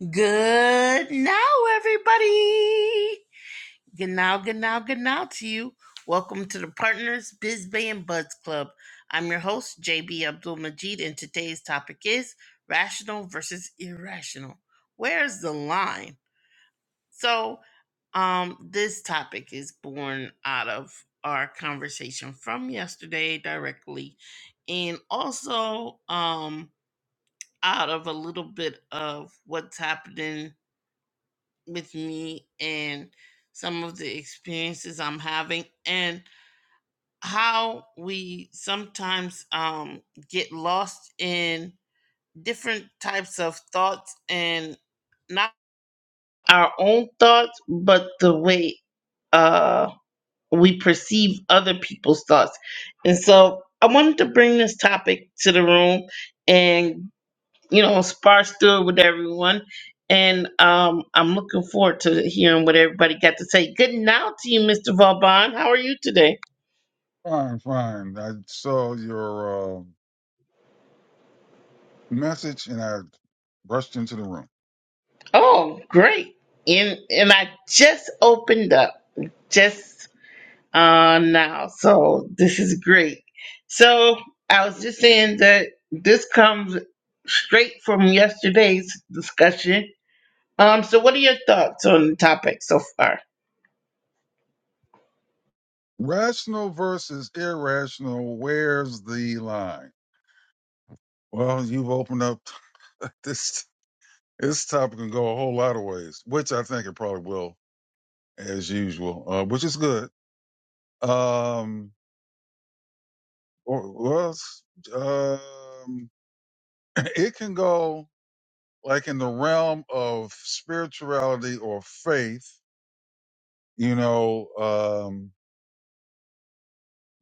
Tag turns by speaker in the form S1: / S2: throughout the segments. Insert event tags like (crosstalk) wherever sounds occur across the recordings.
S1: Good now, everybody. Good now, good now, good now to you. Welcome to the Partners Biz Bay and Buds Club. I'm your host, JB Abdul Majid, and today's topic is rational versus irrational. Where's the line? So, um, this topic is born out of our conversation from yesterday directly, and also um, out of a little bit of what's happening with me and some of the experiences I'm having and how we sometimes um, get lost in different types of thoughts and not our own thoughts, but the way uh, we perceive other people's thoughts. And so I wanted to bring this topic to the room and you know, sparse through it with everyone. And um, I'm looking forward to hearing what everybody got to say. Good now to you, Mr. Vauban. How are you today?
S2: Fine, fine. I saw your uh, message and I rushed into the room.
S1: Oh, great. And and I just opened up just uh now. So this is great. So I was just saying that this comes straight from yesterday's discussion. Um, so what are your thoughts on the topic so far?
S2: Rational versus irrational, where's the line? Well, you've opened up (laughs) this this topic can go a whole lot of ways, which I think it probably will, as usual, uh, which is good. Um, or- well, it's, um, (clears throat) it can go like in the realm of spirituality or faith, you know. Um,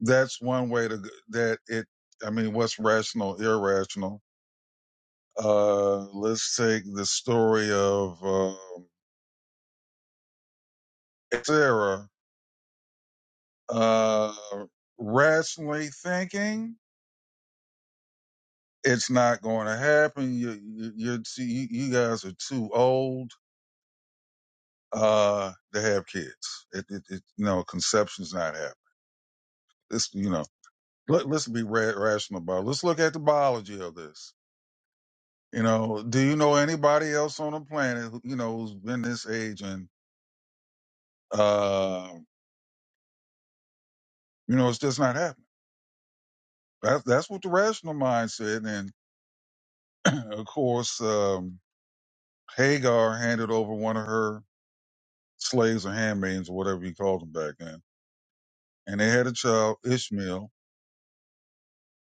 S2: that's one way to that it i mean what's rational irrational uh let's take the story of um sarah uh rationally thinking it's not going to happen you you you're too, you you guys are too old uh to have kids it it, it you know conception's not happening this you know let, let's be ra- rational about it. let's look at the biology of this You know, do you know anybody else on the planet, who, you know, who's been this age and, uh, you know, it's just not happening. That's, that's what the rational mind said. And (clears throat) of course, um, Hagar handed over one of her slaves or handmaidens or whatever you called them back then. And they had a child, Ishmael,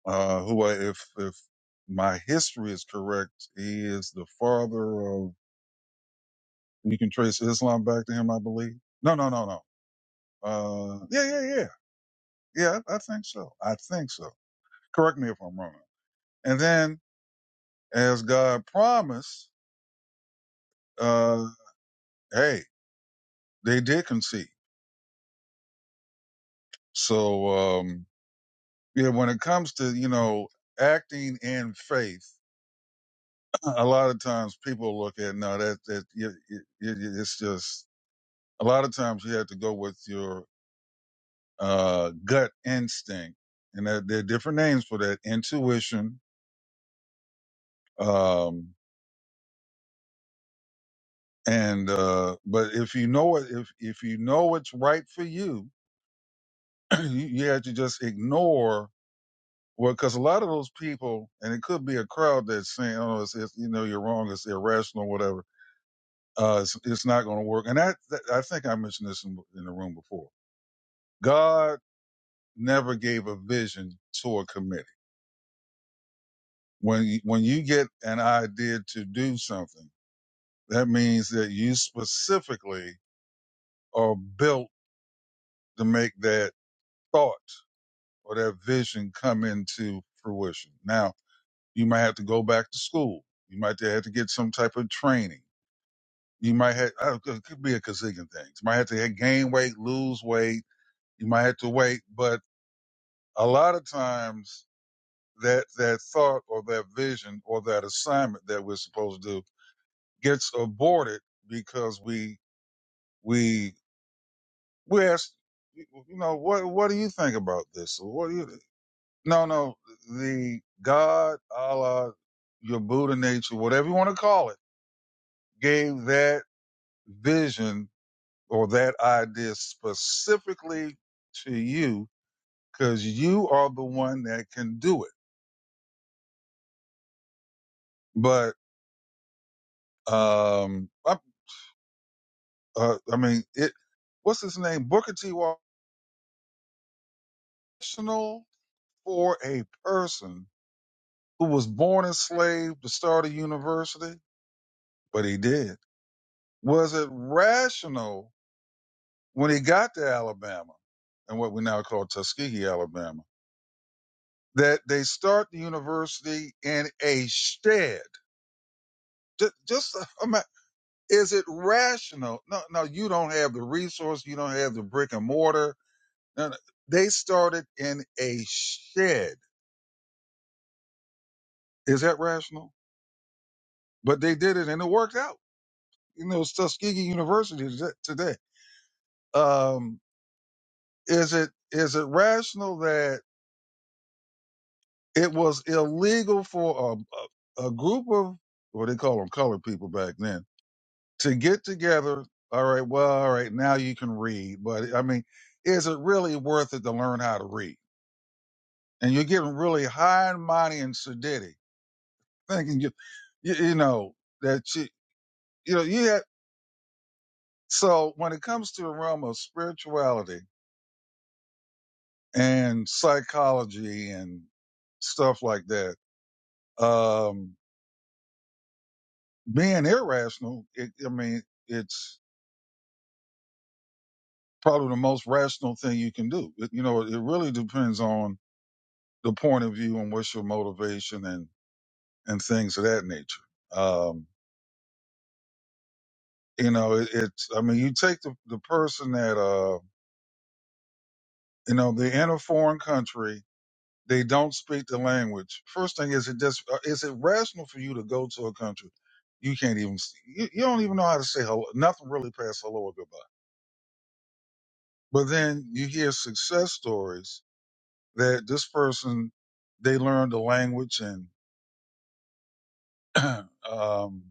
S2: uh, who I, if, if my history is correct, he is the father of, we can trace Islam back to him, I believe. No, no, no, no. Uh, yeah, yeah, yeah. Yeah, I think so. I think so. Correct me if I'm wrong. And then, as God promised, uh, hey, they did conceive. So, um, yeah, when it comes to, you know, acting in faith, (clears throat) a lot of times people look at, no, that, that, you, you, you, it's just, a lot of times you have to go with your, uh, gut instinct. And there, there are different names for that. Intuition. um, and uh but if you know it if if you know what's right for you (clears throat) you, you have to just ignore well because a lot of those people and it could be a crowd that's saying oh it's, it's you know you're wrong it's irrational whatever uh it's, it's not going to work and that, that i think i mentioned this in, in the room before god never gave a vision to a committee when you, when you get an idea to do something that means that you specifically are built to make that thought or that vision come into fruition. Now, you might have to go back to school. You might have to get some type of training. You might have, uh, it could be a gazillion things. You might have to gain weight, lose weight. You might have to wait. But a lot of times that, that thought or that vision or that assignment that we're supposed to do gets aborted because we, we, we ask, you know, what, what do you think about this? Or What do you, No, no. The God, Allah, your Buddha nature, whatever you want to call it, gave that vision or that idea specifically to you because you are the one that can do it. But, um, I, uh, I mean, it, what's his name? Booker T. was Rational for a person who was born enslaved to start a university, but he did. Was it rational when he got to Alabama and what we now call Tuskegee, Alabama, that they start the university in a shed. Just, just is it rational? No, no, you don't have the resource. You don't have the brick and mortar. No, no. They started in a shed. Is that rational? But they did it and it worked out. You know, it's Tuskegee University today. Um, is it, is it rational that? It was illegal for a, a, a group of what they call them colored people back then to get together. All right, well, all right, now you can read, but I mean, is it really worth it to learn how to read? And you're getting really high and mighty and sedity, thinking you, you, you know that you, you know, you had. So when it comes to the realm of spirituality and psychology and stuff like that, um, being irrational, it, I mean, it's probably the most rational thing you can do. It, you know, it really depends on the point of view and what's your motivation and and things of that nature. Um, you know, it, it's I mean, you take the the person that uh, you know, they're in a foreign country, they don't speak the language. First thing is it just uh, is it rational for you to go to a country you can't even s- you, you don't even know how to say hello, nothing really past hello or goodbye. But then you hear success stories that this person they learned the language and (clears throat) um,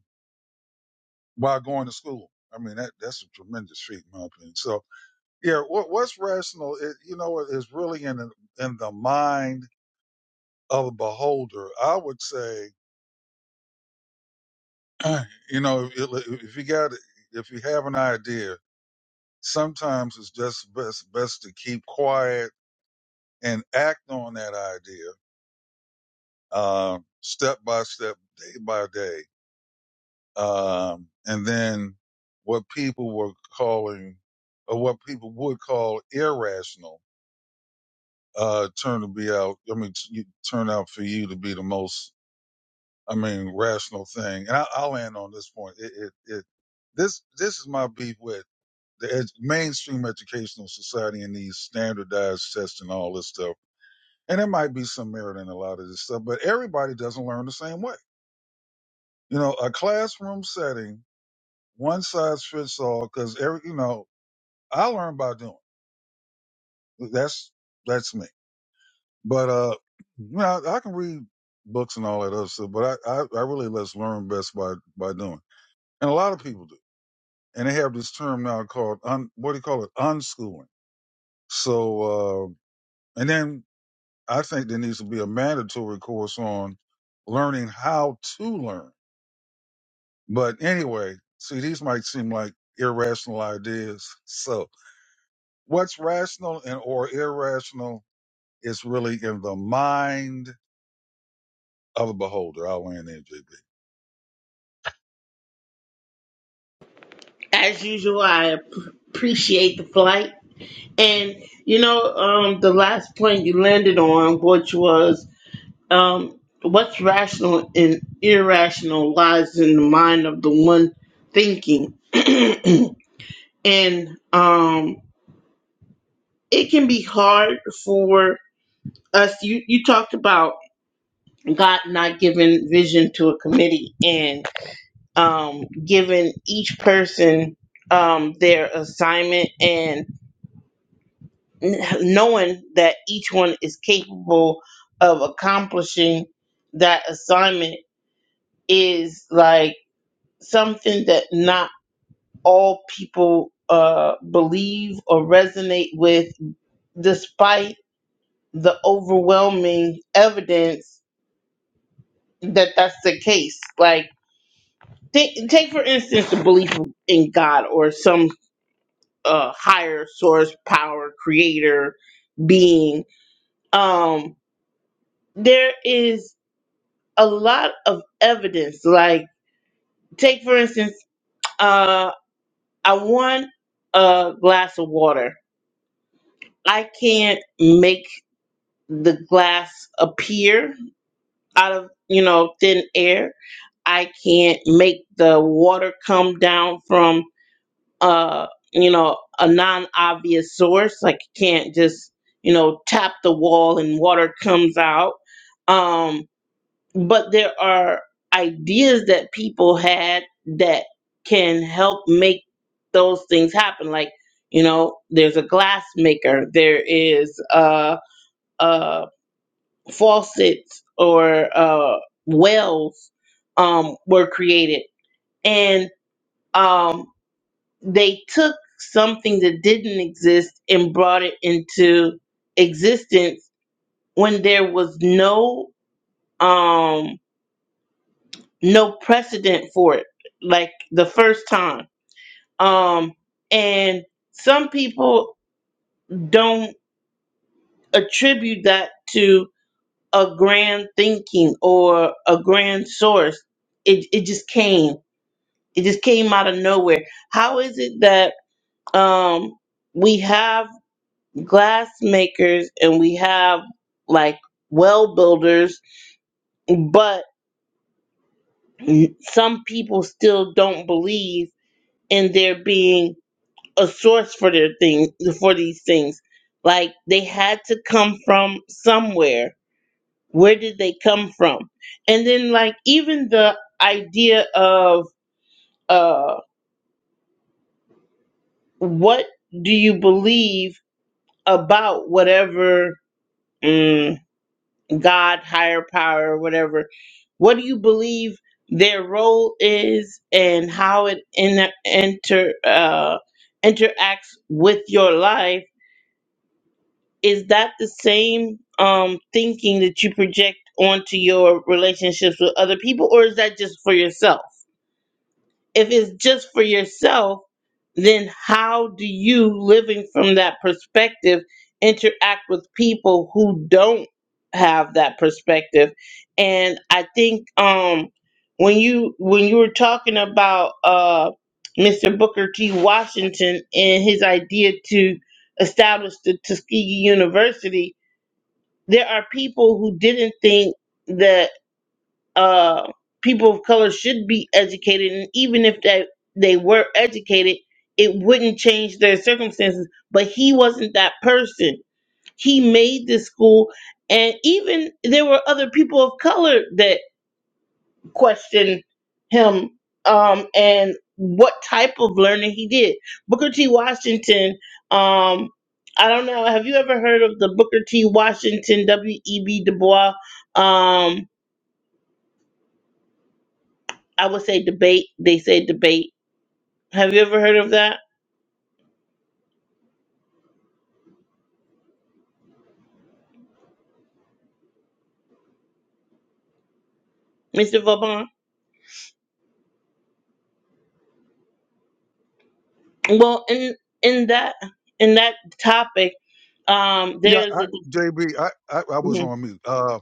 S2: while going to school. I mean, that that's a tremendous feat, in my opinion. So, yeah, what, what's rational, it, you know, is really in the- in the mind of the beholder. I would say, (clears throat) you know, if, if you got if you have an idea, sometimes it's just best best to keep quiet and act on that idea, uh, step by step, day by day um, and then what people were calling, or what people would call irrational, uh, turned to be out. I mean, t- you- turned out for you to be the most, I mean, rational thing. And I, I'll end on this point. It, it, it, this, this is my beef with the ed- mainstream educational society and these standardized tests and all this stuff. And there might be some merit in a lot of this stuff, but everybody doesn't learn the same way. You know, a classroom setting one size fits all because every you know I learn by doing. That's that's me. But uh, you know, I, I can read books and all that other stuff, but I, I I really let's learn best by by doing. And a lot of people do. And they have this term now called un, what do you call it? Unschooling. So uh, and then I think there needs to be a mandatory course on learning how to learn. But anyway, see, these might seem like irrational ideas. So what's rational and or irrational is really in the mind I'm a beholder. I'll land there, JB.
S1: As usual, I ap- appreciate the flight. And you know, um, the last point you landed on, which was um, what's rational and irrational lies in the mind of the one thinking. (clears throat) and um, it can be hard for us. You you talked about God not giving vision to a committee and um, giving each person um, their assignment and kn- knowing that each one is capable of accomplishing that assignment is like something that not all people uh, believe or resonate with, despite the overwhelming evidence that that's the case. Like, Take, take for instance the belief in God or some uh, higher source, power, creator, being. Um, there is a lot of evidence. Like take for instance, uh, I want a glass of water. I can't make the glass appear out of you know thin air. I can't make the water come down from uh you know a non-obvious source like you can't just you know tap the wall and water comes out um but there are ideas that people had that can help make those things happen like you know there's a glass maker there is uh uh faucets or uh wells um were created and um they took something that didn't exist and brought it into existence when there was no um no precedent for it like the first time um and some people don't attribute that to a grand thinking or a grand source it it just came it just came out of nowhere how is it that um we have glass makers and we have like well builders, but some people still don't believe in there being a source for their thing for these things. Like they had to come from somewhere. Where did they come from? And then like even the idea of uh what do you believe about whatever mm, God, higher power, whatever. What do you believe their role is and how it inter, inter uh, interacts with your life? Is that the same um, thinking that you project onto your relationships with other people, or is that just for yourself? if it's just for yourself, then how do you, living from that perspective, interact with people who don't have that perspective? And I think um, when you when you were talking about uh, Mr. Booker T. Washington and his idea to establish the Tuskegee University, there are people who didn't think that uh, people of color should be educated, and even if that they were educated, it wouldn't change their circumstances. But he wasn't that person. He made this school, and even there were other people of color that questioned him um, and what type of learning he did. Booker T. Washington. Um, I don't know. Have you ever heard of the Booker T. Washington W. E. B. Du Bois? Um, I would say debate. They say debate. Have you ever heard of that, Mr. Vauban? Well, in in that in that topic, um,
S2: Yeah,
S1: there's
S2: I,
S1: a,
S2: JB, I, I, I was on mute. Uh,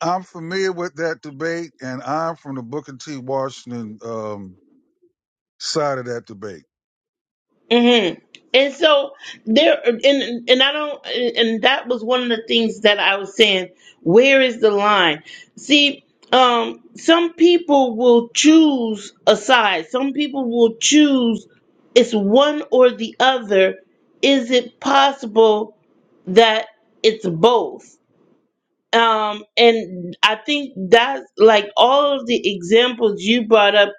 S2: I'm familiar with that debate, and I'm from the Booker T. Washington um, side of that debate.
S1: hmm And so there, and and I don't, and that was one of the things that I was saying. Where is the line? See, um, some people will choose a side. Some people will choose. It's one or the other. Is it possible that it's both? Um, and I think that's like all of the examples you brought up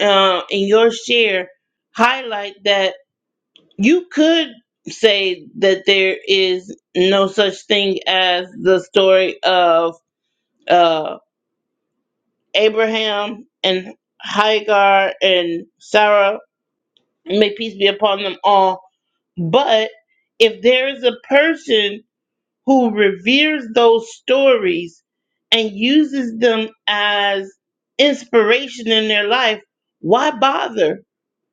S1: uh, in your share highlight that you could say that there is no such thing as the story of uh, Abraham and Hagar and Sarah. May peace be upon them all. But if there is a person who reveres those stories and uses them as inspiration in their life, why bother?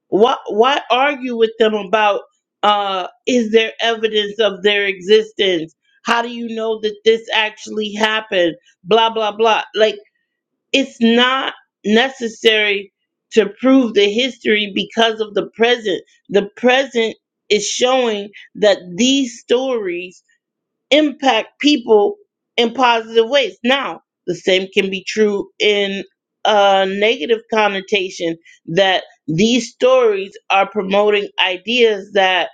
S1: Why why argue with them about uh is there evidence of their existence? How do you know that this actually happened? Blah blah blah. Like it's not necessary to prove the history because of the present. The present is showing that these stories impact people in positive ways. Now, the same can be true in a negative connotation that these stories are promoting ideas that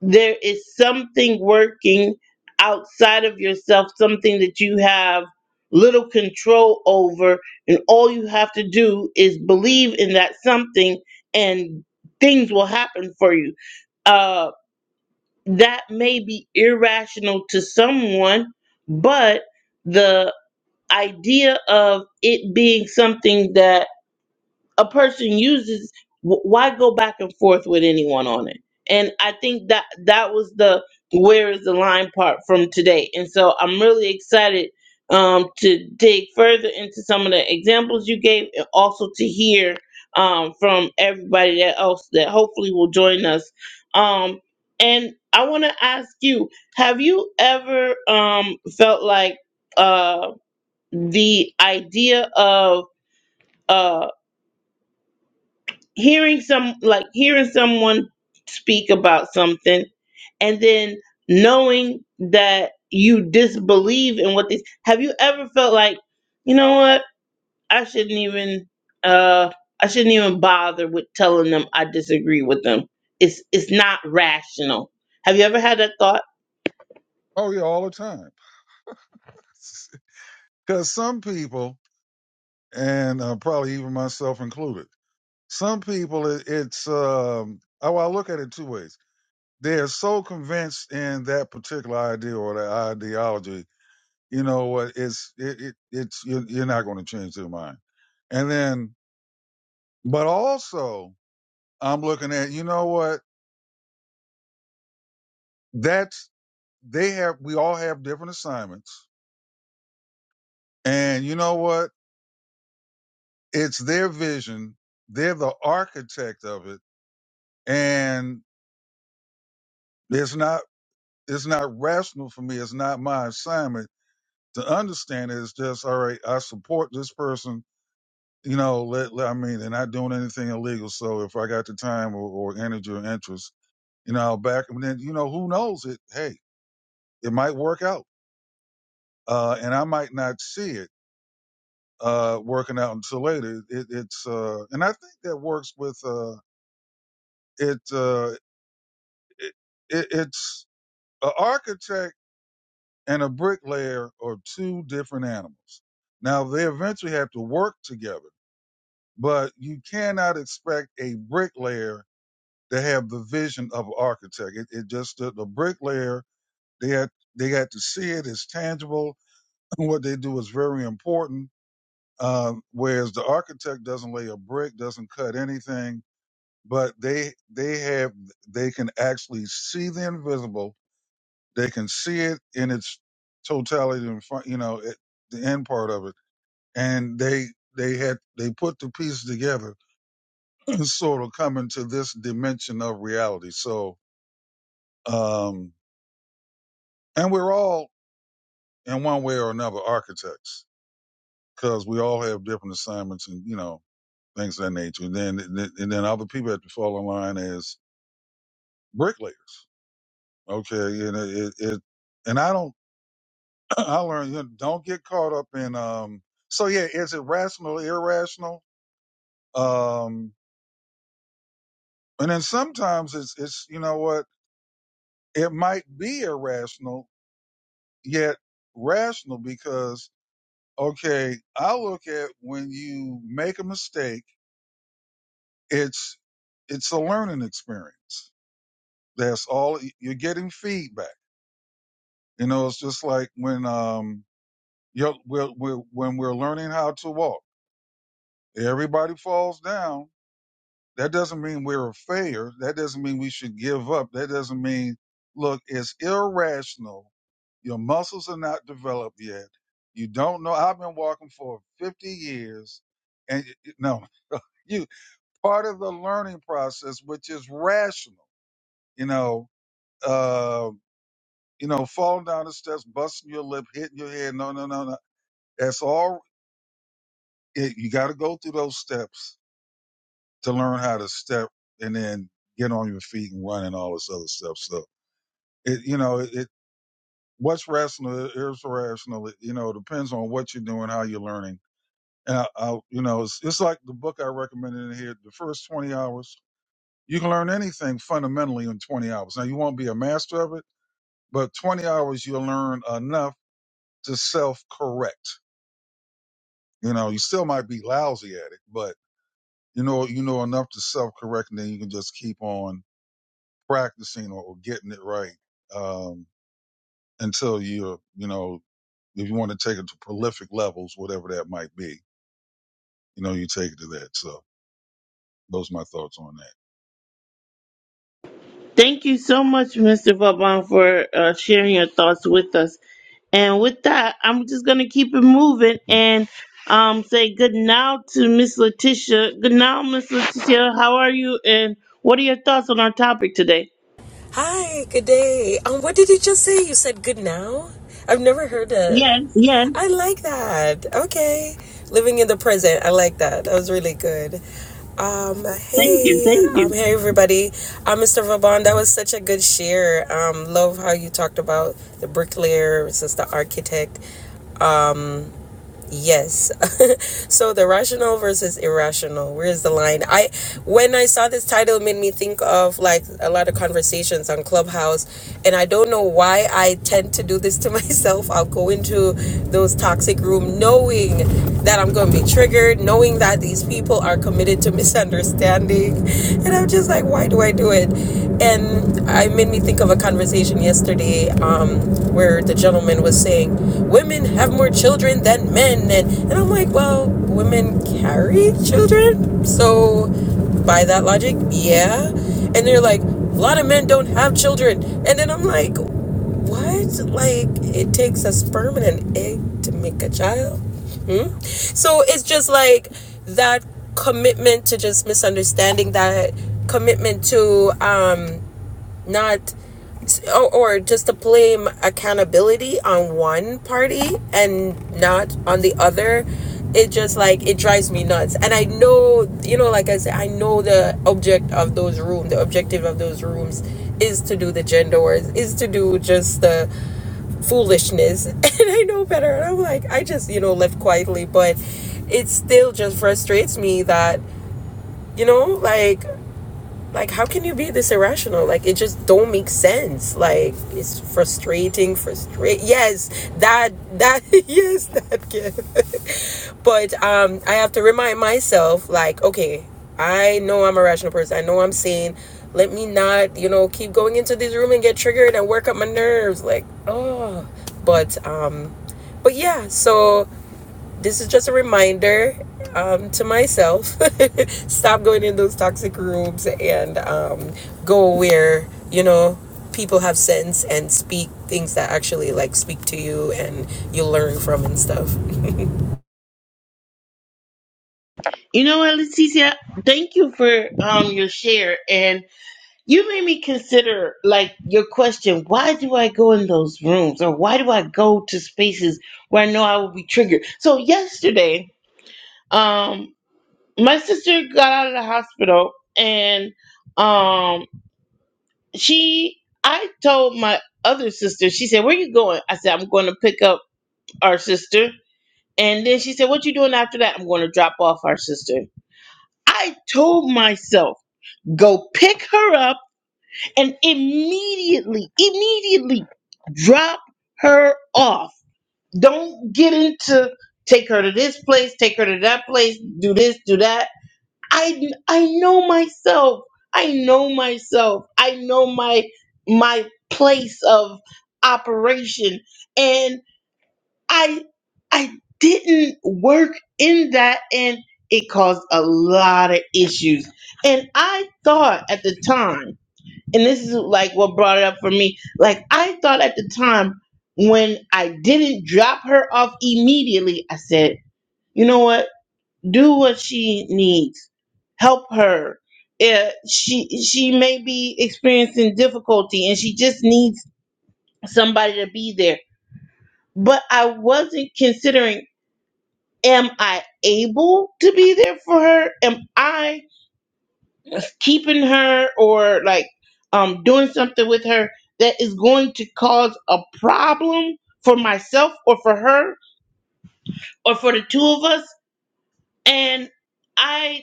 S1: there is something working outside of yourself, something that you have little control over, and all you have to do is believe in that something, and things will happen for you Uh that may be irrational to someone, but the idea of it being something that a person uses wh- why go back and forth with anyone on it and i think that that was the where is the line part from today and so i'm really excited um to dig further into some of the examples you gave and also to hear um from everybody that else that hopefully will join us um and i want to ask you have you ever um felt like uh the idea of uh, hearing some like hearing someone speak about something and then knowing that you disbelieve in what they have you ever felt like you know what i shouldn't even uh i shouldn't even bother with telling them i disagree with them it's it's not rational have you ever had that thought
S2: Oh, yeah, all the time. (laughs) Because some people, and uh, probably even myself included, some people, it, it's, um, I, well, I look at it two ways. They're so convinced in that particular idea or that ideology, you know what, it's, it, it, it's, you're, you're not going to change their mind. And then But also, I'm looking at, you know what? That's, they have, we all have different assignments. And you know what? It's their vision. They're the architect of it. And it's not, it's not rational for me. It's not my assignment to understand it. It's just, all right, I support this person. You know, let, let- I mean, they're not doing anything illegal. So if I got the time or, or energy or interest, you know, I'll back them. And then, you know, who knows it? Hey, it might work out uh, and I might not see it uh, working out until later. It, it's uh, and I think that works with uh, it, uh, it, it. It's an architect and a bricklayer are two different animals. Now they eventually have to work together, but you cannot expect a bricklayer to have the vision of an architect. It, it just the, the bricklayer they had they got to see it as tangible. (laughs) What they do is very important Um, whereas the architect doesn't lay a brick, doesn't cut anything, but they they have they can actually see the invisible. They can see it in its totality, in front, you know, at the end part of it, and they they had they put the pieces together (laughs) and sort of come into this dimension of reality. So, um, and we're all in one way or another architects because we all have different assignments and you know things of that nature. And then and then other people have to fall in line as bricklayers. Okay, and it, it, it and I don't (clears throat) I learned you know, don't get caught up in um. So yeah, is it rational, irrational? Um, and then sometimes it's it's you know what it might be irrational yet rational because okay, I look at when you make a mistake, it's it's a learning experience. That's all you're getting feedback You know, it's just like when um you we're, we're, when we're learning how to walk. Everybody falls down. That doesn't mean we're a failure. That doesn't mean we should give up. That doesn't mean look, it's irrational. Your muscles are not developed yet. You don't know. I've been walking for 50 years, and y- y- no, you part of the learning process, which is rational. You know, uh, you know, falling down the steps, busting your lip, hitting your head. No, no, no, no. That's all it, you got to go through those steps to learn how to step and then get on your feet and run and all this other stuff. So it, you know, it, it what's rational is irrational. It, you know, depends on what you're doing, how you're learning. And I, I you know, it's, it's like the book I recommended in here. The first 20 hours, you can learn anything fundamentally in 20 hours. Now you won't be a master of it, but 20 hours you'll learn enough to self correct. You know, you still might be lousy at it, but you know you know enough to self correct and then you can just keep on practicing or getting it right um until you're you know if you want to take it to prolific levels whatever that might be you know you take it to that so those are my thoughts on that
S1: thank you so much mr Vaban, for uh, sharing your thoughts with us And with that, I'm just gonna keep it moving and um say good now to Miss Letitia. Good now, Miss Letitia. How are you? And what are your thoughts on our topic today?
S3: Hi, good day. Um, what did you just say? You said good now? I've never heard it. Yes.
S1: Yes,
S3: I like that. Okay. Living in the present. I like that. That was really good. Um, Thank you. hey, you.
S1: thank
S3: um,
S1: you.
S3: hey everybody. Uh, Mr. Vaban, that was such a good share. Um, love how you talked about the bricklayer versus the architect. Um, Yes. (laughs) so the rational versus irrational. Where's the line? I when I saw this title it made me think of like a lot of conversations on Clubhouse and I don't know why I tend to do this to (laughs) myself. I'll go into those toxic room knowing that I'm going to be triggered, knowing that these people are committed to misunderstanding. (laughs) And and I'm just like, why do I do it? And I made me think of a conversation yesterday um, where the gentleman was saying, women have more children than men. And, and I'm like, well, women carry children. So by that logic, yeah. And they're like, a lot of men don't have children. And then I'm like, what? Like it takes a sperm and an egg to make a child? Hmm? So it's just like that commitment to just misunderstanding that commitment to um not or, or just to blame accountability on one party and not on the other it just like it drives me nuts and i know you know like i said i know the object of those rooms the objective of those rooms is to do the gender wars is to do just the foolishness (laughs) and i know better and i'm like i just you know left quietly but it still just frustrates me that you know like like how can you be this irrational like it just don't make sense like it's frustrating Frustrating. yes that that (laughs) yes that kid (laughs) but um i have to remind myself like okay i know i'm a rational person i know i'm sane let me not you know keep going into this room and get triggered and work up my nerves like oh but um but yeah so this is just a reminder um, to myself (laughs) stop going in those toxic rooms and um, go where you know people have sense and speak things that actually like speak to you and you learn from and stuff
S1: You know what, Letitia? Thank you for um your share and you made me consider like your question, why do I go in those rooms or why do I go to spaces where I know I will be triggered? So yesterday, um. my sister got out of the hospital and um she I told my other sister, she said, Where you going? I said, I'm gonna pick up our sister. And then she said, What you doing after that? I'm gonna drop off our sister. I told myself, go pick her up and immediately, immediately drop her off. Don't get into take her to this place, take her to that place, do this, do that I I know myself. I know myself. I know my my place of operation and I I didn't work in that and it caused a lot of issues. And I thought at the time, and this is like what brought it up for me, like I thought at the time when I didn't drop her off immediately, I said, "You know what? do what she needs help her Eh, she she may be experiencing difficulty and she just needs somebody to be there but i wasn't considering am i able to be there for her am i keeping her or like um doing something with her that is going to cause a problem for myself or for her or for the two of us and I.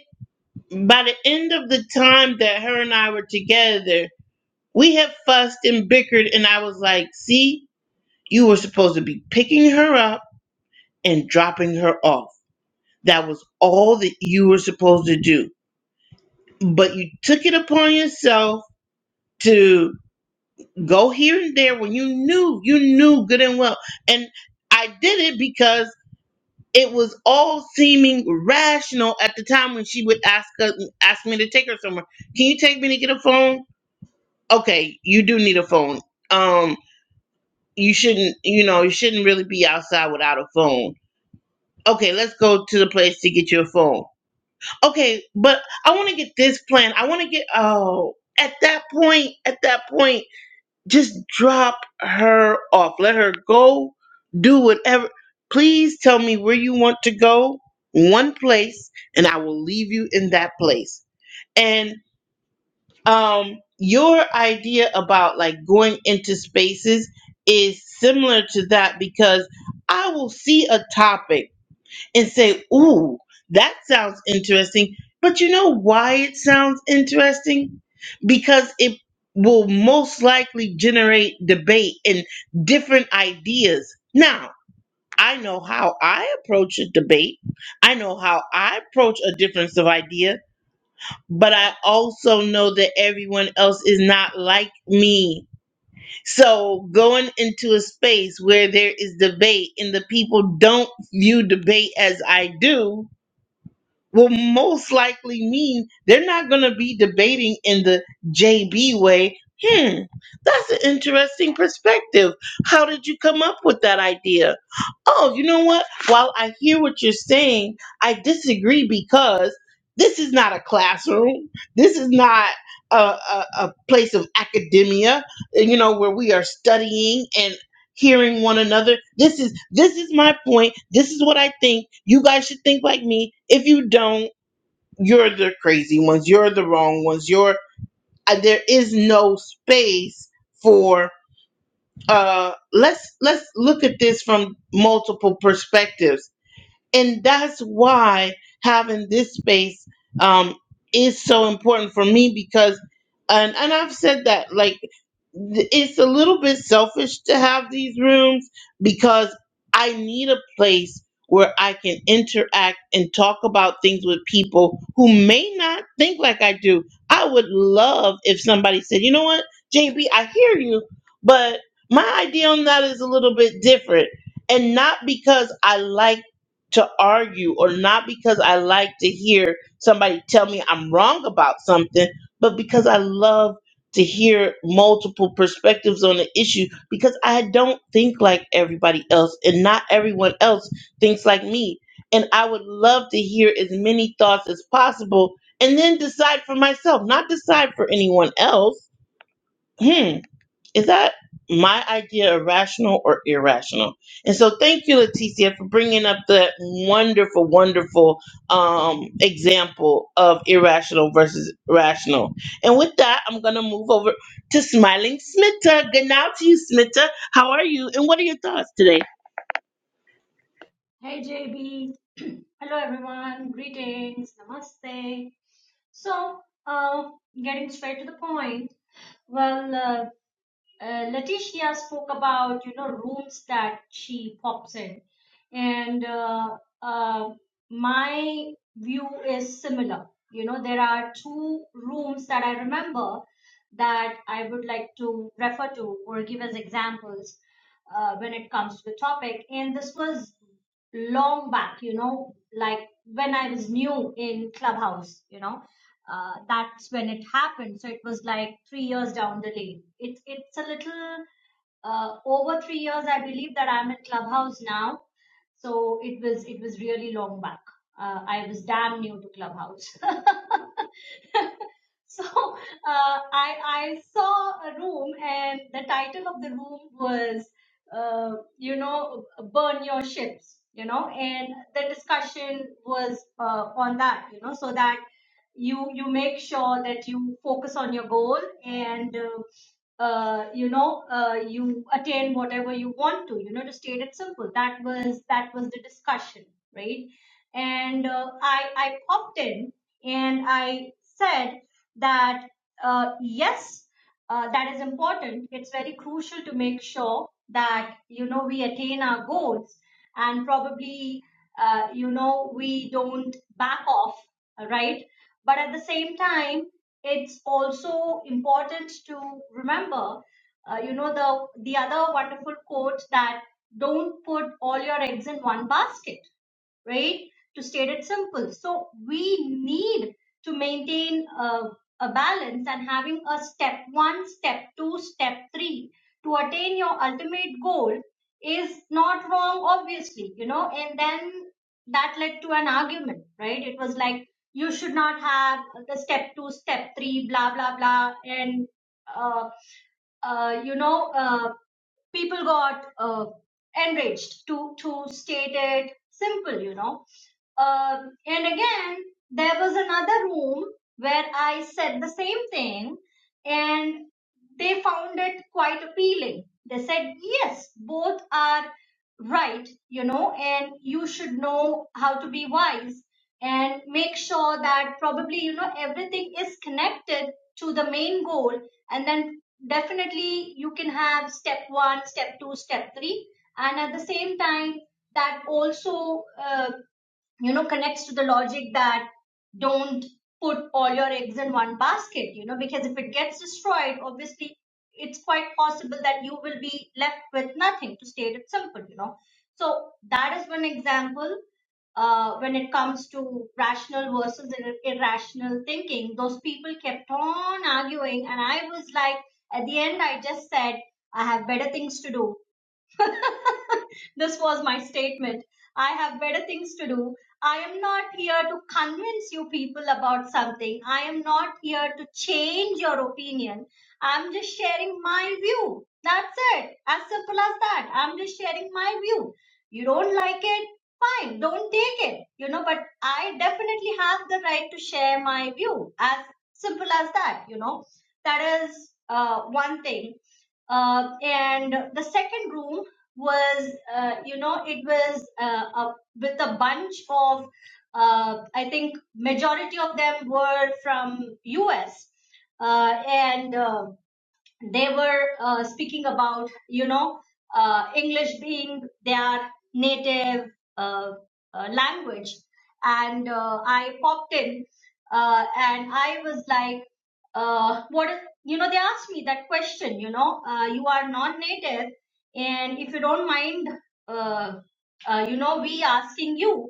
S1: by the end of the time that her and I were together, we had fussed and bickered, and I was like, see, you were supposed to be picking her up and dropping her off. That was all that you were supposed to do. But you took it upon yourself to go here and there when you knew, you knew good and well. And I did it because it was all seeming rational at the time when she would ask us, ask me to take her somewhere. Can you take me to get a phone? okay, you do need a phone. Um, you shouldn't, you know, you shouldn't really be outside without a phone. Okay, let's go to the place to get you a phone. Okay, but I want to get this plan. I want to get oh, at that point, at that point, just drop her off. Let her go do whatever. Please tell me where you want to go, one place, and I will leave you in that place. And. um your idea about like going into spaces is similar to that because I will see a topic and say, "Ooh, that sounds interesting." But you know why it sounds interesting? Because it will most likely generate debate and different ideas. Now, I know how I approach a debate. I know how I approach a difference of idea but I also know that everyone else is not like me. So going into a space where there is debate and the people don't view debate as I do, will most likely mean they're not going to be debating in the JB way. Hmm, that's an interesting perspective. How did you come up with that idea? Oh, you know what? While I hear what you're saying, I disagree because this is not a classroom. This is not a, a, a place of academia, you know, where we are studying hearing one another. This is this is my point. This is what I think. You guys should think like me. If you don't, you're the crazy ones. You're the wrong ones. You're uh, there is no space for uh let's let's look at this from multiple perspectives and that's why having this space um, is so important for me because and, and i've said that like th- it's a little bit selfish to have these rooms because i need a place where i can interact and talk about things with people who may not think like i do i would love if somebody said you know what jb i hear you but my idea on that is a little bit different and not because i like to argue or not because I like to hear somebody tell me I'm wrong about something, but because I love to hear multiple perspectives on the issue because I don't think like everybody else and not everyone else thinks like me. And I would love to hear as many thoughts as possible and then decide for myself, not decide for anyone else. Hmm. Is that my idea of rational or irrational? And so thank you, Leticia, for bringing up that wonderful, wonderful um, example of irrational versus rational. And with that, I'm going to move over to Smiling Smitta. Good night to you, Smitta. How are you? And what are your thoughts today?
S4: Hey JB, (clears throat) hello everyone, greetings, namaste. So, uh, getting straight to the point, well, uh, uh, Letitia spoke about you know rooms that she pops in, and uh, uh, my view is similar. You know, there are two rooms that I remember that I would like to refer to or give as examples uh, when it comes to the topic. And this was long back, you know, like when I was new in Clubhouse, you know, uh, that's when it happened. So it was like three years down the lane. It's it's a little uh, over three years, I believe that I'm in Clubhouse now. So it was it was really long back. Uh, I was damn new to Clubhouse. (laughs) (laughs) so uh, I I saw a room and the title of the room was uh, you know burn your ships you know and the discussion was uh, on that you know so that you you make sure that you focus on your goal and uh, uh, you know uh, you attain whatever you want to you know to state it simple that was that was the discussion right and uh, i i popped in and i said that uh, yes uh, that is important it's very crucial to make sure that you know we attain our goals and probably uh, you know we don't back off right but at the same time it's also important to remember uh, you know the the other wonderful quote that don't put all your eggs in one basket right? To state it simple. So we need to maintain a, a balance and having a step one, step two, step three to attain your ultimate goal is not wrong, obviously, you know, and then that led to an argument, right? It was like you should not have the step two, step three, blah, blah, blah. And, uh, uh, you know, uh, people got uh, enraged to, to state it simple, you know. Um and again, there was another room where I said the same thing. And they found it quite appealing. They said, yes, both are right, you know, and you should know how to be wise and make sure that probably, you know, everything is connected to the main goal. And then definitely you can have step one, step two, step three. And at the same time, that also uh, you know connects to the logic that don't put all your eggs in one basket you know because if it gets destroyed obviously it's quite possible that you will be left with nothing to state it simple you know so that is one example uh, when it comes to rational versus ir- irrational thinking those people kept on arguing and i was like at the end i just said i have better things to do (laughs) this was my statement. I have better things to do. I am not here to convince you people about something. I am not here to change your opinion. I'm just sharing my view. That's it. As simple as that. I'm just sharing my view. You don't like it? Fine. Don't take it. You know, but I definitely have the right to share my view. As simple as that. You know, that is uh, one thing. Uh, and the second room was uh, you know it was uh, a, with a bunch of uh, i think majority of them were from us uh, and uh, they were uh, speaking about you know uh, english being their native uh, uh, language and uh, i popped in uh, and i was like uh, what is you know they asked me that question you know uh, you are non-native and if you don't mind uh, uh, you know we asking you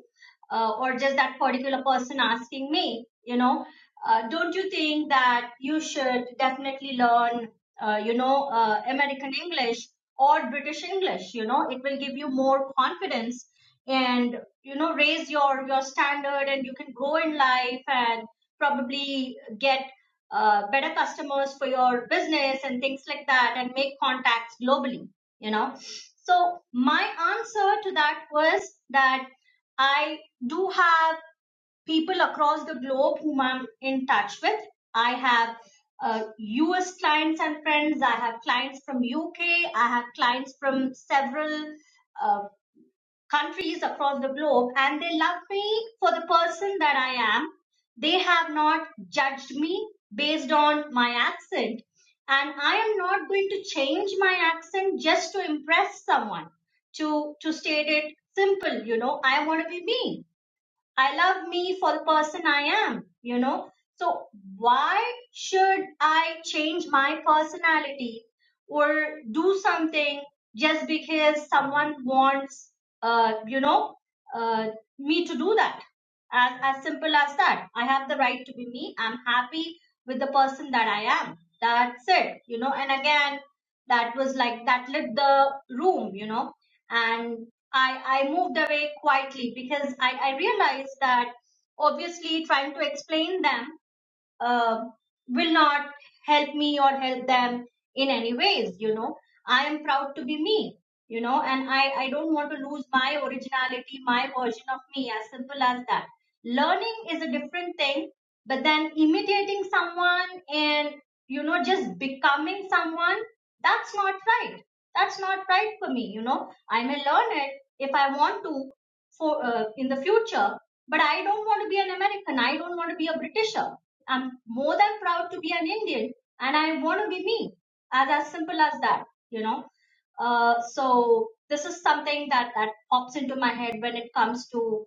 S4: uh, or just that particular person asking me you know uh, don't you think that you should definitely learn uh, you know, uh, American English or British English. You know, it will give you more confidence and you know raise your your standard, and you can grow in life and probably get uh, better customers for your business and things like that, and make contacts globally. You know, so my answer to that was that I do have people across the globe whom I'm in touch with. I have uh, US clients and friends. I have clients from UK. I have clients from several uh, countries across the globe, and they love me for the person that I am. They have not judged me based on my accent, and I am not going to change my accent just to impress someone. To to state it simple, you know, I want to be me I love me for the person I am, you know. So why should I change my personality or do something just because someone wants, uh, you know, uh, me to do that? As, as simple as that. I have the right to be me. I'm happy with the person that I am. That's it, you know. And again, that was like that lit the room, you know and I, I moved away quietly because I, I realized that obviously trying to explain them uh, will not help me or help them in any ways you know i am proud to be me you know and i i don't want to lose my originality my version of me as simple as that learning is a different thing but then imitating someone and you know just becoming someone that's not right that's not right for me you know i may learn it if i want to for uh, in the future but i don't want to be an american i don't want to be a britisher i'm more than proud to be an indian and i want to be me as as simple as that you know uh, so this is something that that pops into my head when it comes to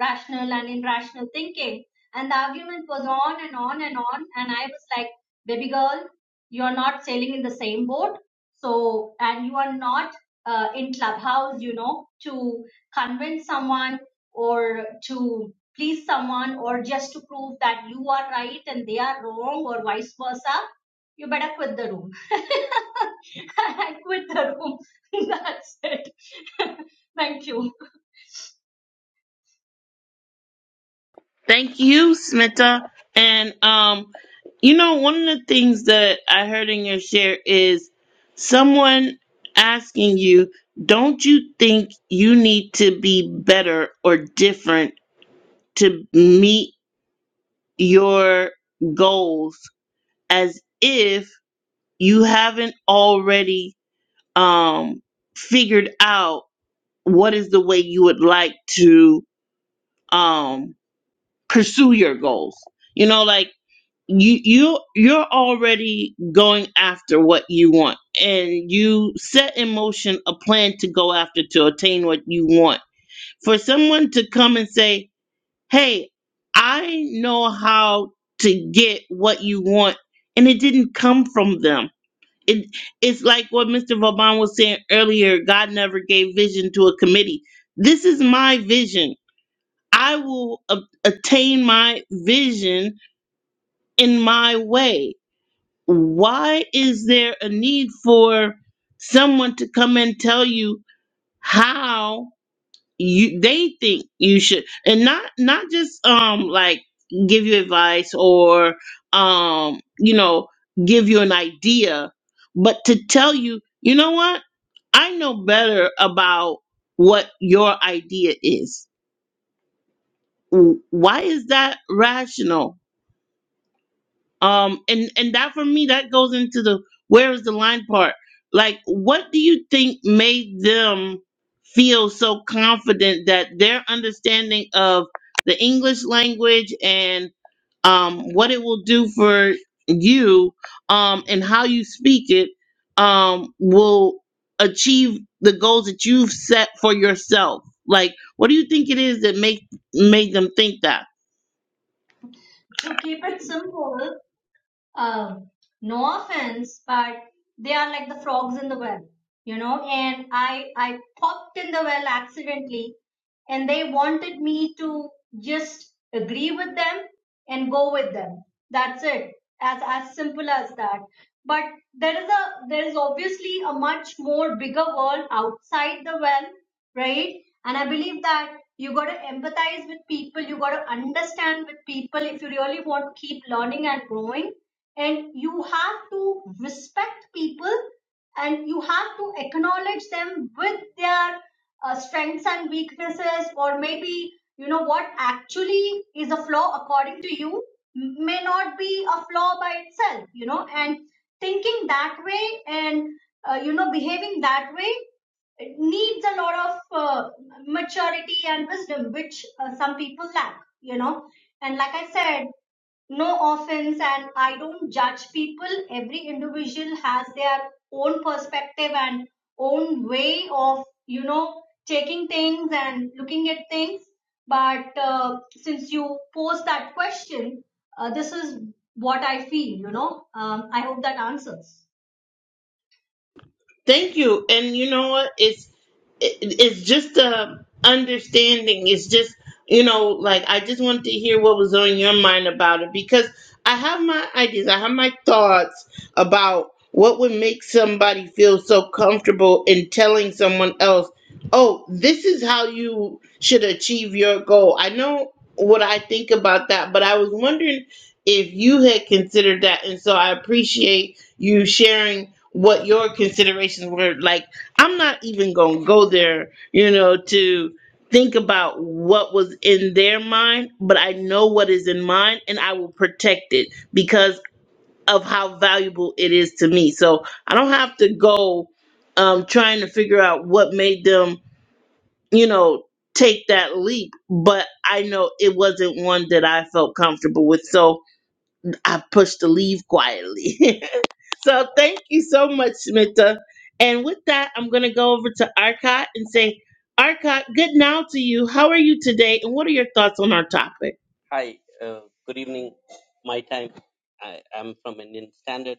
S4: rational and irrational thinking. And the argument was on and on and on. And I was like, baby girl, you're not sailing in the same boat. So, and you are not uh, in clubhouse, you know, to convince someone or to please someone or just to prove that you are right and they are wrong or vice versa. You better quit the room. (laughs) I quit the room. (laughs) That's it. (laughs) Thank you.
S1: Thank you, Smita. And um, you know, one of the things that I heard in your share is someone asking you, "Don't you think you need to be better or different to meet your goals?" As if you haven't already um figured out what is the way you would like to um pursue your goals. You know, like you you you're already going after what you want and you set in motion a plan to go after to attain what you want for someone to come and say hey i know how to get what you want and it didn't come from them it, it's like what mr vauban was saying earlier god never gave vision to a committee this is my vision i will a- attain my vision in my way why is there a need for someone to come and tell you how you they think you should and not not just um like give you advice or um you know give you an idea but to tell you you know what i know better about what your idea is W- why is that rational um and and that for me that goes into the where is the line part like what do you think made them feel so confident that their understanding of the english language and um what it will do for you um and how you speak it um will achieve the goals that you've set for yourself like what do you think it is that make made them think that
S4: To keep it simple, um, no offense, but they are like the frogs in the well, you know. And I I popped in the well accidentally, and they wanted me to just agree with them and go with them that's it as as simple as that but there is a there is obviously a much more bigger world outside the well right and i believe that you got to empathize with people you got to understand with people if you really want to keep learning and growing and you have to respect people and you have to acknowledge them with their uh, strengths and weaknesses or maybe you know what actually is a flaw according to you may not be a flaw by itself you know and thinking that way and uh, you know behaving that way it needs a lot of uh, maturity and wisdom which uh, some people lack you know and like i said no offense and i don't judge people every individual has their own perspective and own way of you know taking things and looking at things but uh, since you posed that question uh, this is what i feel you know um, i hope that answers
S1: Thank you. And you know what? It's it, it's just a understanding. It's just you know, like I just wanted to hear what was on your mind about it because I have my ideas. I have my thoughts about what would make somebody feel so comfortable in telling someone else, "Oh, this is how you should achieve your goal." I know what I think about that, but I was wondering if you had considered that, and so I appreciate you sharing what your considerations were like i'm not even gonna go there you know to think about what was in their mind but i know what is in mine and i will protect it because of how valuable it is to me so i don't have to go um trying to figure out what made them you know take that leap but i know it wasn't one that i felt comfortable with so i pushed the leave quietly (laughs) So thank you so much, Smita. And with that, I'm going to go over to Arcot and say, Arcot, good now to you. How are you today? And what are your thoughts on our topic?
S5: Hi, uh, good evening. My time. I am from Indian Standard.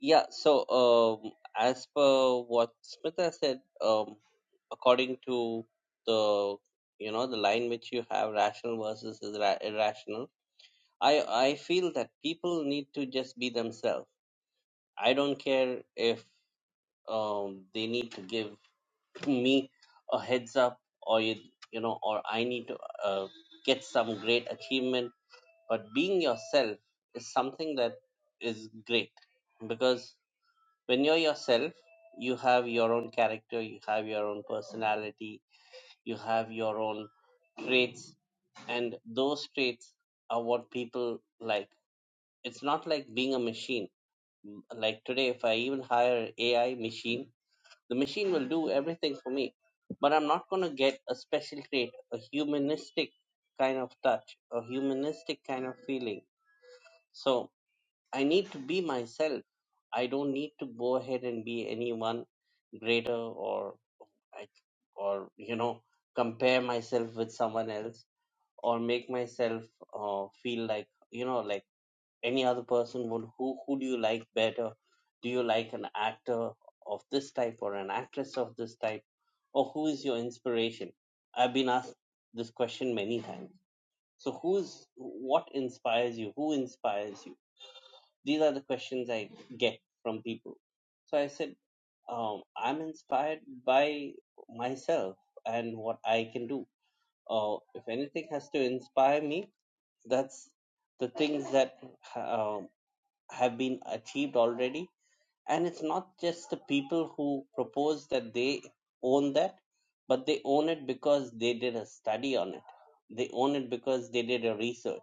S5: Yeah, so um, as per what Smita said, um, according to the you know the line which you have, rational versus irra- irrational. I I feel that people need to just be themselves. I don't care if um, they need to give me a heads up or you, you know or I need to uh, get some great achievement but being yourself is something that is great because when you're yourself you have your own character you have your own personality you have your own traits and those traits are what people like it's not like being a machine like today if i even hire an ai machine the machine will do everything for me but i'm not going to get a special trait a humanistic kind of touch a humanistic kind of feeling so I need to be myself. I don't need to go ahead and be anyone greater or I- or you know compare myself with someone else or make myself uh, feel like you know like any other person would who who do you like better do you like an actor of this type or an actress of this type or who is your inspiration i've been asked this question many times so who's what inspires you who inspires you these are the questions I get from people. So I said, um, I'm inspired by myself and what I can do. Uh, if anything has to inspire me, that's the things that um, have been achieved already. And it's not just the people who propose that they own that, but they own it because they did a study on it. They own it because they did a research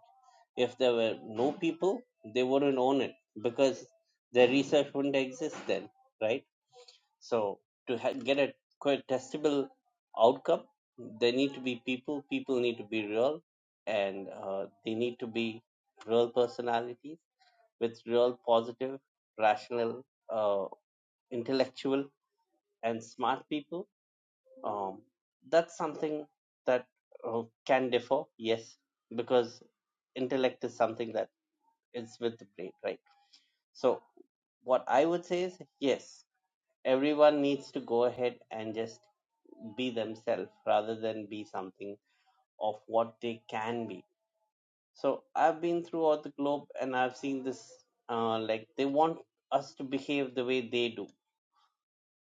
S5: if there were no people, they wouldn't own it because their research wouldn't exist then, right? So to ha- get a testable outcome, there need to be people. People need to be real, and uh, they need to be real personalities with real positive, rational, uh, intellectual, and smart people. Um, that's something that uh, can differ, yes, because intellect is something that is with the brain, right? So, what I would say is yes, everyone needs to go ahead and just be themselves rather than be something of what they can be. So, I've been throughout the globe and I've seen this uh, like they want us to behave the way they do.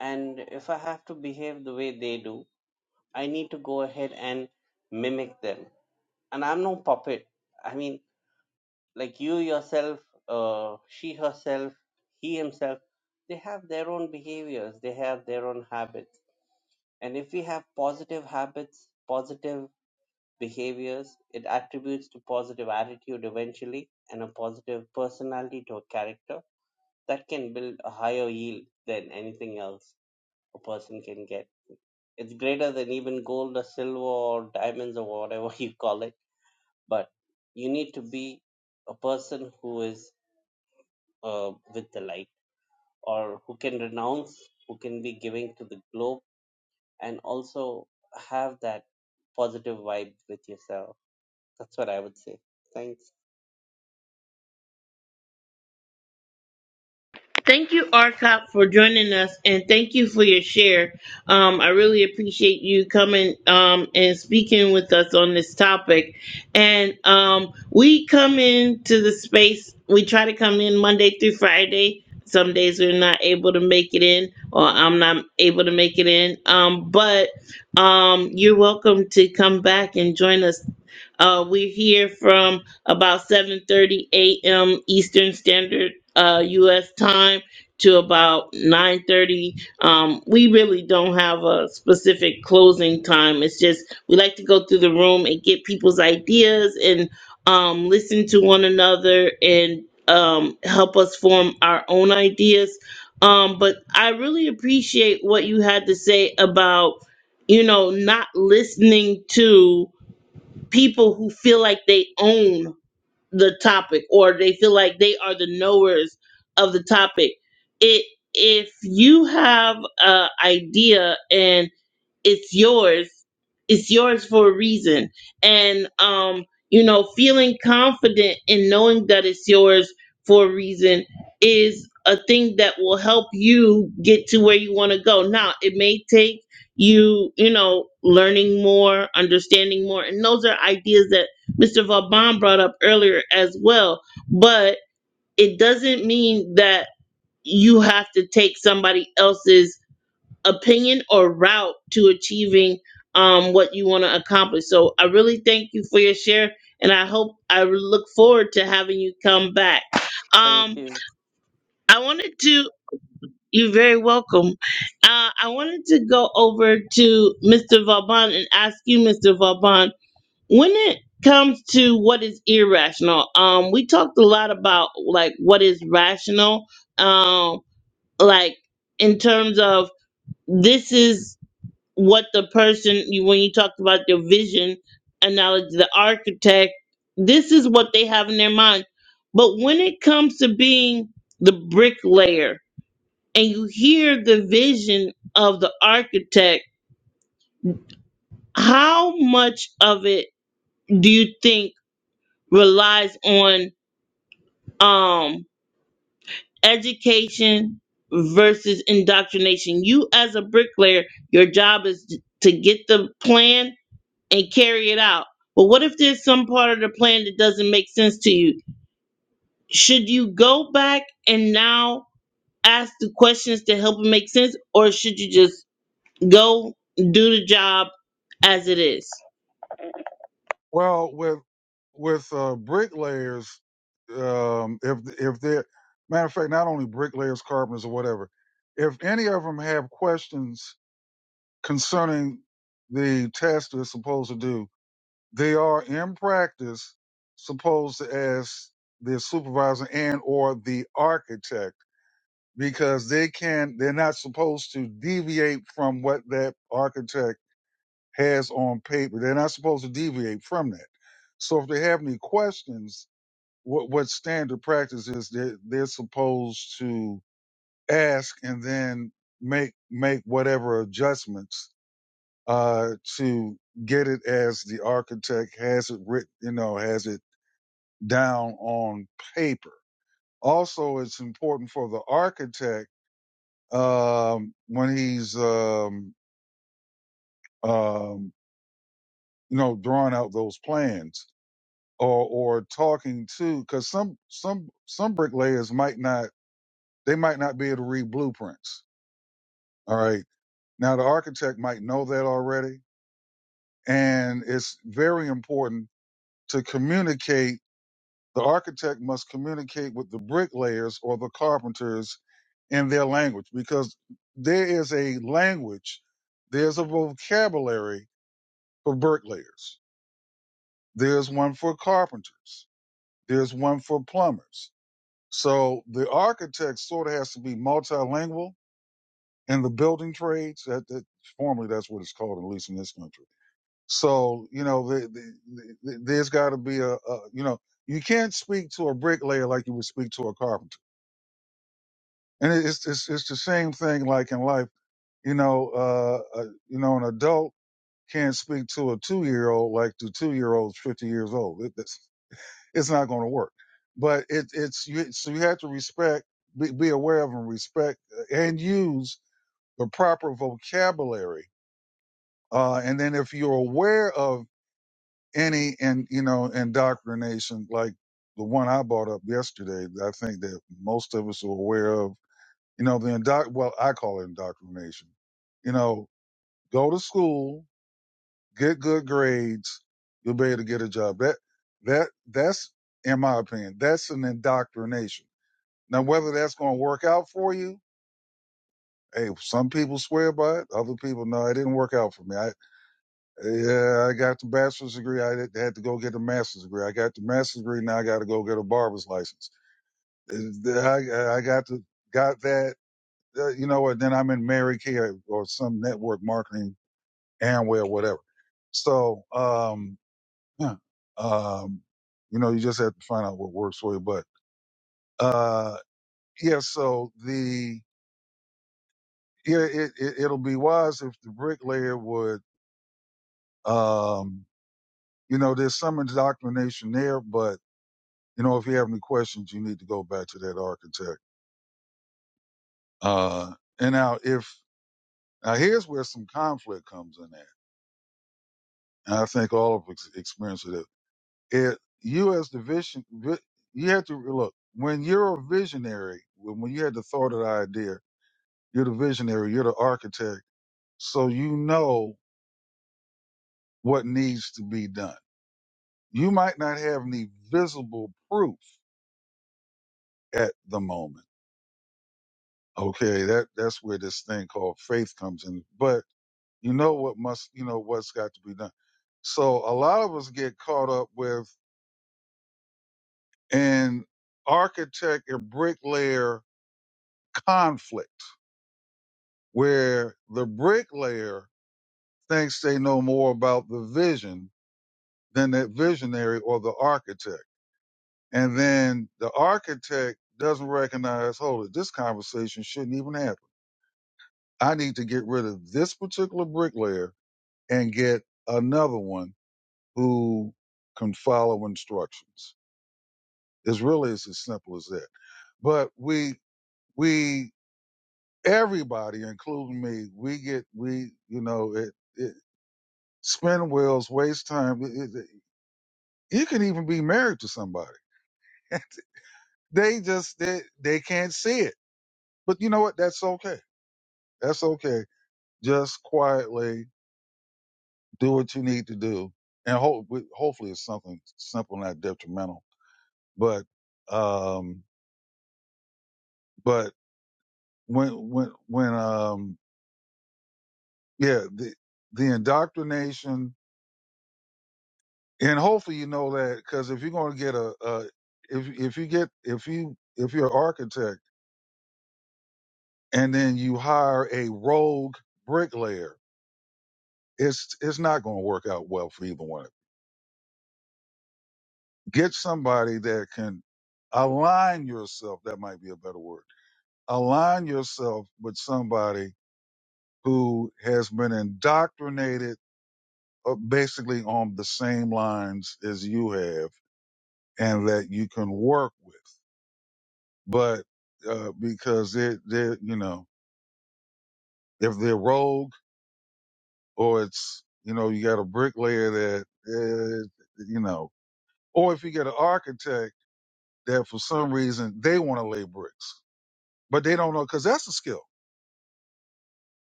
S5: And if I have to behave the way they do, I need to go ahead and mimic them. And I'm no puppet. I mean, like you yourself, uh, she herself, he himself, they have their own behaviors, they have their own habits. And if we have positive habits, positive behaviors, it attributes to positive attitude eventually and a positive personality to a character that can build a higher yield than anything else a person can get. It's greater than even gold or silver or diamonds or whatever (laughs) you call it, but you need to be a person who is uh, with the light or who can renounce who can be giving to the globe and also have that positive vibe with yourself that's what i would say thanks
S1: Thank you, Arcop, for joining us, and thank you for your share. Um, I really appreciate you coming um, and speaking with us on this topic. And um, we come into the space. We try to come in Monday through Friday. Some days we're not able to make it in, or I'm not able to make it in. Um, but um, you're welcome to come back and join us uh, we're here from about 7:30 a.m. Eastern Standard uh, U.S. time to about 9:30. Um, we really don't have a specific closing time. It's just we like to go through the room and get people's ideas and um, listen to one another and um, help us form our own ideas. Um, but I really appreciate what you had to say about you know not listening to people who feel like they own the topic or they feel like they are the knowers of the topic. It if you have an idea and it's yours it's yours for a reason and um you know feeling confident in knowing that it's yours for a reason is a thing that will help you get to where you want to go now it may take you you know learning more understanding more and those are ideas that mr vauban brought up earlier as well but it doesn't mean that you have to take somebody else's opinion or route to achieving um, what you want to accomplish. So I really thank you for your share, and I hope I look forward to having you come back.
S5: thank
S1: Um,
S5: you
S1: I wanted to. You're very welcome. Uh, I wanted to go over to Mr. Vauban and ask you, Mr. Vauban, when it comes to what is irrational, um, we talked a lot about like what is rational, um, like in terms of this is what the person you- when you talked about their vision analogy the architect this is what they have in their mind but when it comes to being the bricklayer and you hear the vision of the architect how much of it do you think relies on um education versus indoctrination you as a bricklayer your job is to get the plan and carry it out. But what if there's some part of the plan that doesn't make sense to you? Should you go back and now ask the questions to help it make sense, or should you just go do the job as it is?
S2: well with with uh bricklayers um if if they're matter of fact not only bricklayers carpenters or whatever if any of them have questions concerning the task they're supposed to do they are in practice supposed to ask their supervisor and or the architect because they can they're not supposed to deviate from what that architect has on paper they're not supposed to deviate from that so if they have any questions what what standard practice is they they're supposed to ask and then make make whatever adjustments uh to get it as the architect has it written you know has it down on paper. Also, it's important for the architect um, when he's um, um, you know drawing out those plans or or talking to because some some some bricklayers might not they might not be able to read blueprints. All right, now the architect might know that already, and it's very important to communicate The architect must communicate with the bricklayers or the carpenters in their language because there is a language, there's a vocabulary for bricklayers, there's one for carpenters, there's one for plumbers. So the architect sort of has to be multilingual in the building trades. That, that formally that's what it's called, at least in this country. So you know, the, the, the, there's got to be a, a you know, you can't speak to a bricklayer like you would speak to a carpenter and it's it's it's the same thing like in life you know uh, uh you know an adult can't speak to a two year old like the two year old's 50 years old it, it's, it's not going to work but it it's you so you have to respect be, be aware of and respect uh, and use the proper vocabulary uh and then if you're aware of any and you know indoctrination like the one I brought up yesterday, I think that most of us are aware of You know, the indoctr well, I call it indoctrination. You know, go to school, get good grades, you'll be able to get a job. That that that's in my opinion, that's an indoctrination. Now whether that's gonna work out for you, hey, some people swear by it, other people no, it didn't work out for me. I yeah, I got the bachelor's degree, I had had to go get the master's degree. I got the master's degree, now I gotta go get a barber's license. Uh, I I got to got that uh, you know what? Then I'm in Mary Kay or some network marketing, Amway or whatever. So, um, yeah, um, you know, you just have to find out what works for you. But, uh, yeah, so the, yeah, it, it, it'll be wise if the bricklayer would, um, you know, there's some indoctrination there, but, you know, if you have any questions, you need to go back to that architect. Uh, and now if, now here's where some conflict comes in at. And I think all of us experience it it you as the vision vi- you have to look when you're a visionary when, when you had the thought of the idea you're the visionary you're the architect so you know what needs to be done you might not have any visible proof at the moment okay that that's where this thing called faith comes in but you know what must you know what's got to be done so a lot of us get caught up with an architect and bricklayer conflict where the bricklayer thinks they know more about the vision than that visionary or the architect. And then the architect doesn't recognize, hold it, this conversation shouldn't even happen. I need to get rid of this particular bricklayer and get another one who can follow instructions. It's really it's as simple as that. But we we everybody, including me, we get we you know it. it, spin wheels, waste time. It- it- You can even be married to somebody. (laughs) they just they, they can't see it. But you know what? That's okay. That's okay. Just quietly do what you need to do, and hope hopefully it's something simple, not detrimental. But um, but when when when um, yeah, the the indoctrination, and hopefully you know that because if you're gonna get a, a if if you get if you if you're an architect and then you hire a rogue bricklayer, it's it's not going to work out well for either one. of you. Get somebody that can align yourself. That might be a better word. Align yourself with somebody who has been indoctrinated uh, basically on the same lines as you have, and that you can work with. But uh, because they're they're you know if they're rogue or it's you know you got a bricklayer that uh, you know Or if you get an architect that for some reason they want to lay bricks, but they don't know because that's a skill.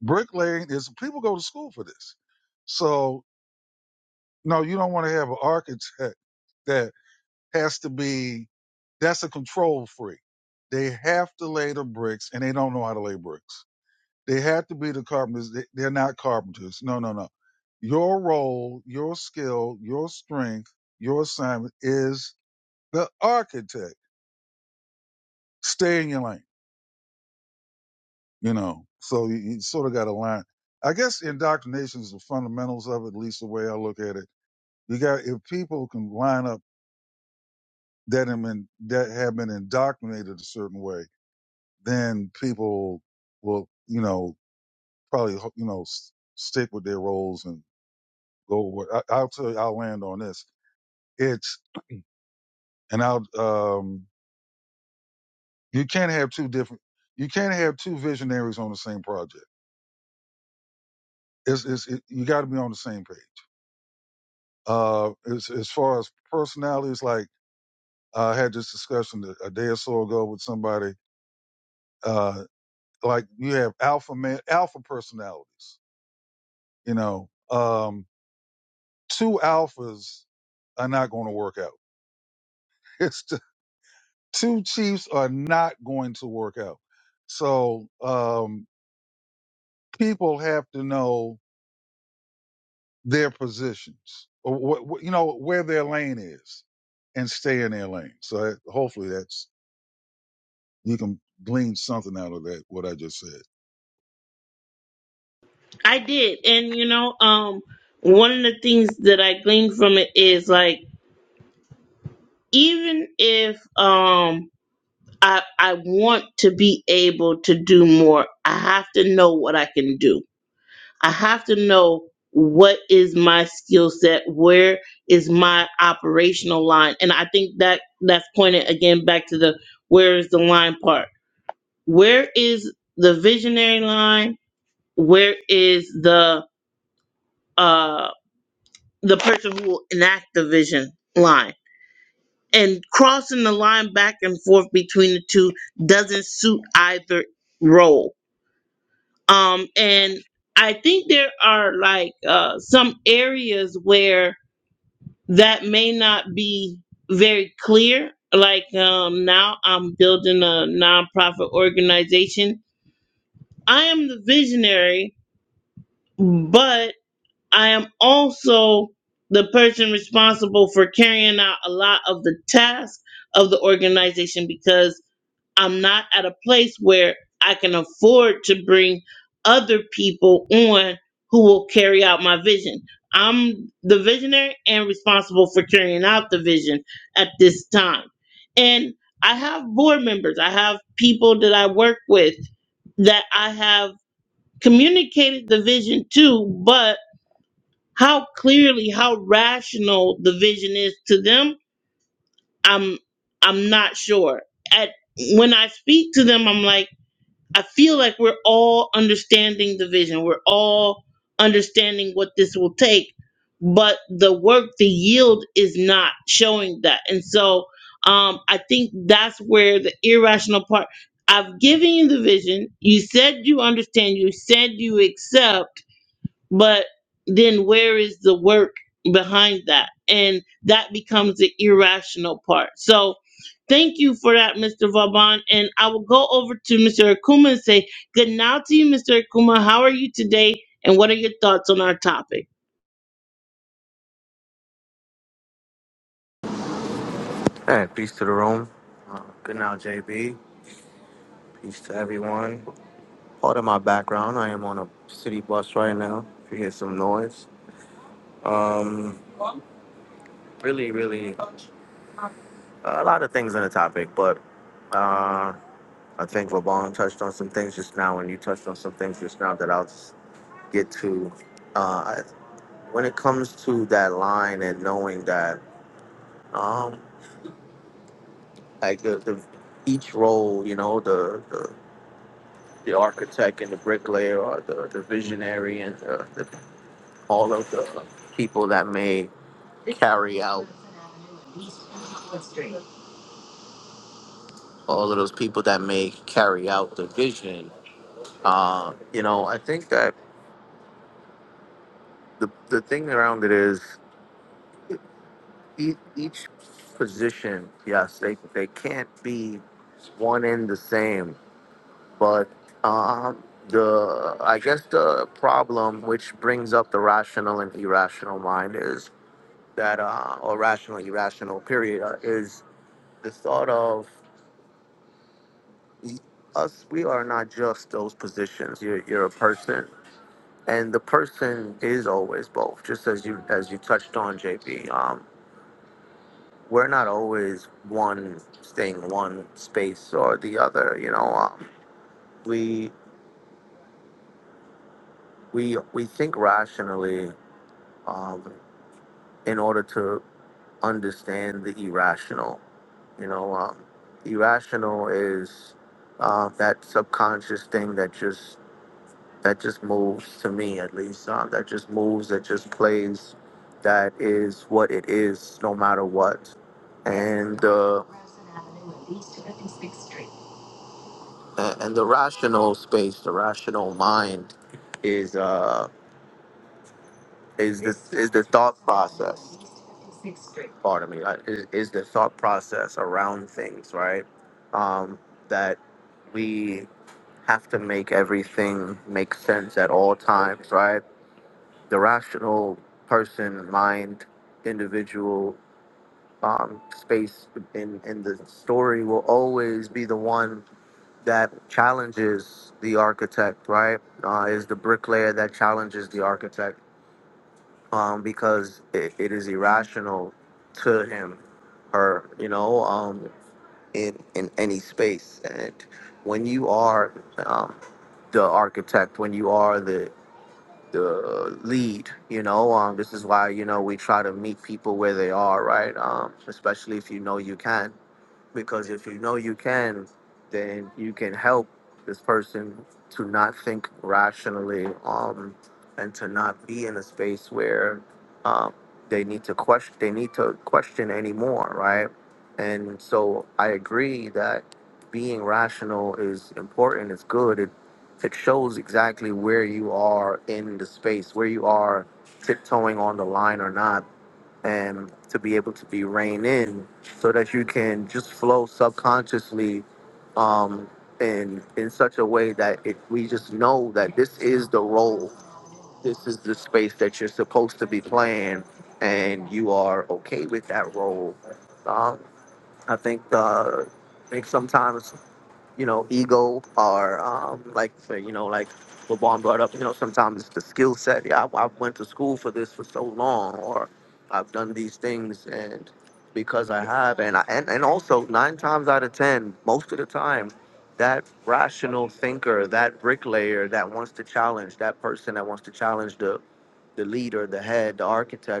S2: Bricklaying is people go to school for this. So no, you don't want to have an architect that has to be that's a control freak. They have to lay the bricks and they don't know how to lay bricks. They have to be the carpenters. They- They're not carpenters. No, no, no. Your role, your skill, your strength, your assignment is the architect. Stay in your lane you know. So you, you sort of got to line. I guess indoctrination is the fundamentals of it, at least the way I look at it. You got if people can line up that have been that have been indoctrinated a certain way, then people will, you know, probably you know s- stick with their roles and go. With, I, I'll tell you, I'll land on this. It's and I'll um, you can't have two different. You can't have two visionaries on the same project. It's, it's it, you got to be on the same page. Uh, as, as far as personalities, like I had this discussion a a day or so ago with somebody. Uh, like you have alpha man, alpha personalities. You know, um, two alphas are not going to work out. (laughs) It's t- two chiefs are not going to work out. So um, people have to know their positions, or what, what, you know where their lane is, and stay in their lane. So that, hopefully that's you can glean something out of that, what I just said.
S1: I did, and you know, um, one of the things that I gleaned from it is like even if um I I want to be able to do more, I have to know what I can do I have to know what is my skill set, where is my operational line, and I think that that's pointed again back to the where is the line part. Where is the visionary line? Where is the uh the person who will enact the vision line? And crossing the line back and forth between the two doesn't suit either role. Um, and I think there are like uh, some areas where that may not be very clear. Like um, now, I'm building a nonprofit organization. I am the visionary, but I am also the person responsible for carrying out a lot of the tasks of the organization because I'm not at a place where I can afford to bring other people on who will carry out my vision. I'm the visionary and responsible for carrying out the vision at this time. And I have board members, I have people that I work with that I have communicated the vision to, but how clearly, how rational the vision is to them, I'm I'm not sure. At when I speak to them, I'm like I feel like we're all understanding the vision. We're all understanding what this will take, but the work, the yield is not showing that. And so um, I think that's where the irrational part. I've given you the vision. You said you understand. You said you accept but then where is the work behind that? And that becomes the irrational part. So thank you for that, Mr. Vaban. And I will go over to Mr. Akuma and say good night to you, Mr. Akuma. How are you today? And what are your thoughts on our topic?
S6: Hey, peace to the room. Uh, good now, JB. Peace to everyone. Part of my background, I am on a city bus right now. If you hear some noise, um, really, really, a lot of things in the topic, but uh, I think Vaughn touched on some things just now, and you touched on some things just now that I'll just get to. Uh, when it comes to that line and knowing that, um, like the, the each role, you know, the, the the architect and the bricklayer or the, the visionary and the, the, all of the people that may carry out all of those people that may carry out the vision. Uh, you know, I think that the, the thing around it is each, each position, yes, they, they can't be one and the same, but um, the I guess the problem which brings up the rational and irrational mind is that uh, or rational irrational period uh, is the thought of us we are not just those positions you're, you're a person and the person is always both just as you as you touched on jp um, we're not always one thing one space or the other you know um, we we we think rationally um, in order to understand the irrational. You know, um, irrational is uh, that subconscious thing that just that just moves to me at least. Um, that just moves. That just plays. That is what it is, no matter what. And uh, a- and the rational space, the rational mind, is. Uh, is the is the thought process part of me uh, is, is the thought process around things right um that we have to make everything make sense at all times right the rational person mind individual um space in in the story will always be the one that challenges the architect right uh, is the bricklayer that challenges the architect um, because it, it is irrational to him or you know um, in in any space and when you are um, the architect when you are the the lead you know um, this is why you know we try to meet people where they are right um, especially if you know you can because if you know you can, then you can help this person to not think rationally um, and to not be in a space where um, they need to question they need to question anymore, right? And so I agree that being rational is important. It's good. It it shows exactly where you are in the space, where you are tiptoeing on the line or not and to be able to be reined in so that you can just flow subconsciously um, in, in such a way that it, we just know that this is the role, this is the space that you're supposed to be playing, and you are okay with that role. Um, I think uh, I think sometimes you know, ego or um, like say, you know, like what Vaughn brought up, you know, sometimes it's the skill set. Yeah, I, I went to school for this for so long, or I've done these things, and because I have, and I, and and also nine times out of ten, most of the time, that rational thinker, that bricklayer that wants to challenge, that person that wants to challenge the the leader, the head, the architect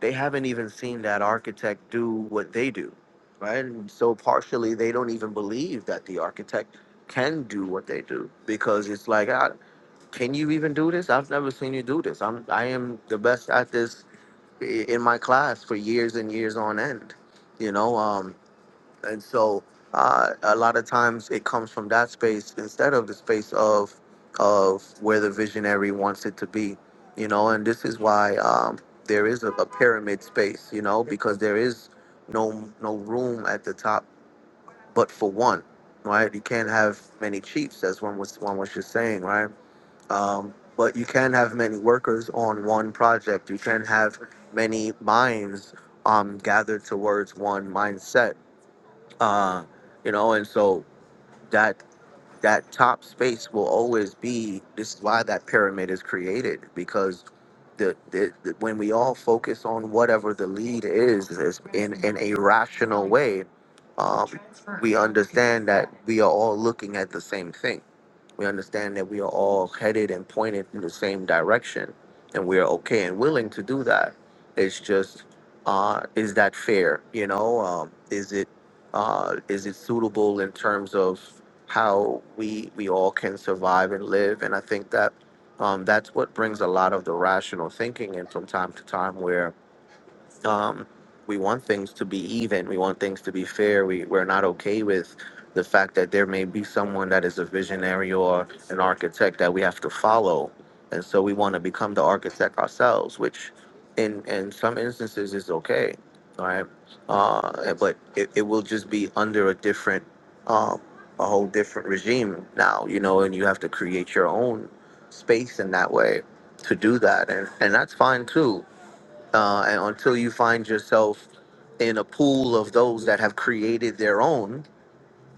S6: they haven't even seen that architect do what they do, right? And so partially, they don't even believe that the architect can do what they do because it's like, ah, can you even do this? I've never seen you do this. I'm I am the best at this i- in my class for years and years on end. You know, um, and so uh, a lot of times it comes from that space instead of the space of of where the visionary wants it to be, you know. And this is why um, there is a, a pyramid space, you know, because there is no no room at the top but for one, right? You can't have many chiefs, as one was one was just saying, right? Um, but you can have many workers on one project. You can have many minds um, gathered towards one mindset uh, you know, and so that that top space will always be. This is why that pyramid is created because the, the, the when we all focus on whatever the lead is, is in in a rational way, um, we understand that we are all looking at the same thing we understand that we are all headed and pointed in the same direction, and we are okay and willing to do that. It's just, uh, is that fair? You know, um, is it uh, is it suitable in terms of how we we all can survive and live? And I think that um, that's what brings a lot of the rational thinking in from time to time, where um, we want things to be even. We want things to be fair. We we're not okay with the fact that there may be someone that is a visionary or an architect that we have to follow, and so we want to become the architect ourselves, which in in some instances is okay, all right. Uh, but it, it will just be under a different, um, a whole different regime now, you know, and you have to create your own space in that way to do that, and and that's fine too uh, and until you find yourself in a pool of those that have created their own,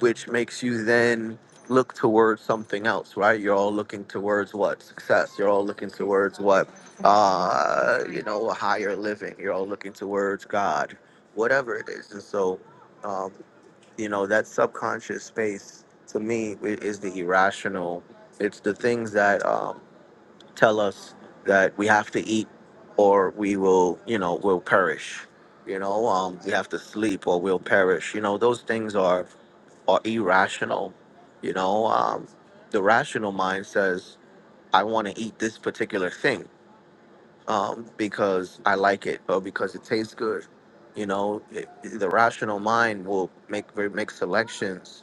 S6: which makes you then look towards something else, right? You're all looking towards what success. You're all looking towards what uh, you know a higher living. You're all looking towards God, whatever it is. And so, um, you know, that subconscious space to me i- is the irrational. It's the things that um, tell us that we have to eat or we will, you know, will perish. You know, um, we have to sleep or we'll perish. You know, those things are are irrational. You know, um, the rational mind says, I want to eat this particular thing um, because I like it or because it tastes good. You know, it, the rational mind will make make selections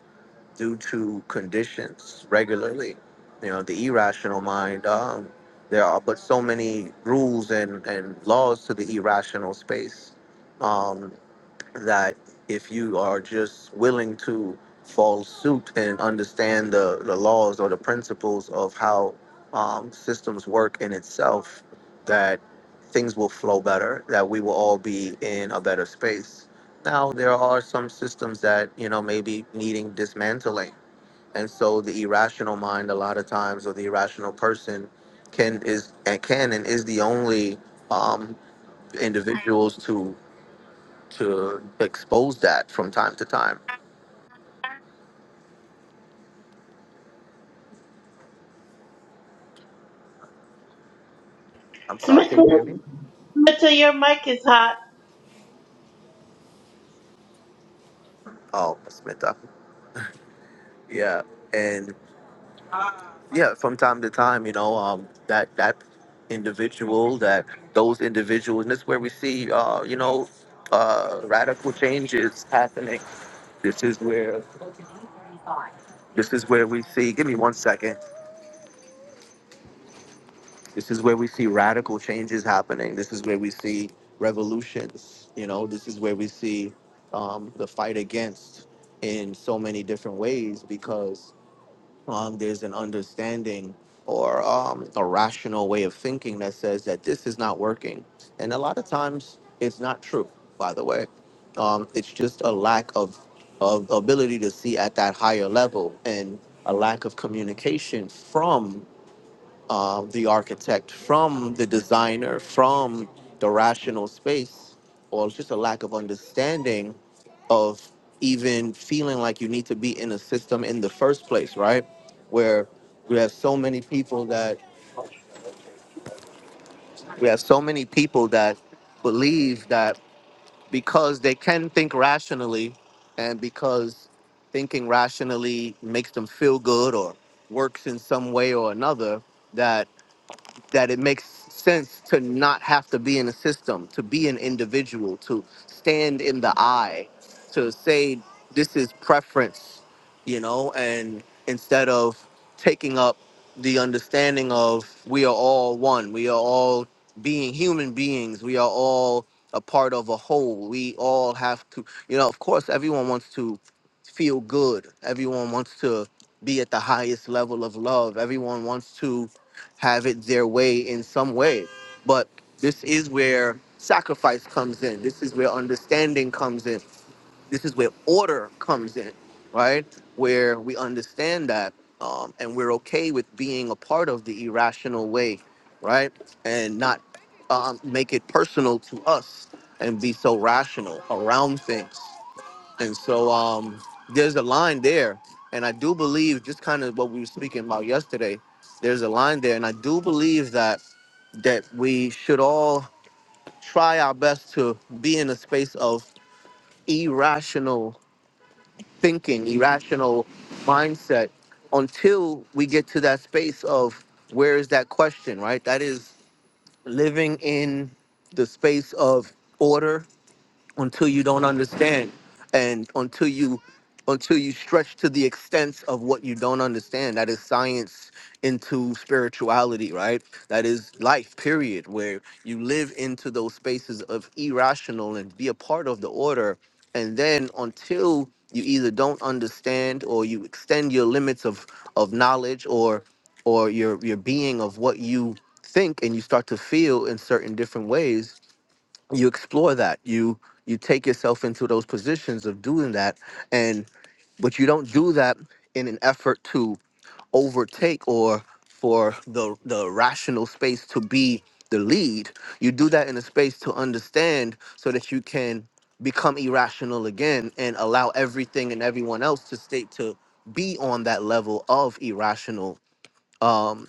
S6: due to conditions regularly. You know, the irrational mind, um, there are but so many rules and, and laws to the irrational space um, that if you are just willing to fall suit and understand the, the laws or the principles of how um, systems work in itself, that things will flow better, that we will all be in a better space. Now, there are some systems that, you know, maybe needing dismantling and so the irrational mind a lot of times or the irrational person can is and can and is the only um individuals to to expose that from time to time i'm sorry
S1: Smita,
S6: can you hear me
S1: Smita, your mic is hot.
S6: oh smita yeah and yeah from time to time you know um that that individual that those individuals and this is where we see uh you know uh radical changes happening this is where this is where we see give me one second This is where we see radical changes happening. This is where we see revolutions. You know, this is where we see um, the fight against in so many different ways because um, there's an understanding or um, a rational way of thinking that says that this is not working. And a lot of times it's not true, by the way. Um, it's just a lack of, of ability to see at that higher level and a lack of communication from uh, the architect, from the designer, from the rational space, or just a lack of understanding of even feeling like you need to be in a system in the first place, right? Where we have so many people that we have so many people that believe that because they can think rationally and because thinking rationally makes them feel good or works in some way or another that. that it makes sense to not have to be in a system, to be an individual, to stand in the eye, to say this is preference, you know, and instead of taking up the understanding of we are all one, we are all being human beings, we are all a part of a whole. We all have to, you know, of course, everyone wants to feel good, everyone wants to be at the highest level of love, everyone wants to have it their way in some way. But this is where sacrifice comes in. This is where understanding comes in. This is where order comes in, right? Where we understand that um, and we're okay with being a part of the irrational way, right? And not um, make it personal to us and be so rational around things. And so um, there's a line there. And I do believe, just kind of what we were speaking about yesterday, there's a line there. And I do believe that that we should all try our best to be in a space of irrational thinking, irrational mindset until we get to that space of where is that question, right? That is living in the space of order until you don't understand and until you until you stretch to the extents of what you don't understand that is science into spirituality right that is life period where you live into those spaces of irrational and be a part of the order and then until you either don't understand or you extend your limits of of knowledge or or your your being of what you think and you start to feel in certain different ways you explore that you you take yourself into those positions of doing that and but you don't do that in an effort to overtake or for the the rational space to be the lead you do that in a space to understand so that you can become irrational again and allow everything and everyone else to state to be on that level of irrational um,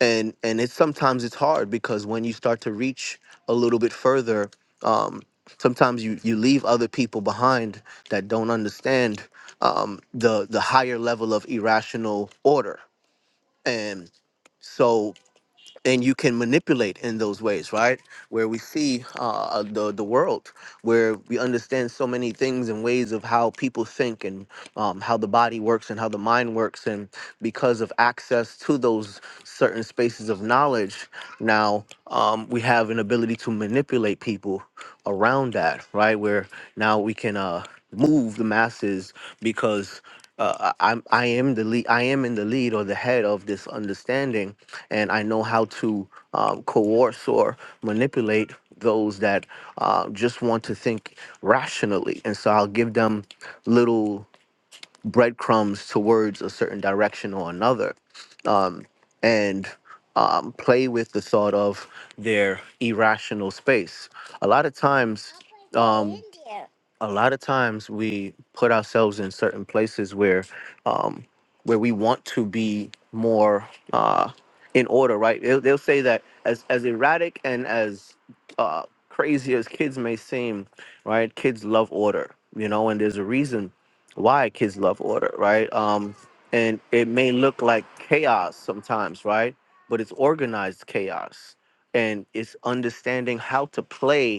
S6: and and it's sometimes it's hard because when you start to reach a little bit further um sometimes you you leave other people behind that don't understand um the the higher level of irrational order and so and you can manipulate in those ways, right? Where we see uh, uh, the the world, where we understand so many things and ways of how people think and um, how the body works and how the mind works, and because of access to those certain spaces of knowledge, now um, we have an ability to manipulate people around that, right? Where now we can uh, move the masses because uh, I- I'm I am the lead I am in the lead or the head of this understanding, and I know how to um, coerce or manipulate those that uh, just want to think rationally, and so I'll give them little breadcrumbs towards a certain direction or another, um, and um, play with the thought of their irrational space. A lot of times um, a lot of times we put ourselves in certain places where um, where we want to be more uh, in order, right? They'll, they'll say that as as erratic and as uh, crazy as kids may seem, right? Kids love order, you know, and there's a reason why kids love order, right? Um, and it may look like chaos sometimes, right? But it's organized chaos, and it's understanding how to play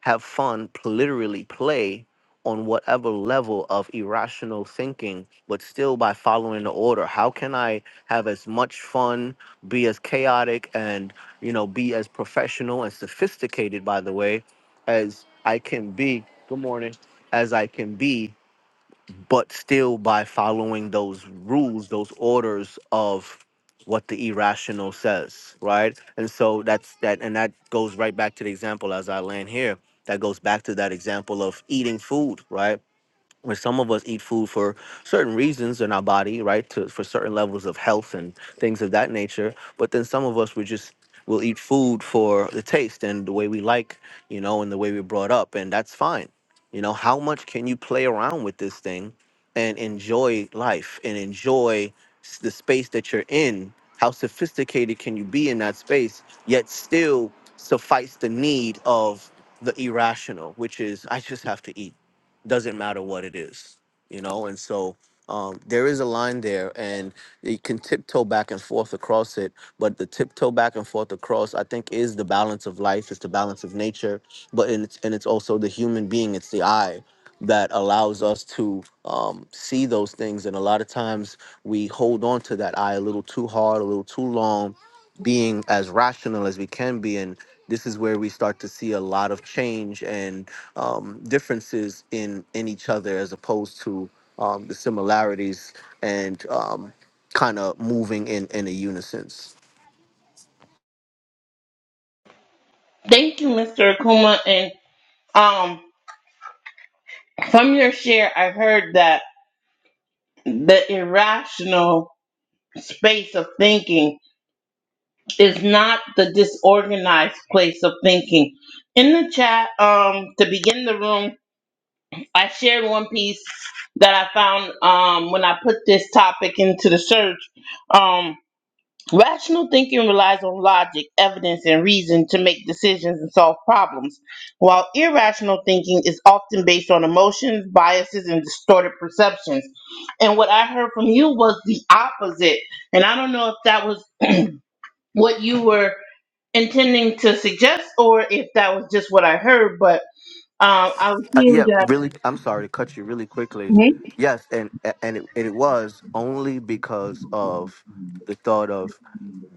S6: have fun, pl- literally play on whatever level of irrational thinking, but still by following the order. How can I have as much fun, be as chaotic, and you know, be as professional and sophisticated, by the way, as I can be? Good morning, as I can be but still by following those rules, those orders of what the irrational says, right? And so that's that, and that goes right back to the example as I land here. That goes back to that example of eating food, right? where some of us eat food for certain reasons in our body, right? To, for certain levels of health and things of that nature. But then some of us we just will eat food for the taste and the way we like, you know, and the way we're brought up, and that's fine. You know, how much can you play around with this thing and enjoy life and enjoy s- the space that you're in? How sophisticated can you be in that space, yet still suffice the need of the irrational, which is I just have to eat doesn't matter what it is, you know. And so um, there is a line there, and you can tiptoe back and forth across it. But the tiptoe back and forth across, I think, is the balance of life. It's the balance of nature, but and it's and it's also the human being. It's the I that allows us to um, see those things. And a lot of times we hold on to that I a little too hard, a little too long, being as rational as we can be, and this is where we start to see a lot of change um, differences in in each other as opposed to um, the similarities and um, kind of moving in in a unison.
S1: Thank you, Mr. Akuma. And um, from your share, I heard that the irrational space of thinking is not the disorganized place of thinking. In the chat, um, to begin the room, I shared one piece that I found um, when I put this topic into the search. Um, rational thinking relies on logic, evidence, and reason to make decisions and solve problems, while irrational thinking is often based on emotions, biases, and distorted perceptions. And what I heard from you was the opposite. And I don't know if that was (clears throat) what you were intending to suggest or if that was just what I heard, but um, I was
S6: Uh,
S1: hearing
S6: yeah,
S1: that.
S6: really. I'm sorry to cut you really quickly.
S1: Mhm.
S6: Yes, and and it, and it was only because of the thought of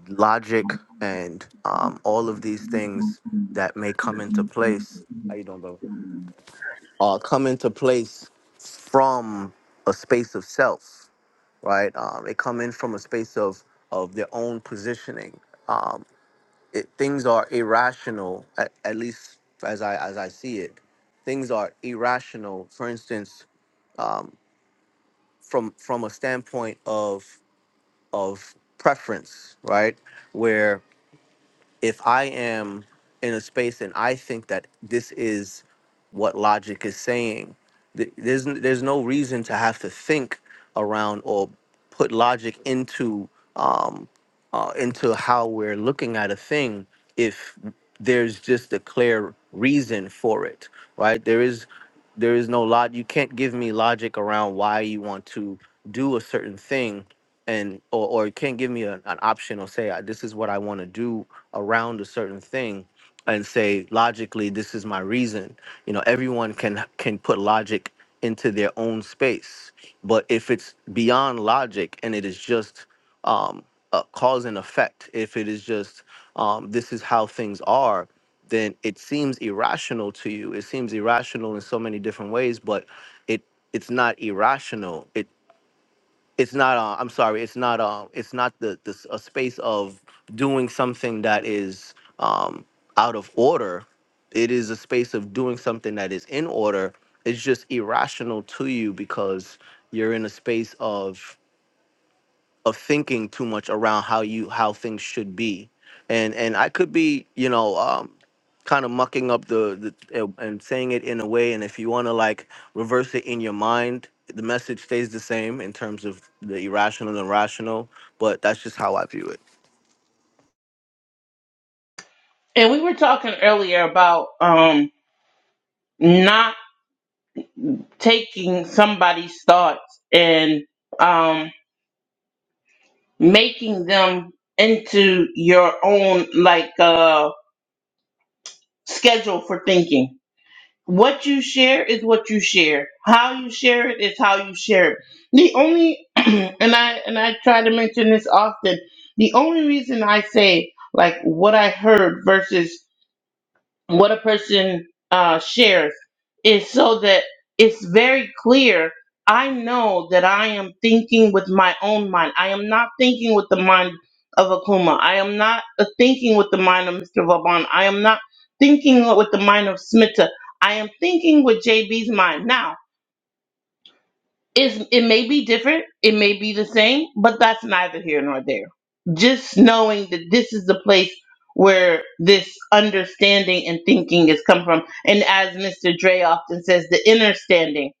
S6: logic and um, all of these things that may come into place. How you doing, bro? Uh, come into place from a space of self right? Um, they come in from a space of of their own positioning. Um, it, things are irrational, at, at least as I as I see it. Things are irrational. For instance, from from a standpoint of of preference, right? Where if I am in a space and I think that this is what logic is saying, th- there's n- there's no reason to have to think around or put logic into um, uh, into how we're looking at a thing if there's just a clear reason for it right there is there is no lot you can't give me logic around why you want to do a certain thing and or, or you can't give me an, an option or say "I- this is what i want to do around a certain thing and say logically this is my reason you know everyone can can put logic into their own space but if it's beyond logic and it is just um, a cause and effect. If it is just um, this is how things are, then it seems irrational to you. It seems irrational in so many different ways, but it it's not irrational. It it's not. Uh, I'm sorry. It's not. Uh, it's not the this a space of doing something that is um, out of order. It is a space of doing something that is in order. It's just irrational to you because you're in a space of of thinking too much around how you how things should be and and i could be you know um kind of mucking up the, the uh, and saying it in a way and if you want to like reverse it in your mind the message stays the same in terms of the irrational and rational but that's just how i view it
S1: And we were talking earlier about um, not taking somebody's thoughts and um, making them into your own like uh, schedule for thinking. What you share is what you share. How you share it is how you share it. The only (clears throat) and I and I try to mention this often. The only reason I say like what I heard versus what a person uh, shares is so that it's very clear. I know that I am thinking with my own mind. I am not thinking with the mind of Akuma. I am not uh, thinking with the mind of Mr. Vaban. I am not thinking with the mind of Smita. I am thinking with JB's mind. Now, is it may be different, it may be the same, but that's neither here nor there. Just knowing that this is the place where this understanding and thinking has come from. And as Mr. Dre often says, the inner standing.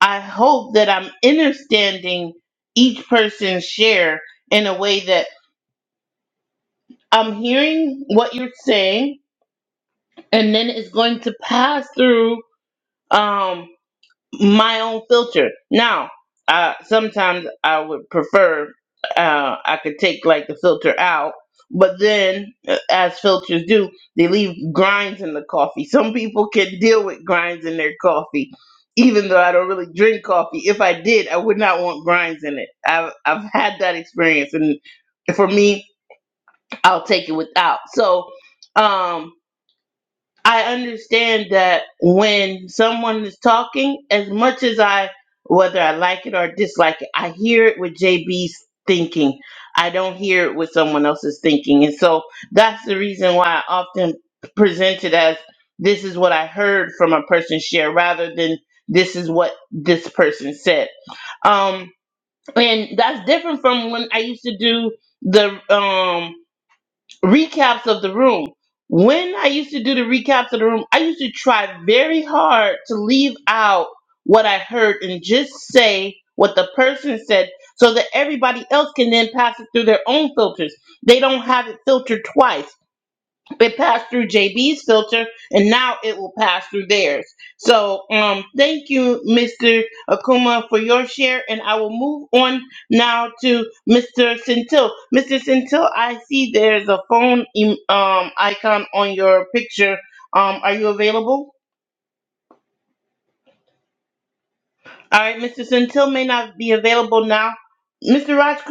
S1: I hope that I'm understanding each person's share in a way that I'm hearing what you're saying, and then it's going to pass through. Um, my own filter. Now, uh, sometimes I would prefer uh, I could take like the filter out, but then, uh, as filters do, they leave grinds in the coffee. Some people can deal with grinds in their coffee, even though I don't really drink coffee. If I did, I would not want grinds in it. I've I've had that experience, and for me, I'll take it without. So. Um, I understand that when someone is talking, as much as I, whether I like it or dislike it, I hear it with JB's thinking. I don't hear it with someone else's thinking. And so that's the reason why I often present it as this is what I heard from a person share rather than this is what this person said. Um, and that's different from when I used to do the um recaps of the room. When I used to do the recaps of the room, I used to try very hard to leave out what I heard and just say what the person said so that everybody else can then pass it through their own filters. They don't have it filtered twice it passed through JB's filter and now it will pass through theirs. So um thank you, Mr. Akuma, for your share. And I will move on now to Mr. Centil. Mr. Centil, I see there's a phone em- um icon on your picture. Um, are you available? All right, Mr. Centil may not be available now. Mr. Rajkumar,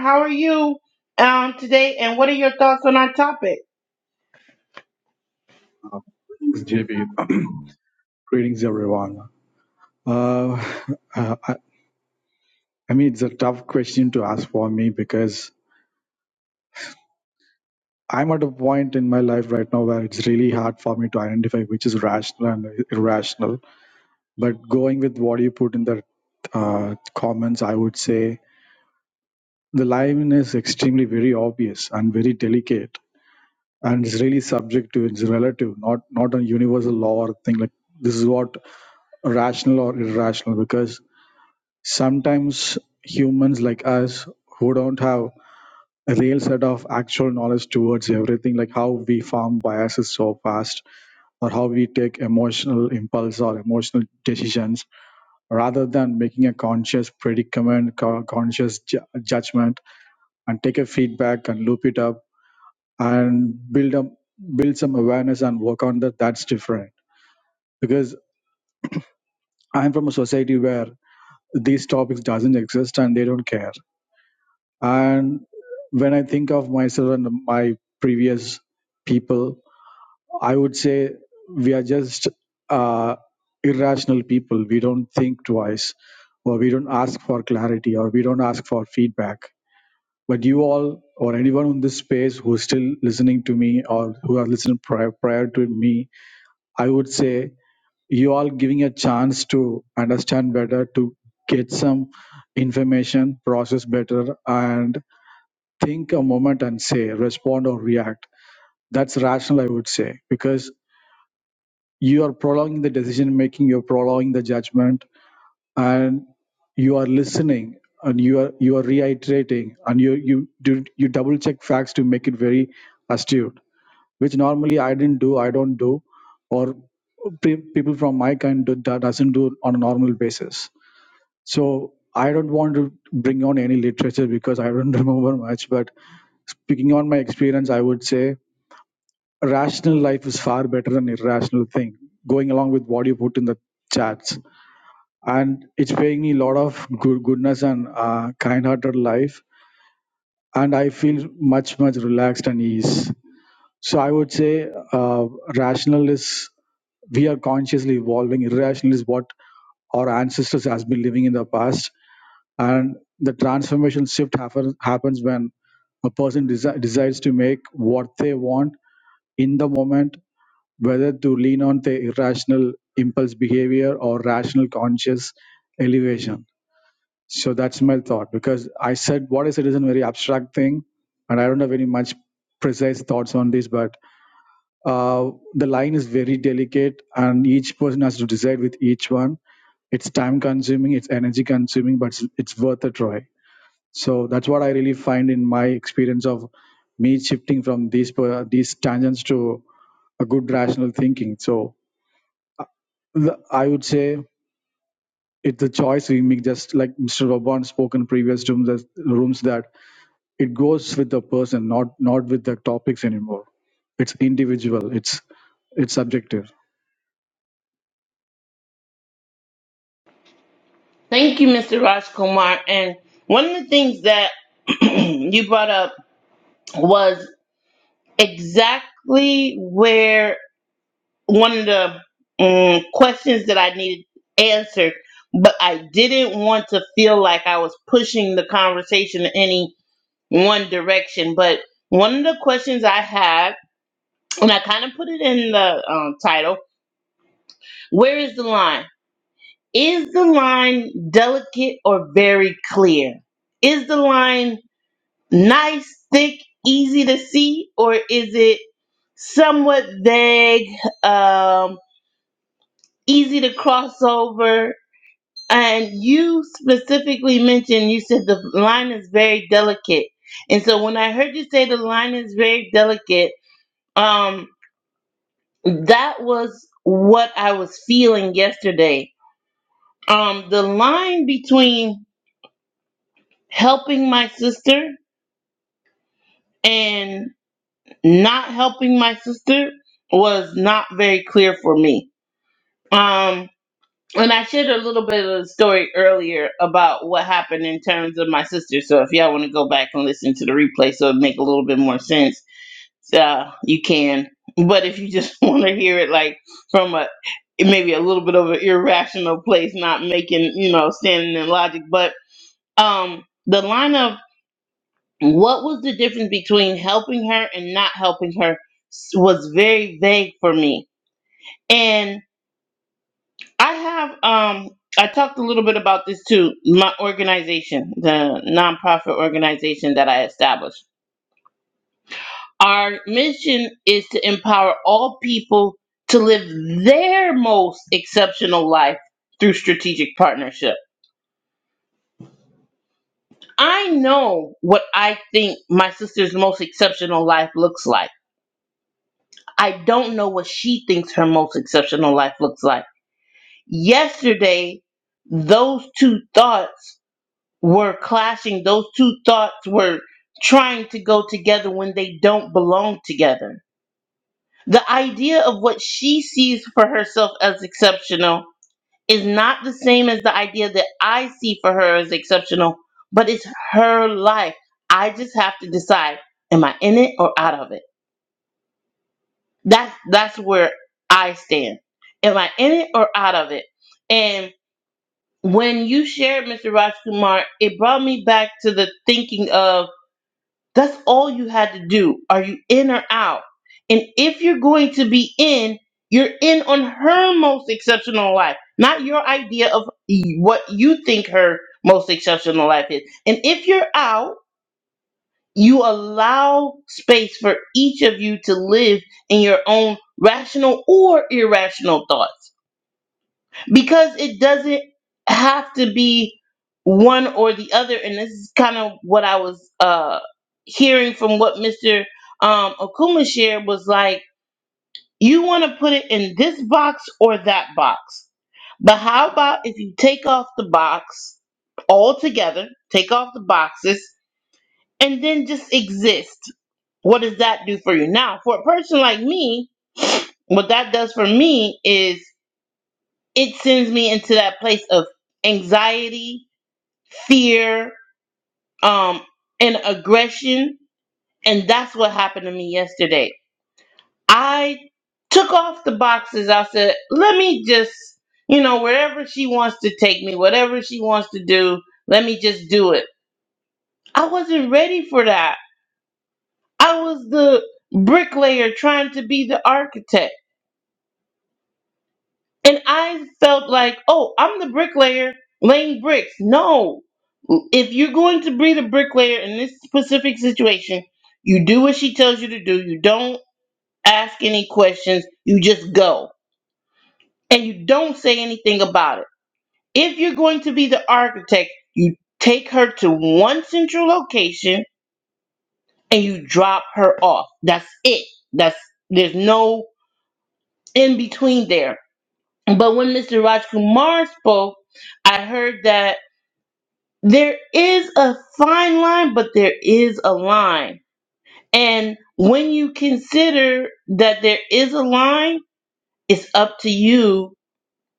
S1: how are you um today and what are your thoughts on our topic?
S7: Uh, JB, (clears throat) greetings everyone. Uh, uh, I, I mean, it's a tough question to ask for me because I'm at a point in my life right now where it's really hard for me to identify which is rational and irrational. But going with what you put in the uh, comments, I would say the line is extremely very obvious and very delicate, and it's really subject to it's relative, not not a universal law or thing like this is what rational or irrational because Sometimes humans like us who don't have a real set of actual knowledge towards everything, like how we form biases so fast or how we take emotional impulse or emotional decisions, rather than making a conscious predicament, co- conscious ju- judgment, and take a feedback and loop it up and build up, build some awareness and work on that. That's different because I'm from a society where these topics doesn't exist and they don't care And when I think of myself and my previous people, I would say we are just uh, irrational people. We don't think twice, or we don't ask for clarity, or we don't ask for feedback. But you all, or anyone in this space who's still listening to me or who are listening prior, prior to me, I would say you all giving a chance to understand better, to get some information, process better, and think a moment and say, respond or react. That's rational, I would say, because you are prolonging the decision making, you're prolonging the judgment, and you are listening and you are you are reiterating and you you do you double check facts to make it very astute, which normally I didn't do, I don't do, or pe- people from my kind do, that doesn't do on a normal basis. So I don't want to bring on any literature because I don't (laughs) remember much. But speaking on my experience, I would say rational life is far better than irrational thing. Going along with what you put in the chats, and it's paying me a lot of good goodness and uh, kind-hearted life, and I feel much much relaxed and ease. So I would say uh, rational is we are consciously evolving. Irrational is what our ancestors has been living in the past and the transformation shift happen, happens when a person desi- decides to make what they want in the moment whether to lean on the irrational impulse behavior or rational conscious elevation so that's my thought because i said what i said is a very abstract thing and i don't have any much precise thoughts on this but uh, the line is very delicate and each person has to decide with each one it's time consuming it's energy consuming but it's, it's worth a try so that's what i really find in my experience of me shifting from these per- these tangents to a good rational thinking so the- i would say it's a choice we make just like mr robon spoke in previous rooms that, rooms that it goes with the person not not with the topics anymore it's individual it's it's subjective
S1: Thank you, Mr. Rajkumar. And one of the things that (clears throat) you brought up was exactly where one of the um, questions that I needed answered, but I didn't want to feel like I was pushing the conversation in any one direction. But one of the questions I had, and I kind of put it in the um, title, where is the line? Is the line delicate or very clear? Is the line nice, thick, easy to see, or is it somewhat vague, um, easy to cross over? And you specifically mentioned you said the line is very delicate. And so when I heard you say the line is very delicate, um, that was what I was feeling yesterday. Um, the line between helping my sister and not helping my sister was not very clear for me. Um, and I shared a little bit of the story earlier about what happened in terms of my sister. So if y'all want to go back and listen to the replay, so it make a little bit more sense, uh, you can. But if you just (laughs) want to hear it, like from a maybe a little bit of an irrational place, not making you know standing in logic, but um, the line of what was the difference between helping her and not helping her s- was very vague for me and i have um i talked a little bit about this too my organization the nonprofit organization that i established our mission is to empower all people to live their most exceptional life through strategic partnership i know what i think my sister's most exceptional life looks like I don't know what she thinks her most exceptional life looks like. Yesterday, those two thoughts were clashing. Those two thoughts were trying to go together when they don't belong together. The idea of what she sees for herself as exceptional is not the same as the idea that I see for her as exceptional, but it's her life. I just have to decide am I in it or out of it? That's that's where I stand. Am I in it or out of it? And when you shared Mr. Rajkumar, it brought me back to the thinking of that's all you had to do. Are you in or out? And if you're going to be in, you're in on her most exceptional life, not your idea of what you think her most exceptional life is. And if you're out, you allow space for each of you to live in your own rational or irrational thoughts because it doesn't have to be one or the other and this is kind of what i was uh hearing from what mr um okuma shared was like you want to put it in this box or that box but how about if you take off the box altogether take off the boxes and then just exist what does that do for you? Now, for a person like me, (sniffs) what that does for me is it sends me into that place of anxiety, fear, um, and aggression. And that's what happened to me yesterday. I took off the boxes. I said, let me just, you know, wherever she wants to take me, whatever she wants to do, let me just do it. I wasn't ready for that. I was the bricklayer trying to be the architect. And I felt like, oh, I'm the bricklayer laying bricks. No. If you're going to be the bricklayer in this specific situation, you do what she tells you to do. You don't ask any questions. You just go. And you don't say anything about it. If you're going to be the architect, you take her to one central location and you drop her off. That's it. That's there's no in between there. But when Mr. Raj Kumar spoke, I heard that there is a fine line, but there is a line. And when you consider that there is a line, it's up to you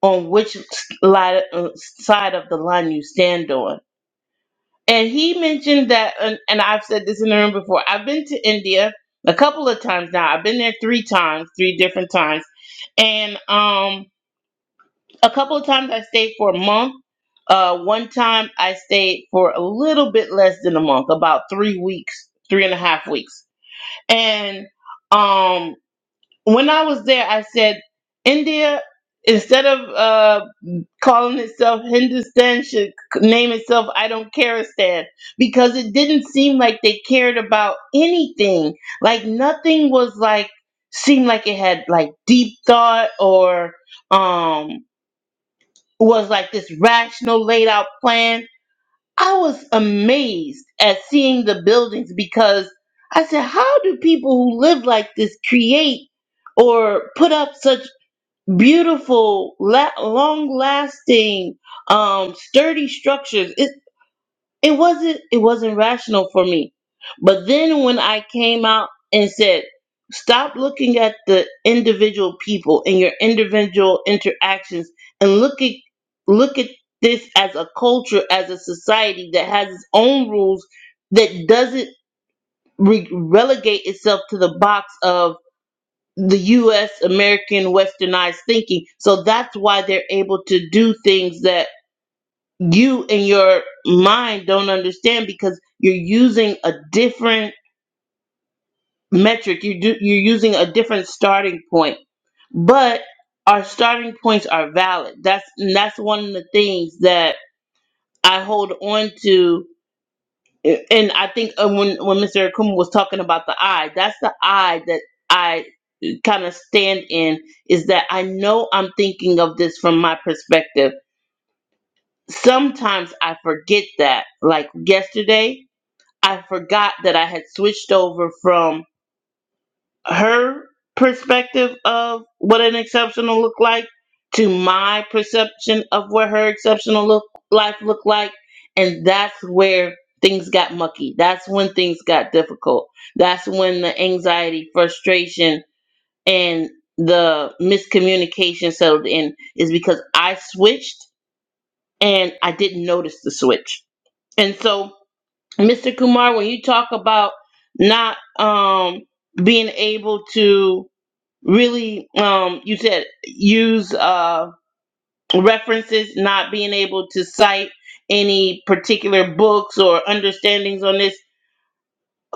S1: on which li- uh, side of the line you stand on. And he mentioned that, and, and I've said this in the room before, I've been to India a couple of times now. I've been there three times, three different times. And um, a couple of times I stayed for a month. Uh, one time I stayed for a little bit less than a month, about three weeks, three and a half weeks. And um, when I was there, I said, India, instead of uh, calling itself Hindustan, should name itself I Don't Careistan because it didn't seem like they cared about anything. Like nothing was like seemed like it had like deep thought or um was like this rational laid out plan. I was amazed at seeing the buildings because I said, how do people who live like this create or put up such beautiful, la- long lasting, um, sturdy structures? It, it wasn't it wasn't rational for me. But then when I came out and said, stop looking at the individual people and your individual interactions and look at look at this as a culture, as a society that has its own rules that doesn't re- relegate itself to the box of the US American westernized thinking. So that's why they're able to do things that you and your mind don't understand because you're using a different metric you do you're using a different starting point but our starting points are valid that's and that's one of the things that i hold on to and i think uh, when when mr akuma was talking about the i that's the i that i kind of stand in is that i know i'm thinking of this from my perspective sometimes i forget that like yesterday I forgot that I had switched over from her perspective of what an exceptional looked like to my perception of what her exceptional look life looked like. And that's where things got mucky. That's when things got difficult. That's when the anxiety, frustration, and the miscommunication settled in is because I switched and I didn't notice the switch. And so Mr. Kumar, when you talk about not um, being able to really, um, you said use uh, references, not being able to cite any particular books or understandings on this,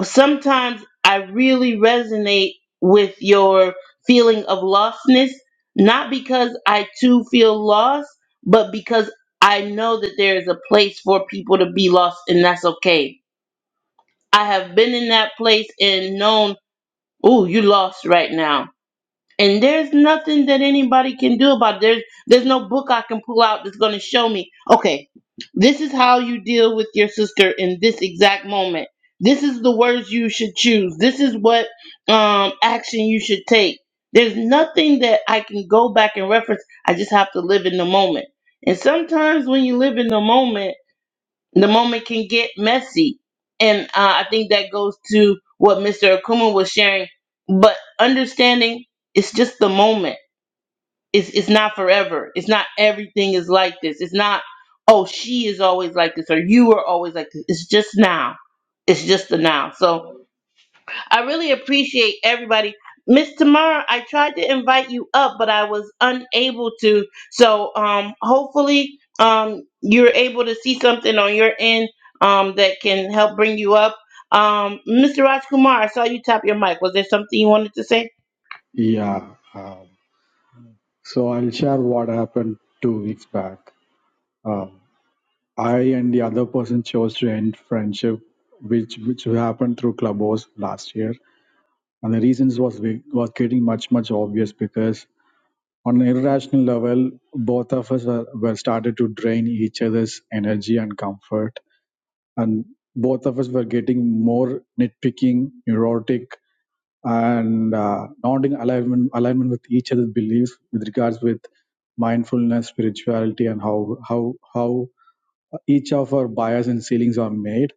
S1: sometimes I really resonate with your feeling of lostness, not because I too feel lost, but because I know that there is a place for people to be lost, and that's okay I have been in that place and known, oh, you lost right now. And there's nothing that anybody can do about it. There's there's no book I can pull out that's gonna show me, okay, this is how you deal with your sister in this exact moment. This is the words you should choose. This is what um action you should take. There's nothing that I can go back and reference. I just have to live in the moment. And sometimes when you live in the moment, the moment can get messy. And uh, I think that goes to what Mr. Akuma was sharing. But understanding it's just the moment. It's it's not forever. It's not everything is like this. It's not oh she is always like this or you are always like this. It's just now. It's just the now. So I really appreciate everybody. Miss Tamara, I tried to invite you up, but I was unable to. So um, hopefully um, you're able to see something on your end um, that can help bring you up. Um, Mr. Rajkumar, I saw you tap your mic. Was there something you wanted to say?
S7: Yeah. Um, so I'll share what happened two weeks back. Um, I and the other person chose to end friendship, which which happened through Clubhouse last year. And the reasons was ve- was getting much much obvious because on an irrational level, both of us were, were started to drain each other's energy and comfort, and both of us were getting more nitpicking, neurotic, and uh, not in alignment alignment with each other's beliefs with regards with mindfulness, spirituality, and how how how each of our bias and ceilings are made.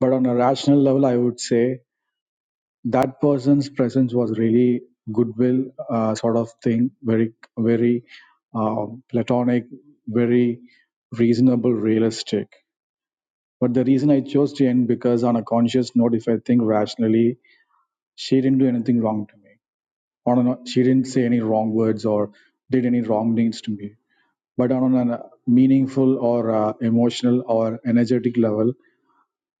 S7: But on a rational level, I would say that person's presence was really goodwill uh, sort of thing, very, very uh, platonic, very reasonable, realistic. But the reason I chose Jane because on a conscious note, if I think rationally, she didn't do anything wrong to me. On a, no, she didn't say any wrong words or did any wrong things to me. But on a meaningful or uh, emotional or energetic level,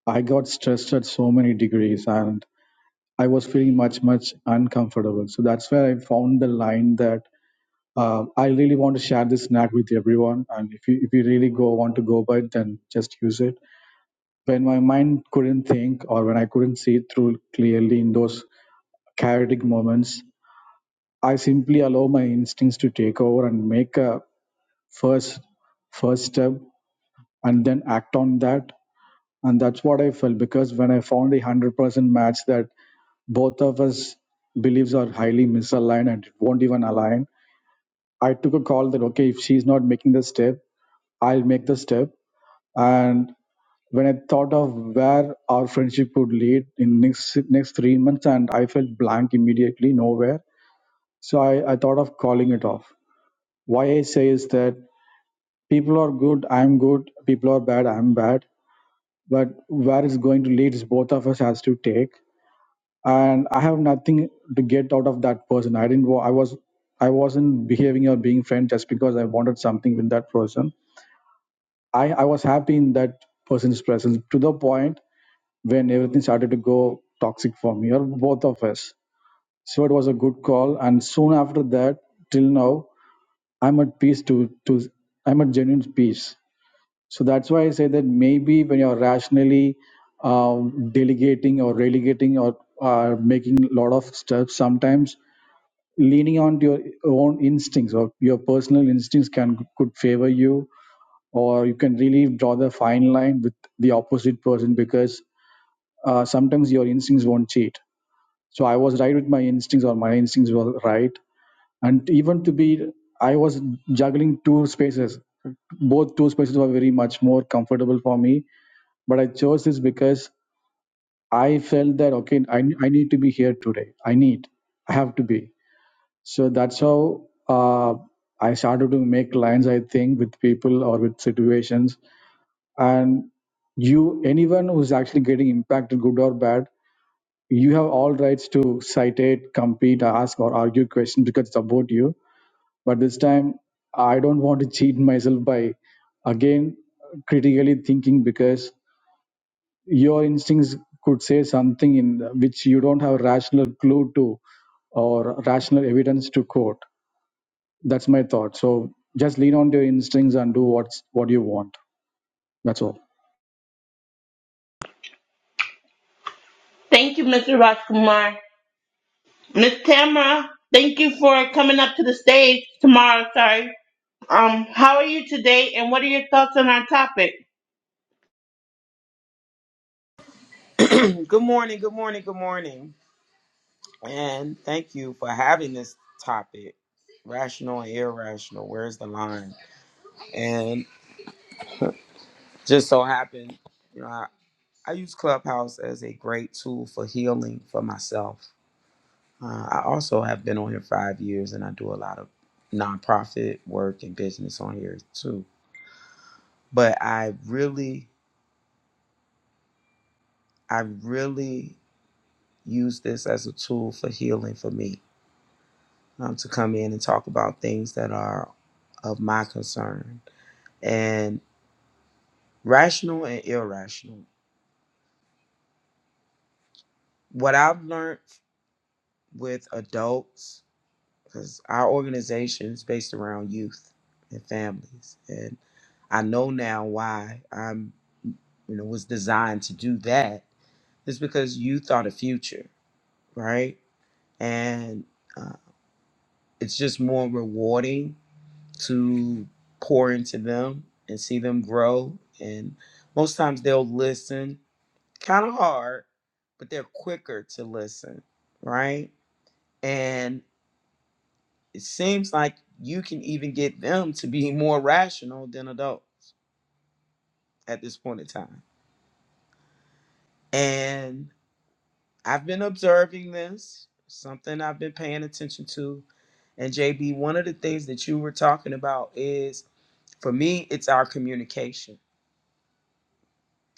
S7: I got stressed at so many degrees and I was feeling much, much uncomfortable. So that's where I found the line that uh, I really want to share this knack with everyone. And if you, if you really go want to go by it, then just use it. When my mind couldn't think or when I couldn't see through clearly in those chaotic moments, I simply allow my instincts to take over and make a first first step and then act on that and that's what i felt because when i found the 100% match that both of us beliefs are highly misaligned and it won't even align i took a call that okay if she's not making the step i'll make the step and when i thought of where our friendship would lead in next next three months and i felt blank immediately nowhere so i, I thought of calling it off why i say is that people are good i'm good people are bad i'm bad but where it's going to lead is both of us has to take and i have nothing to get out of that person i didn't wa- i was i wasn't behaving or being friend just because i wanted something with that person i i was happy in that person's presence to the point when everything started to go toxic for me or both of us so it was a good call and soon after that till now i'm at peace to to i'm at genuine peace So that's why I say that maybe when you're rationally um, delegating or relegating or uh, making a lot of stuff, sometimes leaning on to your own instincts or your personal instincts can could favor you, or you can really draw the fine line with the opposite person because uh, sometimes your instincts won't cheat. So I was right with my instincts, or my instincts were right, and even to be, I was juggling two spaces. Both two spaces were very much more comfortable for me but I chose this because I felt that okay, I, I need to be here today. I need, I have to be. So that's how uh, I started to make lines. I think with people or with situations, and you, anyone who's actually getting impacted, good or bad, you have all rights to citate, compete, ask, or argue questions because it's about you. But this time, I don't want to cheat myself by again critically thinking because your instincts could say something in which you don't have a rational clue to or rational evidence to quote that's my thought so just lean on to your instincts and do what's what you want that's all
S1: Thank you, Mr. Rajkumar. Miss Tamara, thank you for coming up to the stage tomorrow. Sorry. Um, how are you today, and what are your thoughts on our topic?
S8: Good morning, good morning, good morning. And thank you for having this topic rational and irrational. Where's the line? And just so happened, you know, I, I use Clubhouse as a great tool for healing for myself. Uh, I also have been on here five years and I do a lot of nonprofit work and business on here too. But I really, I really use this as a tool for healing for me um, to come in and talk about things that are of my concern and rational and irrational. What I've learned with adults, because our organization is based around youth and families, and I know now why I'm, you know, was designed to do that is because youth are the future, right? And uh, it's just more rewarding to pour into them and see them grow. And most times they'll listen, kind of hard, but they're quicker to listen, right? And it seems like you can even get them to be more rational than adults at this point in time. And I've been observing this, something I've been paying attention to. And JB, one of the things that you were talking about is for me, it's our communication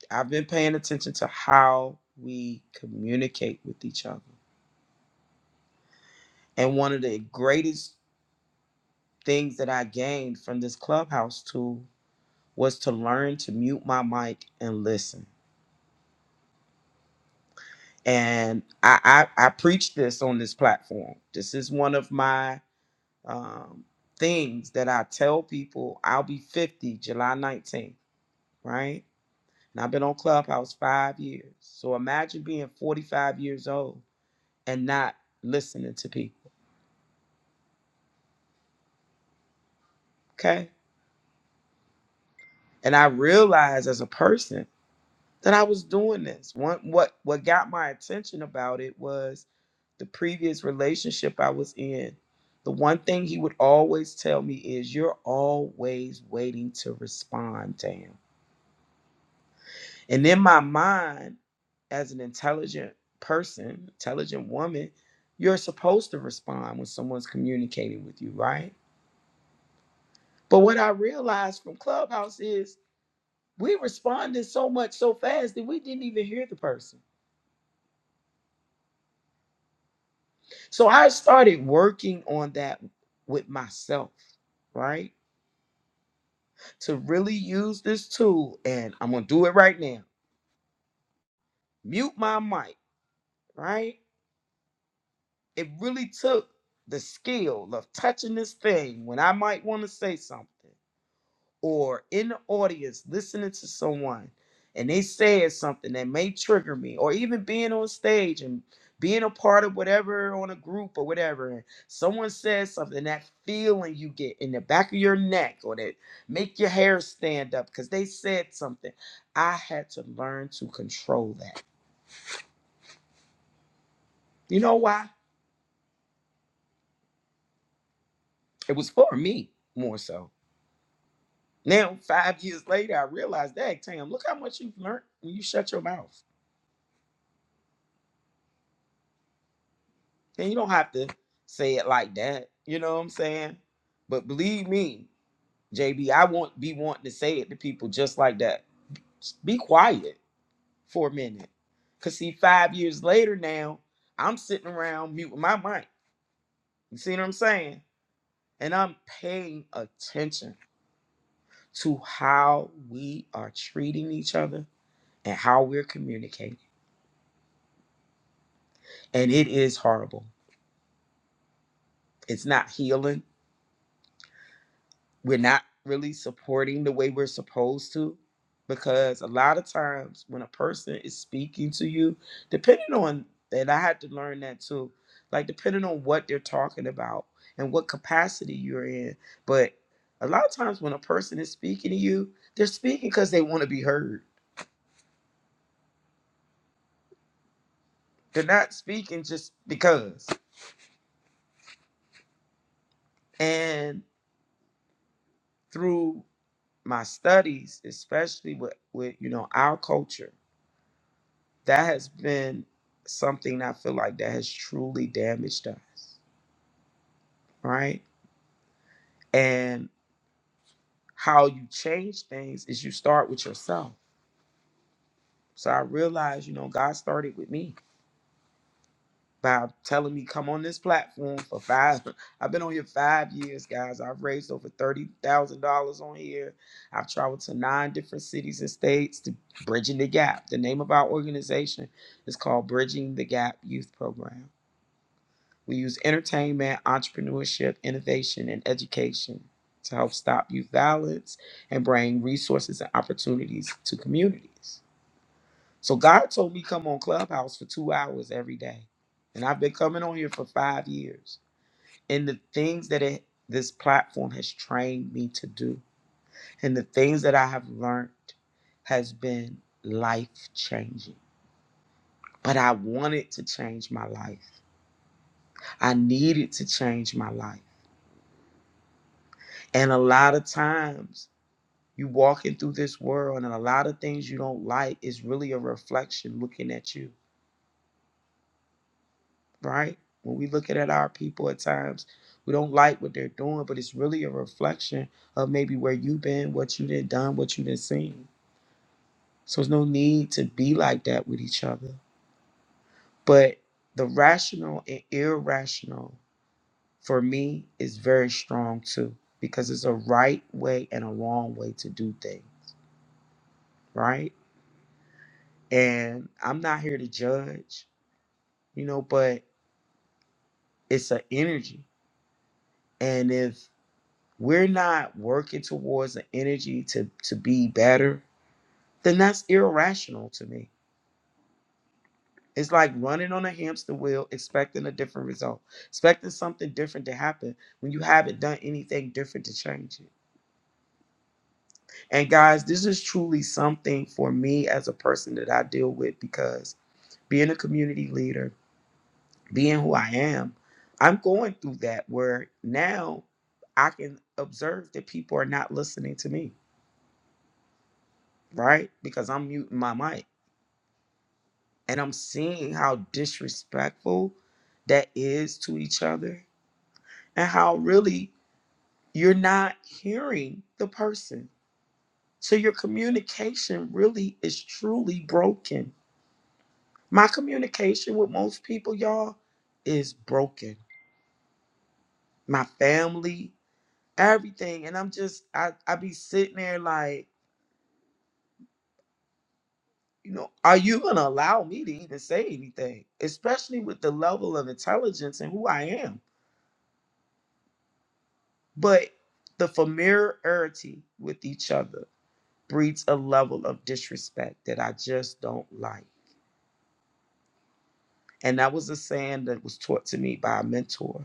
S8: I've been paying attention to how we communicate with each other. And one of the greatest things that I gained from this clubhouse tool was to learn to mute my mic and listen. And I, I, I preach this on this platform. This is one of my um, things that I tell people I'll be 50 July 19th, right? And I've been on Clubhouse five years. So imagine being 45 years old and not listening to people, okay? And I realized as a person that I was doing this. One, what what got my attention about it was the previous relationship I was in. The one thing he would always tell me is, "You're always waiting to respond, damn." And in my mind, as an intelligent person, intelligent woman, you're supposed to respond when someone's communicating with you, right? But what I realized from Clubhouse is we responded so much so fast that we didn't even hear the person So I started working on that with myself, right? To really use this tool, and I'm gonna do it right now. Mute my mic, right? It really took the skill of touching this thing when I might want to say something. or in the audience listening to someone and they said something that may trigger me, or even being on stage and being a part of whatever on a group or whatever, and someone says something, that feeling you get in the back of your neck or that make your hair stand up because they said something. I had to learn to control that. You know why? It was for me more so. Now, five years later, I realized that, damn, look how much you've learned when you shut your mouth. And you don't have to say it like that. You know what I'm saying? But believe me, JB, I won't be wanting to say it to people just like that. Just be quiet for a minute. Cause see, five years later now, I'm sitting around muting my mic. You see what I'm saying? And I'm paying attention to how we are treating each other and how we're communicating. And it is horrible. It's not healing we're not really supporting the way we're supposed to because a lot of times when a person is speaking to you depending on and i had to learn that too like depending on what they're talking about and what capacity you're in but a lot of times when a person is speaking to you they're speaking because they want to be heard they're not speaking just because and through my studies especially with, with you know our culture that has been something I feel like that has truly damaged us, right? And how you change things is you start with yourself. So I realized, you know, God started with me by telling me come on this platform for five. (laughs) I've been on here five years, guys. I've raised over thirty thousand dollars on here. I've traveled to nine different cities and states to bridging the gap. The name of our organization is called Bridging the Gap Youth Program We use entertainment, entrepreneurship, innovation, and education to help stop youth violence and bring resources and opportunities to communities. So God told me come on Clubhouse for two hours every day. And I've been coming on here for five years. And the things that it, this platform has trained me to do and the things that I have learned has been life changing. But I wanted to change my life. I needed to change my life. And a lot of times you walking through this world and a lot of things you don't like is really a reflection looking at you, right? When we looking at our people at times, we don't like what they're doing, but it's really a reflection of maybe where you've been, what you done done, what you done seen. So there's no need to be like that with each other. But the rational and irrational for me is very strong too, because it's a right way and a wrong way to do things, right? and I'm not here to judge, you know, but it's an energy. And if we're not working towards an energy to to be better, then that's irrational to me. It's like running on a hamster wheel expecting a different result, expecting something different to happen when you haven't done anything different to change it. And guys, this is truly something for me as a person that I deal with because being a community leader being who I am, I'm going through that where now I can observe that people are not listening to me, right? Because I'm muting my mic and I'm seeing how disrespectful that is to each other and how really you're not hearing the person. So your communication really is truly broken. My communication with most people, y'all, is broken. My family, everything. And I'm just, I, I be sitting there like, you know, are you going to allow me to even say anything, especially with the level of intelligence and who I am? But the familiarity with each other breeds a level of disrespect that I just don't like. And that was a saying that was taught to me by a mentor.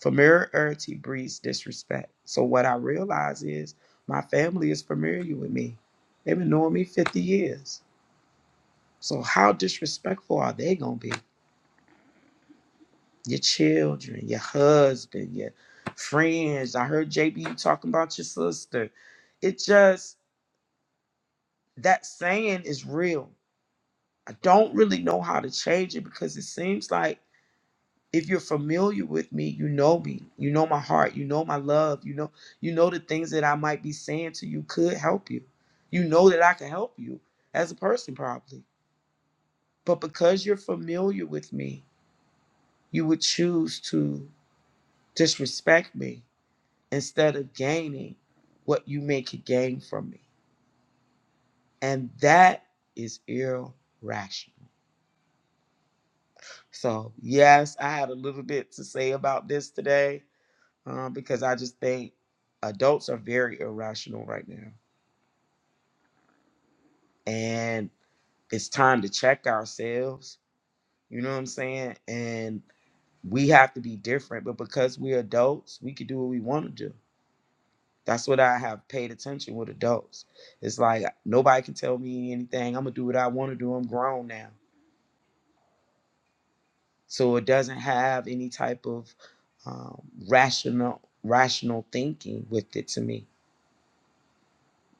S8: Familiarity breeds disrespect. So what I realize is my family is familiar with me. They've been knowing me 50 years So how disrespectful are they gonna be? Your children, your husband, your friends. I heard JB you talking about your sister. It just that saying is real. I don't really know how to change it because it seems like if you're familiar with me, you know me, you know my heart, you know my love, you know, you know the things that I might be saying to you could help you. You know that I can help you as a person, probably. But because you're familiar with me, you would choose to disrespect me instead of gaining what you may could gain from me. And that is irrational. So, yes, I had a little bit to say about this today um, because I just think adults are very irrational right now. And it's time to check ourselves. You know what I'm saying? And we have to be different. But because we're adults, we can do what we want to do. That's what I have paid attention with adults. It's like nobody can tell me anything. I'm gonna do what I want to do. I'm grown now, so it doesn't have any type of um, rational rational thinking with it to me.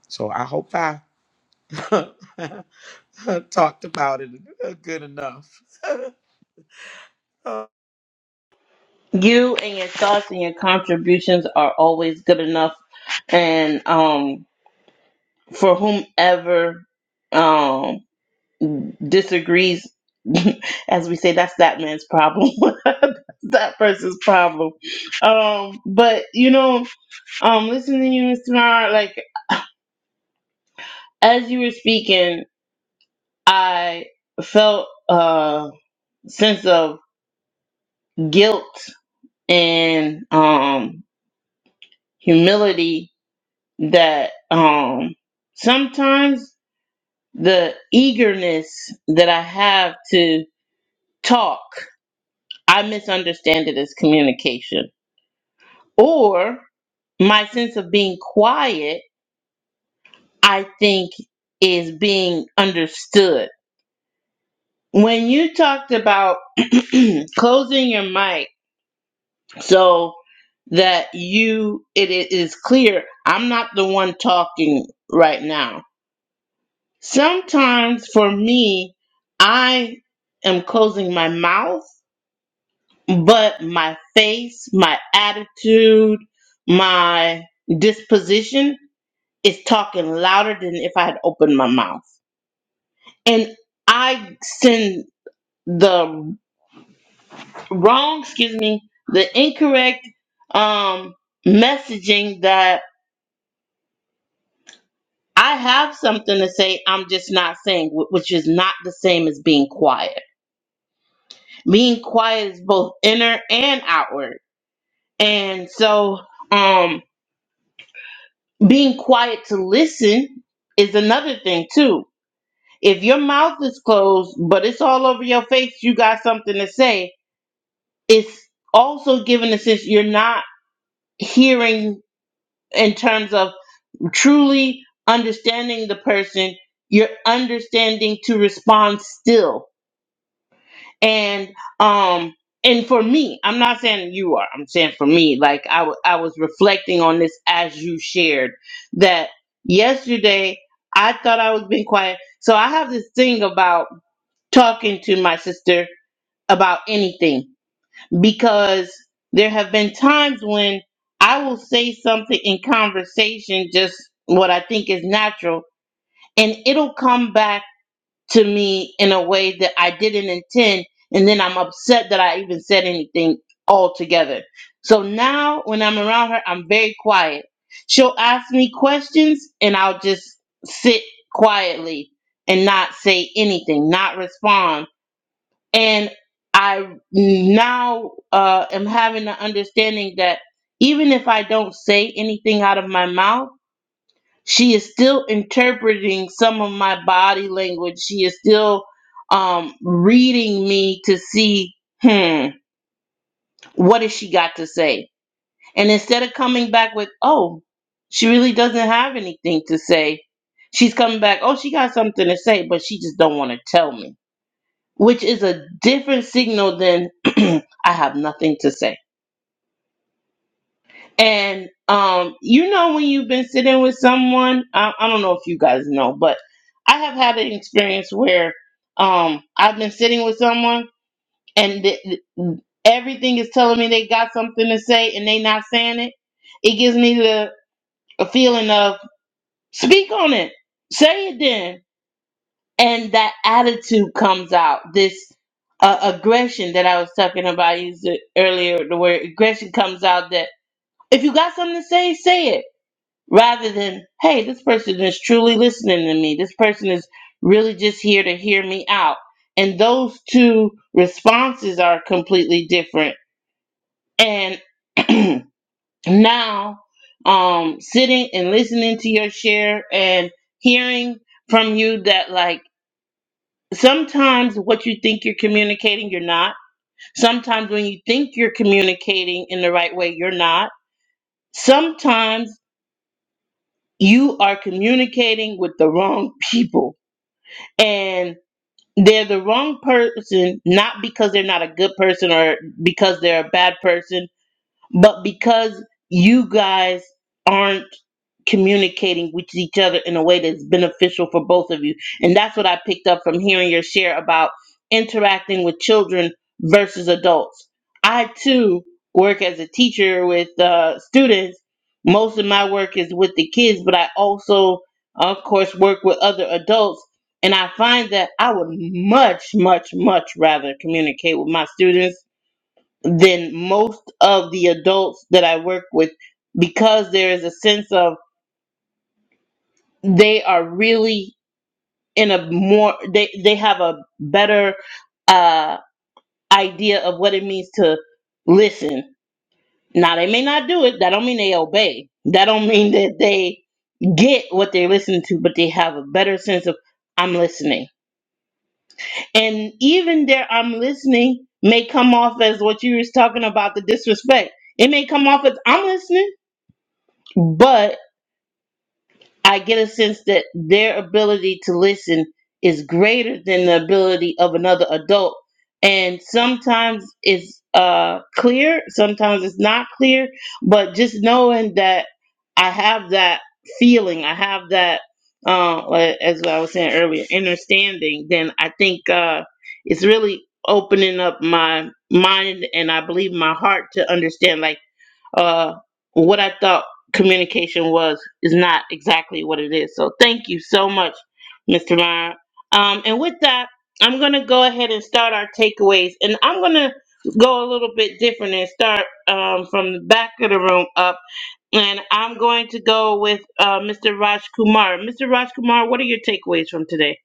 S8: So I hope I (laughs) talked about it good enough. (laughs)
S1: You and your thoughts and your contributions are always good enough, and um, for whomever um disagrees, (laughs) as we say, that's that man's problem. (laughs) that person's problem. Um, but you know, um, listening to you, Mr. Mar, like as you were speaking, I felt a sense of guilt and um humility that um sometimes the eagerness that I have to talk, I misunderstand it as communication. Or my sense of being quiet, I think, is being understood. When you talked about (clears throat) closing your mic so that you it i- clear, I'm not the one talking right now. Sometimes for me, I am closing my mouth, but my face, my attitude, my disposition is talking louder than if I had opened my mouth. And I send the wrong, excuse me, the incorrect um, messaging that I have something to say, I'm just not saying, wh- which is not the same as being quiet. being quiet is both inner and outward. And so, um, being quiet to listen is another thing too. If your mouth is closed, but it's all over your face, you got something to say. It's also giving a sense you're not hearing in terms of truly understanding the person. You're understanding to respond still and um and for me i'm not saying you are i'm saying for me like I wa- I was reflecting on this as you shared that yesterday i thought i was being quiet so i have this thing about talking to my sister about anything because there have been times when i will say something in conversation just what i think is natural and it'll come back to me in a way that I didn't intend, and then I'm upset that I even said anything altogether. So now when I'm around her, I'm very quiet. She'll ask me questions, and I'll just sit quietly and not say anything, not respond. And I now uh, am having the understanding that even if I don't say anything out of my mouth, she is still interpreting some of my body language. She is still um, reading me to see, hmm, what has she got to say? And instead of coming back with, oh, she really doesn't have anything to say, she's coming back, oh, she got something to say, but she just don't want to tell me, which is a different signal than (clears throat) I have nothing to say. And um, you know when you've been sitting with someone, I, I don't know if you guys know, but I have had an experience where um, I've been sitting with someone and th- th- everything is telling me they got something to say and they not saying it. It gives me the a feeling of speak on it, say it then, and that attitude comes out. This uh, aggression that I was talking about, I used it earlier. The word aggression comes out that if you got something to say, say it rather than hey this person is truly listening to me this person is really just here to hear me out and those two responses are completely different and (clears throat) now um sitting and listening to your share and hearing from you that like sometimes what you think you're communicating you're not sometimes when you think you're communicating in the right way you're not sometimes you are communicating with the wrong people and they're the wrong person not because they're not a good person or because they're a bad person but because you guys aren't communicating with each other in a way that's beneficial for both of you, and that's what I picked up from hearing your share about interacting with children versus adults. I too work as a teacher with uh, students. Most of my work is with the kids, but I also, of course, work with other adults. And I find that I would much, much, much rather communicate with my students than most of the adults that I work with because there is a sense of they are really in a more they they have a better uh idea of what it means to listen. Now they may not do it, that don't mean they obey. That don't mean that they get what they listen to, but they have a better sense of I'm listening. And even their I'm listening may come off as what you was talking about the disrespect. It may come off as I'm listening, but I get a sense that their ability to listen is greater than the ability of another adult. And sometimes it's uh, clear, sometimes it's not clear, but just knowing that I have that feeling, I have that, uh, like- as I was saying earlier, understanding, then I think uh, it's really opening up my mind and I believe my heart to understand. Like, uh, what I thought communication was is not exactly what it is. So thank you so much, Mr. Lyon. Um, and with that, I'm going to go ahead and start our takeaways. And I'm going to go a little bit different and start um, from the back of the room up. And I'm going to go with uh, Mr. Raj Kumar. Mr. Raj Kumar, what are your takeaways from today?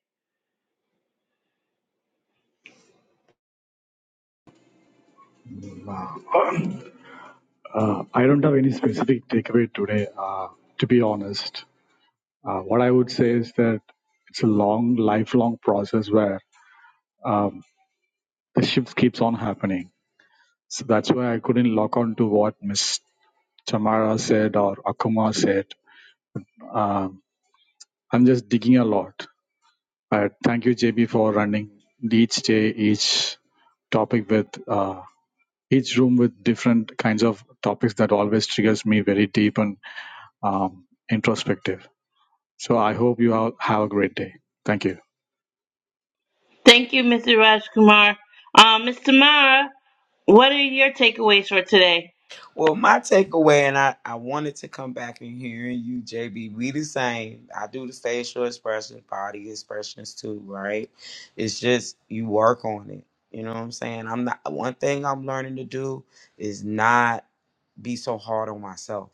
S7: I don't have any specific takeaway today, uh, to be honest. Uh, what I would say is that it's a long, lifelong process where um, the shift keeps on happening. So that's why I couldn't lock on to what Miss Tamara said or Akuma said. Um, I'm just digging a lot. Uh, thank you, JB, for running each day, each topic with uh, each room with different kinds of topics that always triggers me very deep and um, introspective. So I hope you all have a great day. Thank you.
S1: Thank you, Mr. Raj Kumar. Uh, Ms. Tamara, what are your takeaways for today?
S8: Well, my takeaway, and I, I wanted to come back and hearing you, JB. We the same. I do the facial expressions, body expressions too, right? It's just you work on it. You know what I'm saying? I'm not one thing I'm learning to do is not be so hard on myself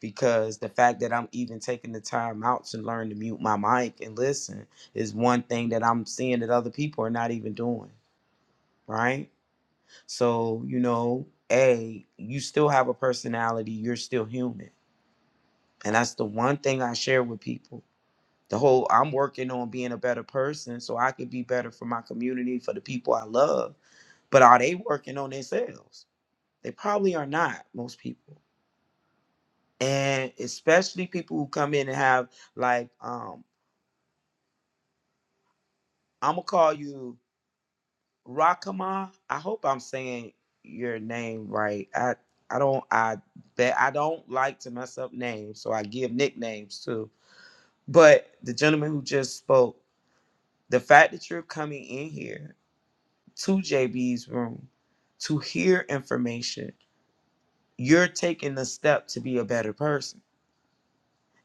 S8: because the fact that I'm even taking the time out to learn to mute my mic and listen is one thing that I'm seeing that other people are not even doing, right? So, you know, A, you still have a personality, you're still human. And that's the one thing I share with people. The whole I'm working on being a better person so I could be better for my community, for the people I love. But are they working on themselves? They probably are not, most people. And especially people who come in and have like, um, I'm gonna call you. Rakama. I hope I'm saying your name right. I I don't I bet I don't like to mess up names, so I give nicknames too. But the gentleman who just spoke, the fact that you're coming in here to JB's room to hear information, you're taking the step to be a better person.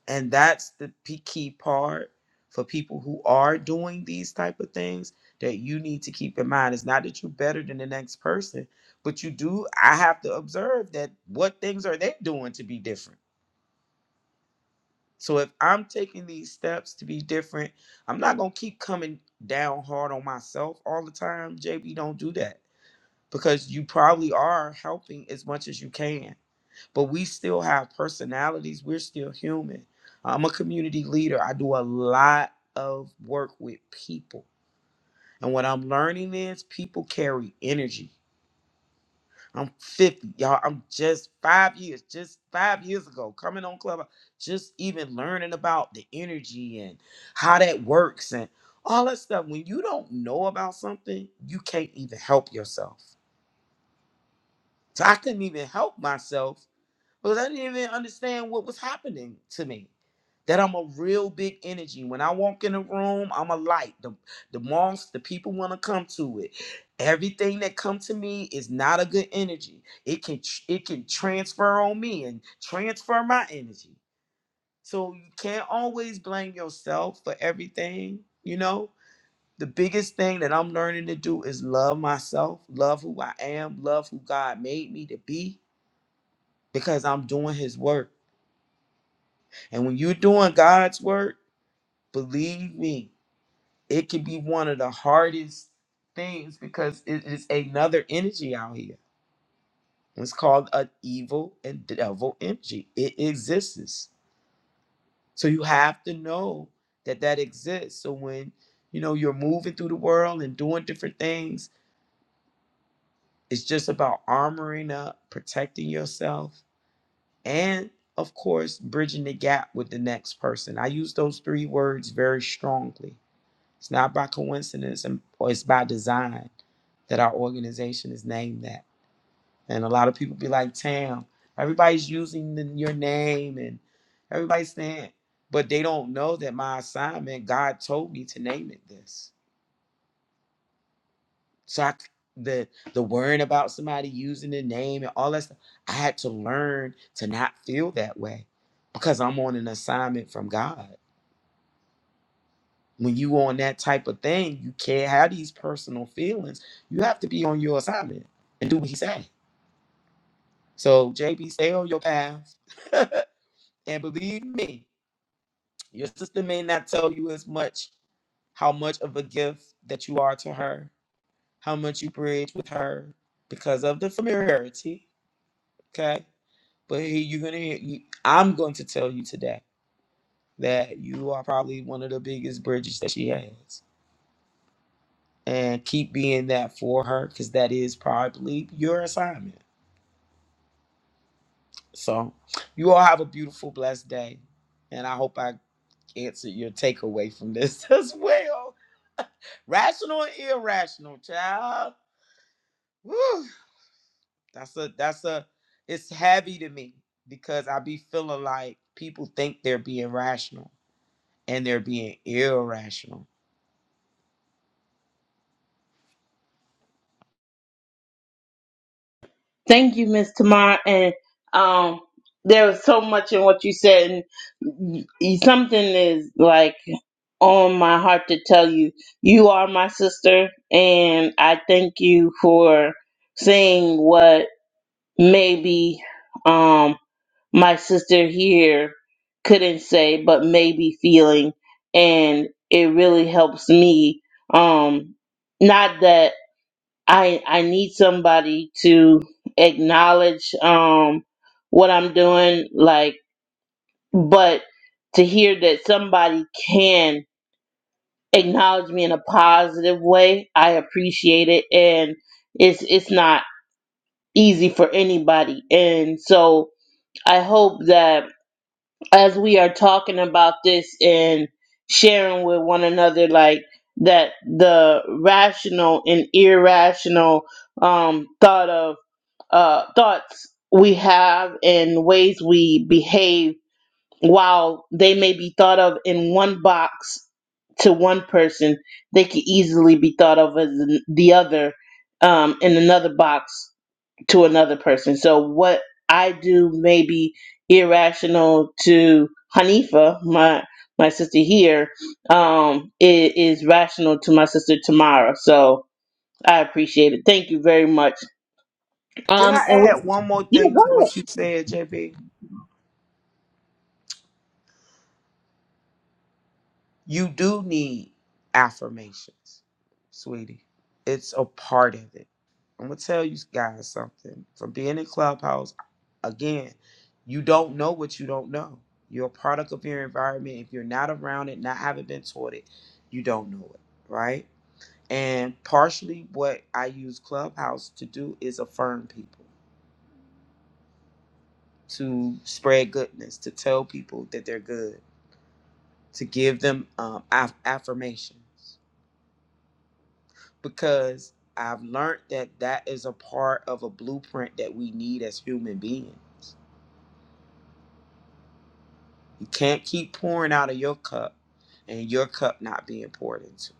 S8: and that's the p- key part for people who are doing these type of things that you need to keep in mind it's not that you're better than the next person but you do i have to observe that what things are they doing to be different so if i'm taking these steps to be different i'm not going to keep coming down hard on myself all the time jb don't do that because you probably are helping as much as you can but we still have personalities. We're still human. I'm a community leader. I do a lot of work with people. And what I'm learning is people carry energy. I'm 50, y'all. I'm just five years, just five years ago, coming on Club, just even learning about the energy and how that works and all that stuff. When you don't know about something, you can't even help yourself. So I couldn't even help myself because I didn't even understand what was happening to me. That I'm a real big energy. When I walk in a room, I'm a light. The the monks, the people want to come to it. Everything that come to me is not a good energy. It can tr- it can transfer on me and transfer my energy. So you can't always blame yourself for everything. You know, the biggest thing that I'm learning to do is love myself, love who I am, love who God made me to be, because I'm doing His work. And when you're doing God's work, believe me, it can be one of the hardest things because it is another energy out here. It's called an evil and devil energy. It exists. So you have to know that that exists. So when you know you're moving through the world and doing different things, it's just about armoring up, protecting yourself, and of course, bridging the gap with the next person. I use those three words very strongly It's not by coincidence and, or it's by design that our organization is named that. And a lot of people be like, Tam, everybody's using the, your name and everybody's saying, but they don't know that my assignment, God told me to name it this. So I, c- the the worrying about somebody using the name and all that stuff, I had to learn to not feel that way because I'm on an assignment from God. when you on that type of thing, you can't have these personal feelings. You have to be on your assignment and do what he say. So JB, stay on your path. (laughs) and believe me, your sister may not tell you as much how much of a gift that you are to her, how much you bridge with her because of the familiarity. Okay. But here you're gonna hear you, I'm going to tell you today that you are probably one of the biggest bridges that she has. and keep being that for her because that is probably your assignment. So, you all have a beautiful, blessed day. And I hope I answered your takeaway from this (laughs) as well. Rational and irrational, child. Woo. That's a, that's a, it's heavy to me because I be feeling like people think they're being rational and they're being irrational.
S1: Thank you, Miss Tamar. And um, there was so much in what you said, and y- y- something is like on my heart to tell you. You are my sister, and I thank you for saying what maybe um my sister here couldn't say, but maybe feeling, and it really helps me. Um, not that. I I need somebody to acknowledge um what I'm doing like but to hear that somebody can acknowledge me in a positive way, I appreciate it and it's it's not easy for anybody. And so I hope that as we are talking about this and sharing with one another like that the rational and irrational um thought of uh, thoughts we have and ways we behave, while they may be thought of in one box to one person, they can easily be thought of as the other um, in another box to another person. So, what I do may be irrational to Hanifa, my my sister here, um, it is rational to my sister Tamara. So I appreciate it. Thank you very much.
S8: Can
S1: Um,
S8: I
S1: and
S8: add
S1: we,
S8: one more
S1: yeah,
S8: thing
S1: go
S8: to
S1: ahead.
S8: what you said, JP? You do need affirmations, sweetie. It's a part of it. I'm gonna tell you guys something. From being in Clubhouse, again, you don't know what you don't know. You're a product of your environment. If you're not around it, not having been taught it, you don't know it, right? And partially what I use Clubhouse to do is affirm people, to spread goodness, to tell people that they're good, to give them um, aff- affirmations. because I've learned that that is a part of a blueprint that we need as human beings. You can't keep pouring out of your cup and your cup not being poured into.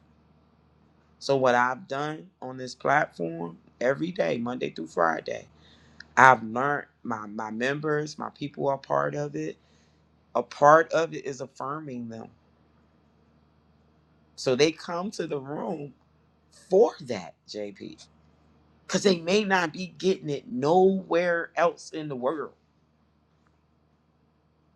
S8: So, what I've done on this platform every day, Monday through Friday, I've learned my, my members, my people are part of it. A part of it is affirming them. So, they come to the room for that, JP, because they may not be getting it nowhere else in the world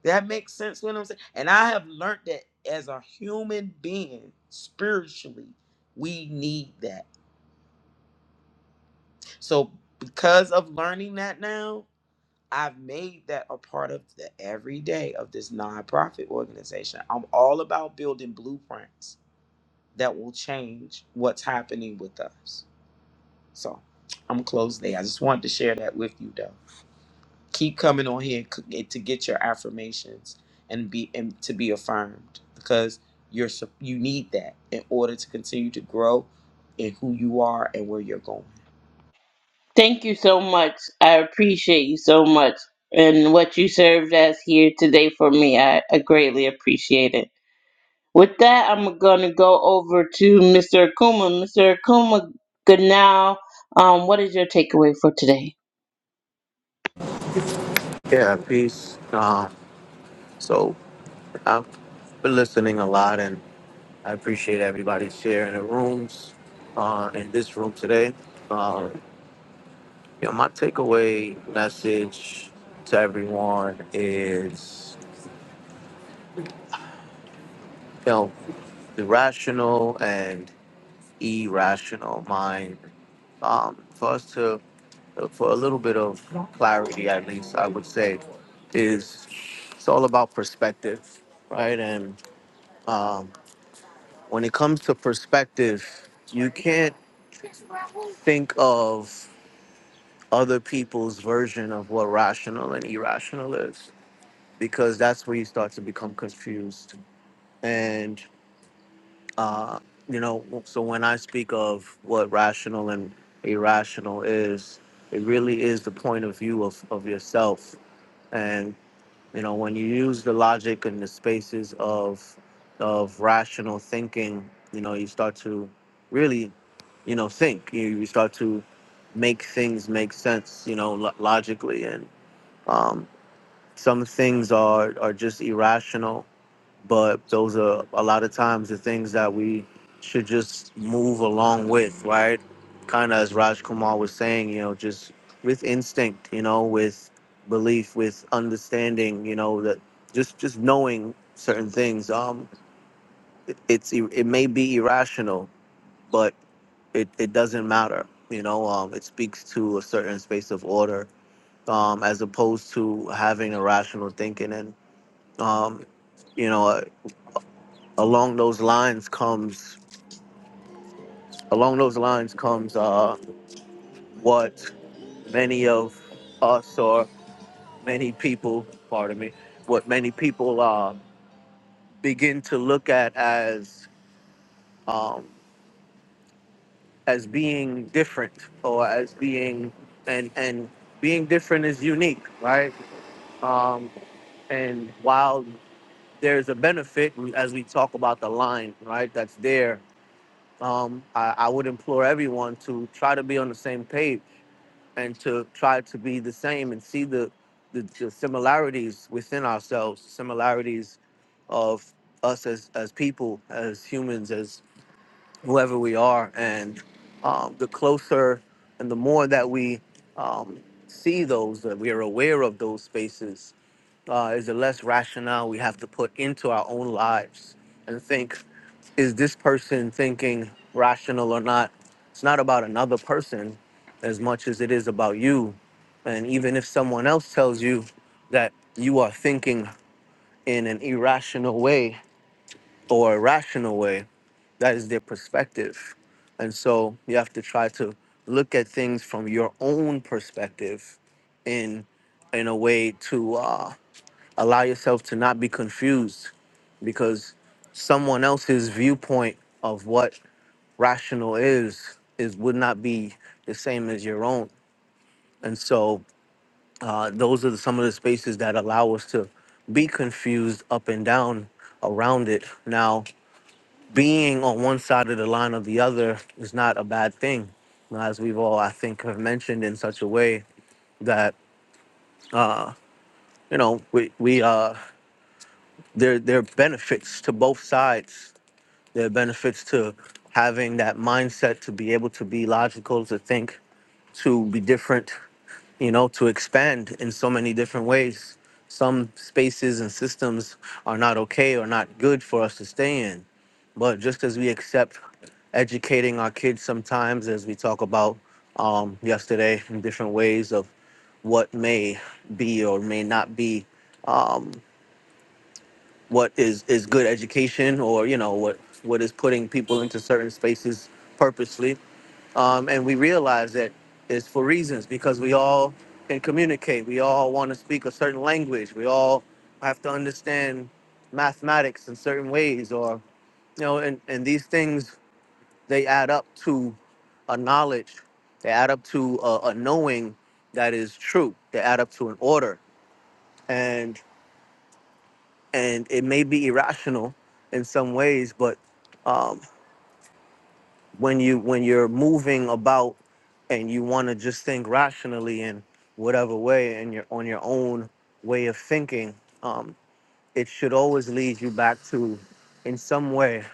S8: That makes sense what I'm saying. And I have learned that as a human being, spiritually, we need that. So because of learning that now, I've made that a part of the everyday of this nonprofit organization. I'm all about building blueprints that will change what's happening with us. So I'm close there. I just wanted to share that with you though. Keep coming on here c- to get your affirmations and be and to be affirmed because you're sup- you need that in order to continue to grow in who you are and where you're going.
S1: Thank you so much. I appreciate you so much. And what you served as here today for me, I, I greatly appreciate it. With that, I'm going to go over to Mr. Akuma. Mr. Akuma, good now. Um, what is your takeaway for today?
S6: yeah peace uh, so i've been listening a lot and i appreciate everybody sharing the rooms uh, in this room today Yeah, my takeaway message to everyone is, you know, the rational and irrational mind. Um, for us to, for a little bit of clarity, at least, I would say, is it's all about perspective, right? And um, when it comes to perspective, you can't think of other people's version of what rational and irrational is, because that's where you start to become confused And, uh, you know, so when I speak of what rational and irrational is, it really is the point of view of, of yourself. And, you know, when you use the logic and the spaces of, of rational thinking, you know, you start to really, you know, think. You, you start to make things make sense, you know, lo- logically. And um, some things are, are just irrational but those are a lot of times the things that we should just move along with, right? Kind of as Raj Kumar was saying, you know, just with instinct, you know, with belief, with understanding, you know, that just just knowing certain things. Um, it, it's ir- it may be irrational, but it it doesn't matter, you know. Um, it speaks to a certain space of order, um, as opposed to having irrational thinking and um, you know, along those lines comes along those lines comes uh, what many of us or many people pardon me what many people uh, begin to look at as um, as being different or as being and and being different is unique right um, and while there's a benefit as we talk about the line right that's there um, I, I would implore everyone to try to be on the same page and to try to be the same and see the the, the similarities within ourselves, similarities of us as as people, as humans, as whoever we are, and um, the closer and the more that we um, see those, that we are aware of those spaces, uh, is the less rationale we have to put into our own lives and think is this person thinking rational or not? It's not about another person as much as it is about you. And even if someone else tells you that you are thinking in an irrational way or a rational way, that is their perspective. And so you have to try to look at things from your own perspective in in a way to uh, allow yourself to not be confused because someone else's viewpoint of what rational is is would not be the same as your own and so uh, those are the, some of the spaces that allow us to be confused up and down around it now being on one side of the line or the other is not a bad thing as we've all i think have mentioned in such a way that you know we, we uh there there are benefits to both sides There are benefits to having that mindset to be able to be logical, to think, to be different, you know, to expand in so many different ways. Some spaces and systems are not okay or not good for us to stay in. But just as we accept educating our kids sometimes, as we talk about um, yesterday, in different ways of what may be or may not be um, what is is good education or you know what what is putting people into certain spaces purposely um, and we realize that it's for reasons because we all can communicate we all want to speak a certain language we all have to understand mathematics in certain ways or you know and, and these things they add up to a knowledge they add up to a, a knowing that is true they add up to an order and and it may be irrational in some ways but um, when you when you're moving about and you want to just think rationally in whatever way and you're on your own way of thinking um, it should always lead you back to in some way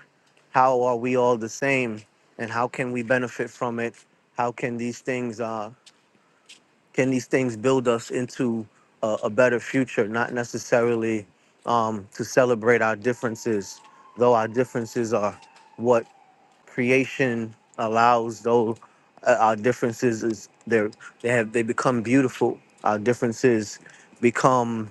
S6: how are we all the same and how can we benefit from it how can these things uh, can these things build us into a, a better future not necessarily um, to celebrate our differences though our differences are what creation allows though uh, our differences is they they have they become beautiful our differences become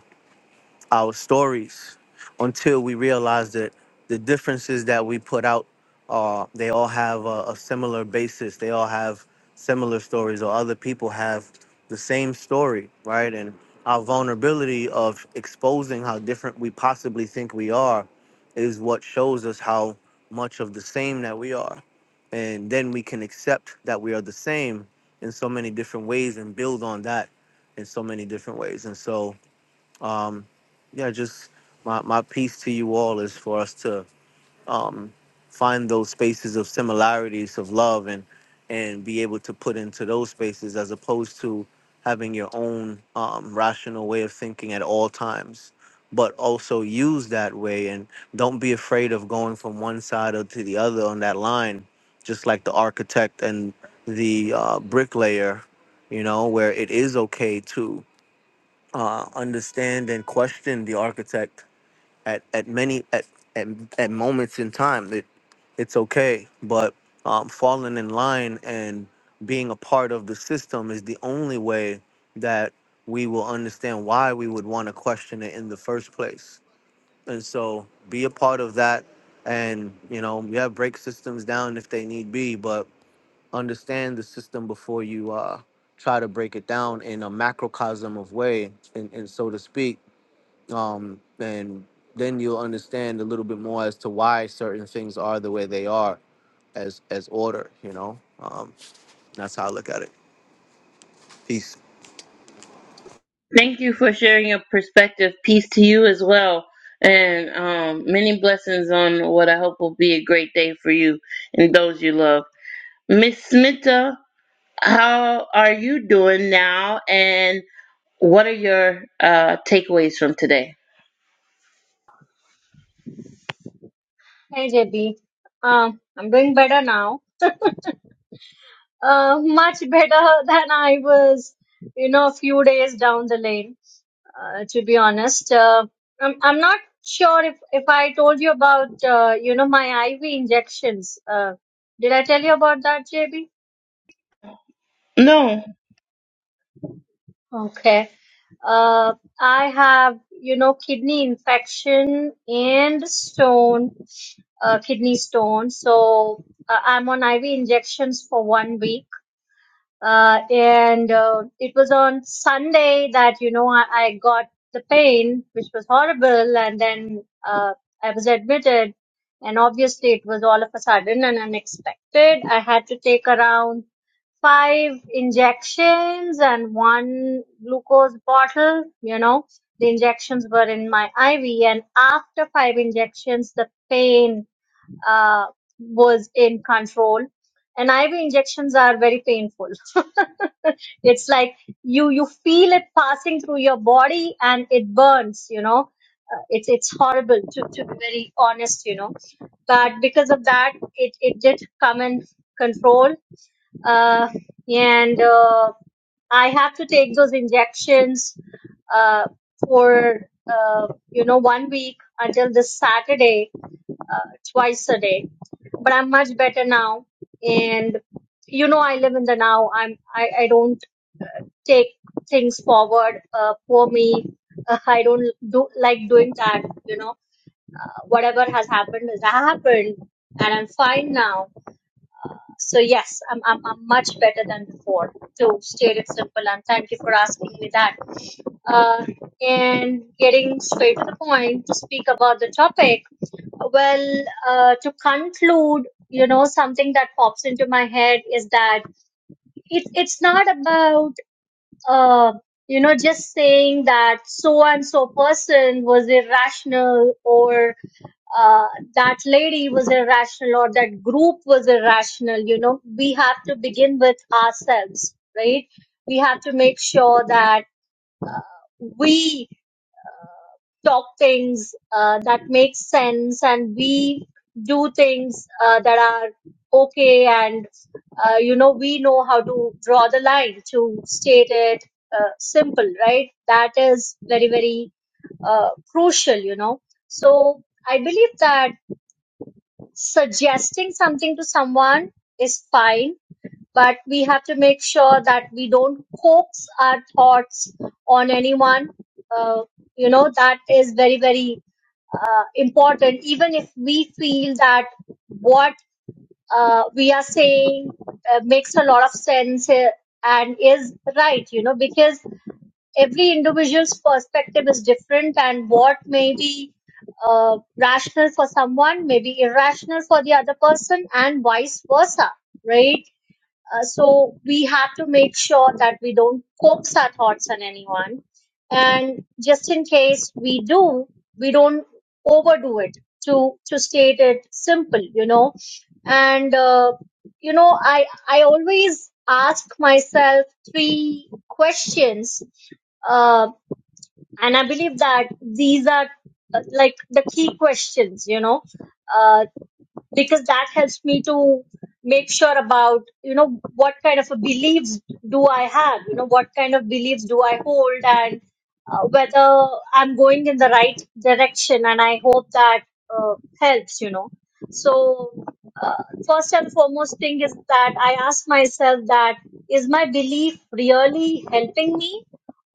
S6: our stories until we realize that the differences that we put out uh, they all have a, a similar basis they all have similar stories or other people have the same story right and our vulnerability of exposing how different we possibly think we are is what shows us how much of the same that we are and then we can accept that we are the same in so many different ways and build on that in so many different ways and so um, yeah, just my, my piece to you all is for us to um, find those spaces of similarities of love and and be able to put into those spaces as opposed to having your own um, rational way of thinking at all times but also use that way and don't be afraid of going from one side or to the other on that line just like the architect and the uh, bricklayer you know where it is okay to uh, understand and question the architect at, at many at, at at moments in time that it's okay but um, falling in line and being a part of the system is the only way that we will understand why we would want to question it in the first place and so be a part of that and you know we have break systems down if they need be but understand the system before you uh, try to break it down in a macrocosm of way, and, and so to speak. Um, and then you'll understand a little bit more as to why certain things are the way they are, as as order. You know, um, that's how I look at it. Peace.
S1: Thank you for sharing your perspective. Peace to you as well. And um, many blessings on what I hope will be a great day for you and those you love. Miss Smita, how are you doing now? And What are your uh, takeaways from today?
S4: Hey JB, um, I'm doing better now. Uh, much better (laughs) than I was, you know, a few days down the lane. Uh, to be honest, uh, I'm I'm not sure if if I told you about, uh, you know, my IV injections. Uh, did I tell you about that, JB?
S1: No,
S4: Okay. Uh, I have, you know, kidney infection and stone, uh, kidney stone. So uh, I'm on IV injections for one week. Uh, and uh, it was on Sunday that, you know, I, I got the pain, which was horrible. And then uh, I was admitted. And obviously, it was all of a sudden and unexpected. I had to take around five injections and one glucose bottle. You know, the injections were in my IV, and after five injections, the pain uh, was in control. And IV injections are very painful. (laughs) it's like you you feel it passing through your body and it burns. You know, uh, it's it's horrible to to be very honest. You know, but because of that, it it did come in control uh, and uh, I have to take those injections uh, for uh, you know one week until this Saturday, uh, twice a day. But I'm much better now, and you know I live in the now. I'm I, I don't take things forward. Uh, for me, (laughs) uh, I don't do like doing that. You know, uh, whatever has happened has happened, and I'm fine now so yes, I'm, I'm, I'm much better than before. To state it simple, and thank you for asking me that. Uh, and getting straight to the point to speak about the topic. Well, uh, to conclude, you know, something that pops into my head is that it's it's not about uh, you know just saying that so and so person was irrational or uh, that lady was irrational or that group was irrational. You know, we have to begin with ourselves, right? We have to make sure that we talk things uh, that make sense and we do things uh, that are okay and uh, you know we know how to draw the line to state it uh, simple right that is very very uh, crucial you know so i believe that suggesting something to someone is fine, but we have to make sure that we don't coax our thoughts on anyone. Uh, you know, that is very, very uh, important. Even if we feel that what uh, we are saying uh, makes a lot of sense uh, and is right, you know, because every individual's perspective is different and what may be uh, rational for someone may be irrational for the other person and vice versa right uh, so we have to make sure that we don't coax our thoughts on anyone. And just in case we do, we don't overdo it to, to state it simple, you know. And, uh, you know, I, I always ask myself three questions. Uh, and I believe that these are uh, like the key questions, you know uh, because that helps me to make sure about you know what kind of a beliefs do i have you know what kind of beliefs do i hold and uh, whether i'm going in the right direction and i hope that uh, helps you know so uh, first and foremost thing is that i ask myself that is my belief really helping me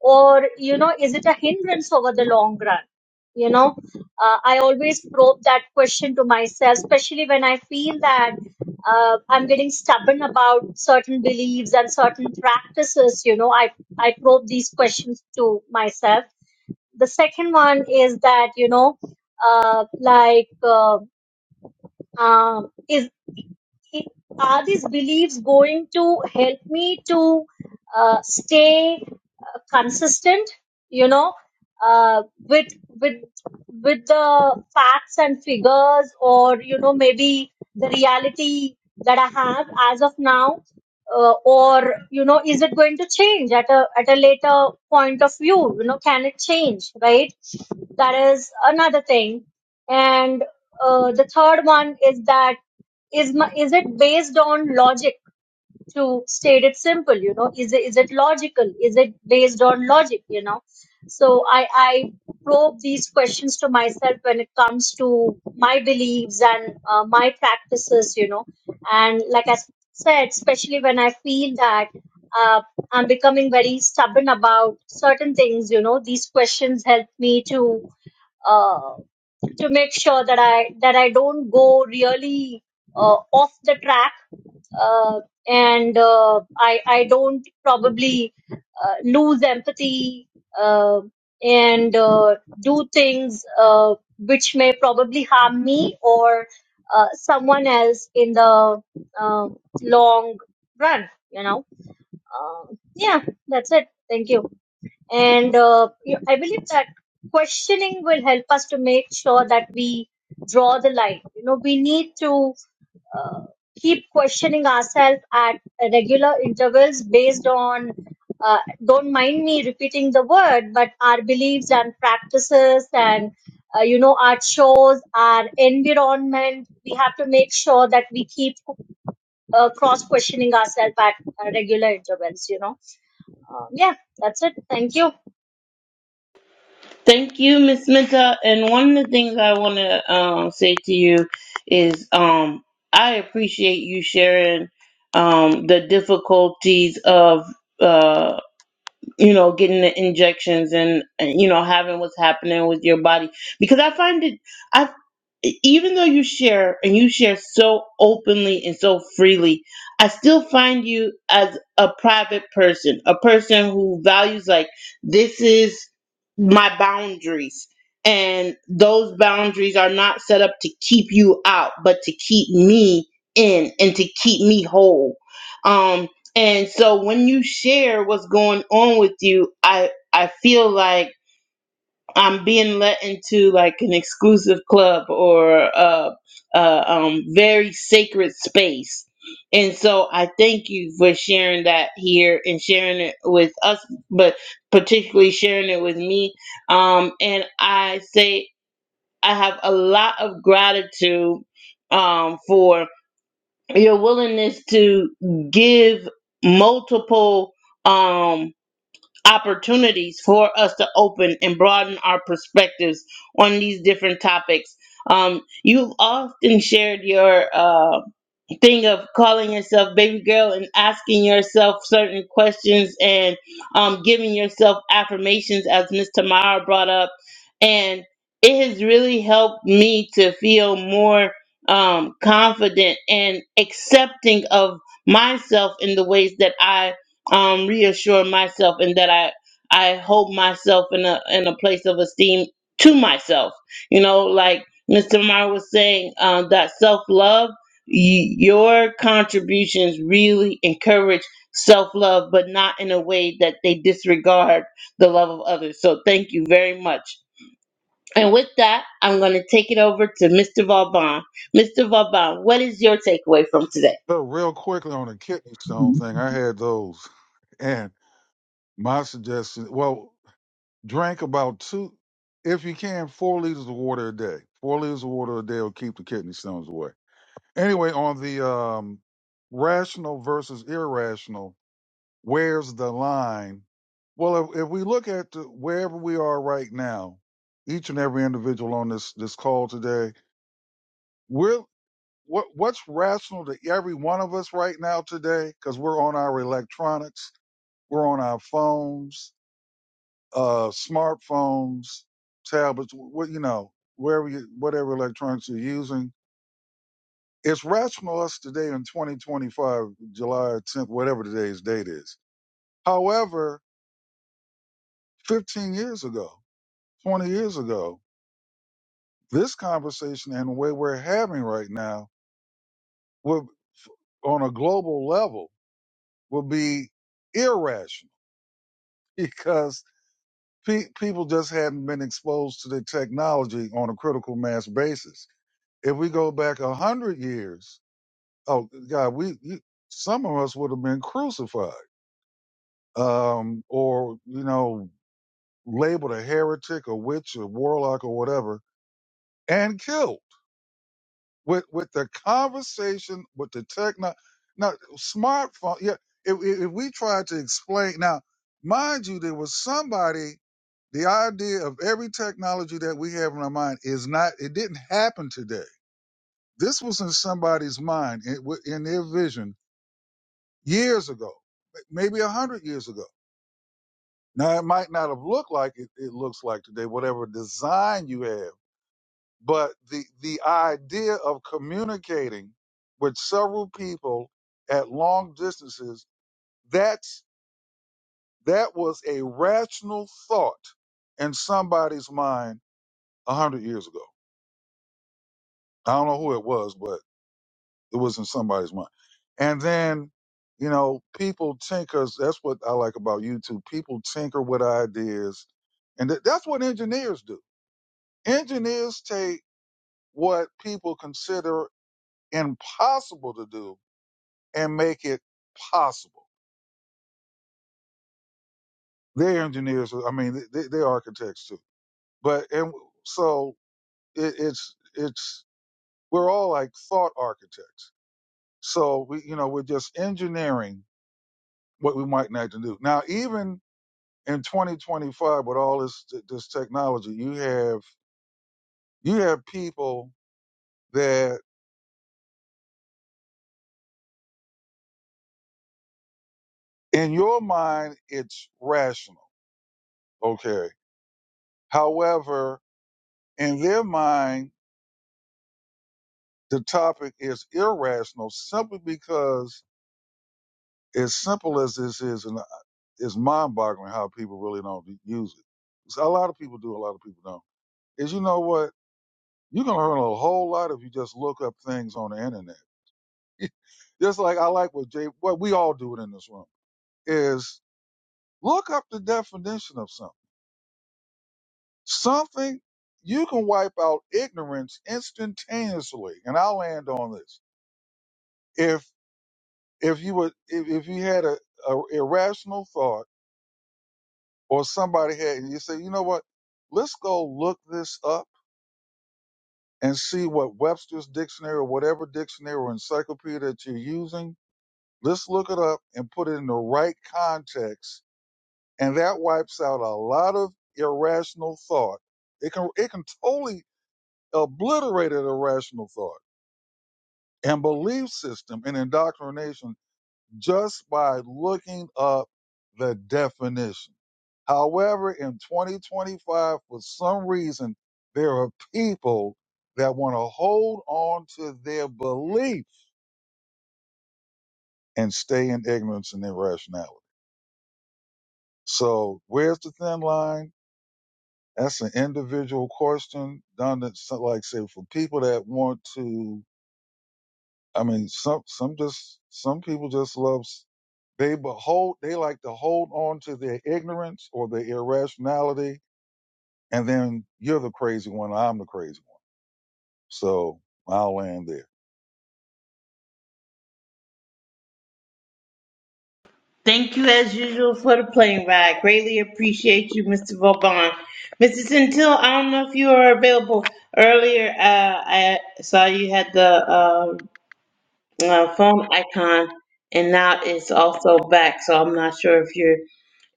S4: or you know is it a hindrance over the long run you know uh, I always probe that question to myself, especially when I feel that uh, I'm getting stubborn about certain beliefs and certain practices. You know, I I probe these questions to myself. The second one is that you know, uh, like, uh, um, is it- are these beliefs going to help me to uh, stay uh, consistent you know uh, with with with the facts and figures or you know maybe the reality that i have as of now uh, or you know is it going to change at a at a later point of view you know can it change right that is another thing and uh, the third one is that is my, is it based on logic? to state it simple you know is it, is it logical is it based on logic you know so i i probe these questions to myself when it comes to my beliefs and uh, my practices you know and like i said especially when i feel that uh, i'm becoming very stubborn about certain things you know these questions help me to uh, to make sure that I that I don't go really uh, off the track uh, and uh, I I don't probably uh, lose empathy uh, and uh, do things uh, which may probably harm me or uh, someone else in the uh, long run. You know, uh, yeah, that's it. Thank you. And uh, you- I believe that questioning will help us to make sure that we draw the line. You know, we need to uh, keep questioning ourselves at regular intervals based on uh, don't mind me repeating the word but our beliefs and practices and uh, you know our chores our environment we have to make sure that we keep uh, cross questioning ourselves at uh, regular intervals you know um, yeah that's it thank you
S1: thank you, Miss Minta. And one of the things I want to um, say to you is um, I appreciate you sharing um, the difficulties of uh, you know getting the injections and, and you know having what's happening with your body because I find it. I e- even though you share and you share so openly and so freely, I still find you as a private person, a person who values like this is my boundaries and those boundaries are not set up to keep you out but to keep me in and to keep me whole. Um and so when you share what's going on with you, I I feel like I'm being let into like an exclusive club or a, a um, very sacred space. And so I thank you for sharing that here and sharing it with us, but particularly sharing it with me. Um, and I say I have a lot of gratitude um, for your willingness to give multiple. Um, opportunities for us to open and broaden our perspectives on these different topics. Um, you've often shared your. Uh, thing of calling yourself baby girl and asking yourself certain questions and um, giving yourself affirmations, as Miss Tamara brought up, and it has really helped me to feel more um, confident and accepting of myself in the ways that I um, reassure myself and that I I hold myself in a in a place of esteem to myself. You know, like Mr. Tamara was saying, uh, that self love. Y- your contributions really encourage self love, but not in a way that they disregard the love of others. So thank you very much. And with that, I'm going to take it over to Mr. Vauban. Mr. Vauban, what is your takeaway from today?
S2: So real quickly on the kidney stone thing, I had those. And my suggestion, well, drink about two, if you can, four liters of water a day. Four liters of water a day will keep the kidney stones away. Anyway, on the um, rational versus irrational, where's the line? Well, if, if we look at the, wherever we are right now, each and every individual on this this call today, we're what what's rational to every one of us right now today because we're on our electronics we're on our phones uh smartphones tablets what you know wherever you, whatever electronics you're using it's rational us today in 2025 july 10th whatever today's date is however 15 years ago 20 years ago this conversation and the way we're having right now would on a global level would be irrational (laughs) because pe- people just hadn't been exposed to the technology on a critical mass basis. If we go back a hundred years, oh God, we you, some of us would have been crucified, um, or you know, labeled a heretic, a witch, a warlock, or whatever, and killed. with with the conversation with the techno now smartphone yeah if, if if we try to explain now mind you there was somebody the idea of every technology that we have in our mind is not it didn't happen today this was in somebody's mind in, in their vision years ago maybe a hundred years ago now it might not have looked like it, it looks like today whatever design you have But the the idea of communicating with several people at long distances, that's that was a rational thought in somebody's mind a hundred years ago. I don't know who it was, but it was in somebody's mind. And then, you know, people tinkers. That's what I like about YouTube. People tinker with ideas, and th- that's what engineers do. Engineers take what people consider impossible to do and make it possible. They're engineers. I mean, they, they're architects too. But and so it, it's it's we're all like thought architects. So we you know we're just engineering what we might not to do. Now even in 2025 with all this this technology, you have you have people that in your mind it's rational. Okay. However, in their mind the topic is irrational simply because as simple as this is, and uh, it's mind boggling how people really don't use it. So a lot of people do, a lot of people don't. Is you know what? You're gonna learn a whole lot if you just look up things on the internet. Just like I like what Jay, what we all do it in this room is look up the definition of something. Something you can wipe out ignorance instantaneously. And I'll land on this. If if you would if, if you had a, a irrational thought or somebody had, and you say, you know what? Let's go look this up and see what Webster's dictionary or whatever dictionary or encyclopedia that you're using. Let's look it up and put it in the right context. And that wipes out a lot of irrational thought. It can, it can totally obliterate an irrational thought and belief system and indoctrination just by looking up the definition. However, in 2025, for some reason, there are people that want to hold on to their belief and stay in ignorance and irrationality. So, where's the thin line? That's an individual question. Done that, so- like say, for people that want to, I mean, some some just some people just love s- they behold they like to hold on to their ignorance or their irrationality, and then you're the crazy one. I'm the crazy one So I'll land there.
S1: Thank you, as usual, for the plane ride. Greatly appreciate you, Mr. Vauban. Mrs. Until, I don't know if you are available earlier. Uh, I saw you had the uh, uh, phone icon, and now it's also back. So I'm not sure if you're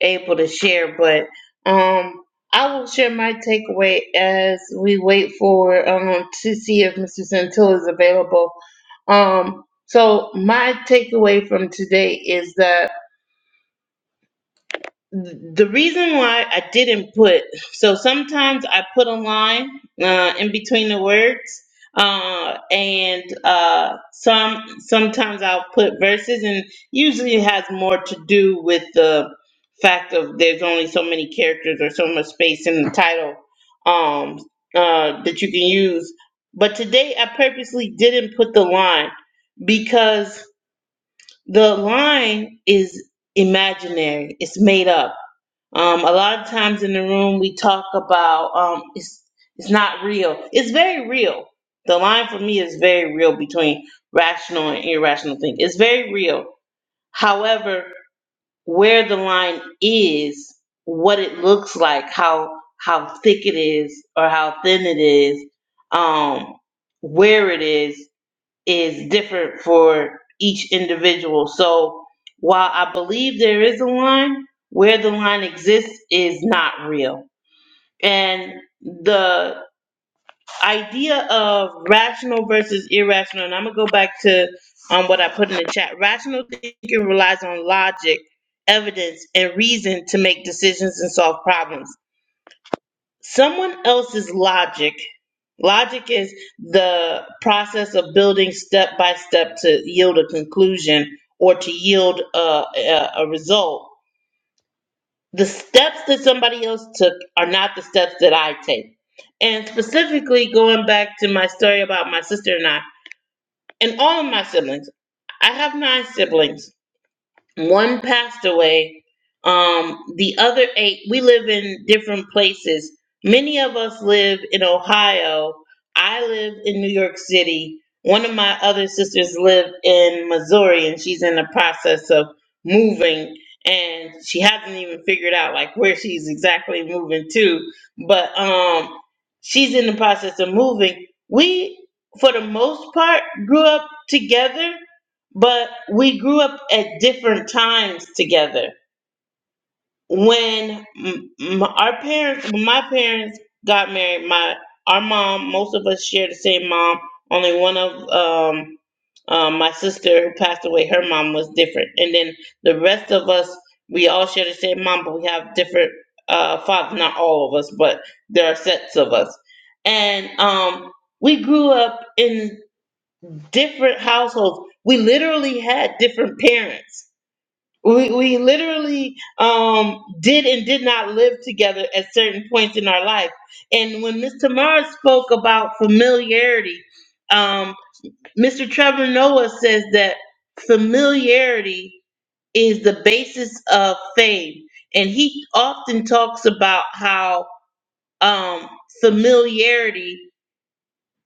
S1: able to share, but um, I will share my takeaway as we wait for um, to see if Mr. Centil is available. Um, so my takeaway from today is that the reason why I didn't put so sometimes I put a line uh, in between the words, uh, and uh, some sometimes I'll put verses, and usually it has more to do with the fact of there's only so many characters or so much space in the title um, uh, that you can use. But today I purposely didn't put the line because the line is imaginary; it's made up um, a lot of times in the room, we talk about um, it's it's not real. It's very real. The line for me is very real between rational and irrational thinking. It's very real. However, where the line is, what it looks like, how how thick it is or how thin it is, um, where it is is different for each individual. So while I believe there is a line, where the line exists is not real. And the idea of rational versus irrational, and I'm gonna go back to um, what I put in the chat. Rational thinking relies on logic, evidence, and reason to make decisions and solve problems someone else's logic logic is the process of building step by step to yield a conclusion or to yield a, a, a result the steps that somebody else took are not the steps that i take and specifically going back to my story about my sister and i and all of my siblings i have nine siblings one passed away um the other eight we live in different places many of us live in ohio i live in new york city one of my other sisters live in missouri and she's in the process of moving and she hasn't even figured out like where she's exactly moving to but um she's in the process of moving we for the most part grew up together but we grew up at different times together. When m- m- our parents, when my parents got married, my our mom, most of us share the same mom. Only one of um, um, my sister who passed away, her mom was different, and then the rest of us, we all share the same mom, but we have different uh, fathers. Not all of us, but there are sets of us, and um, we grew up in different households. We literally had different parents we we literally um did and did not live together at certain points in our life and when miss tamara spoke about familiarity um mr trevor noah says that familiarity is the basis of fame and he often talks about how um familiarity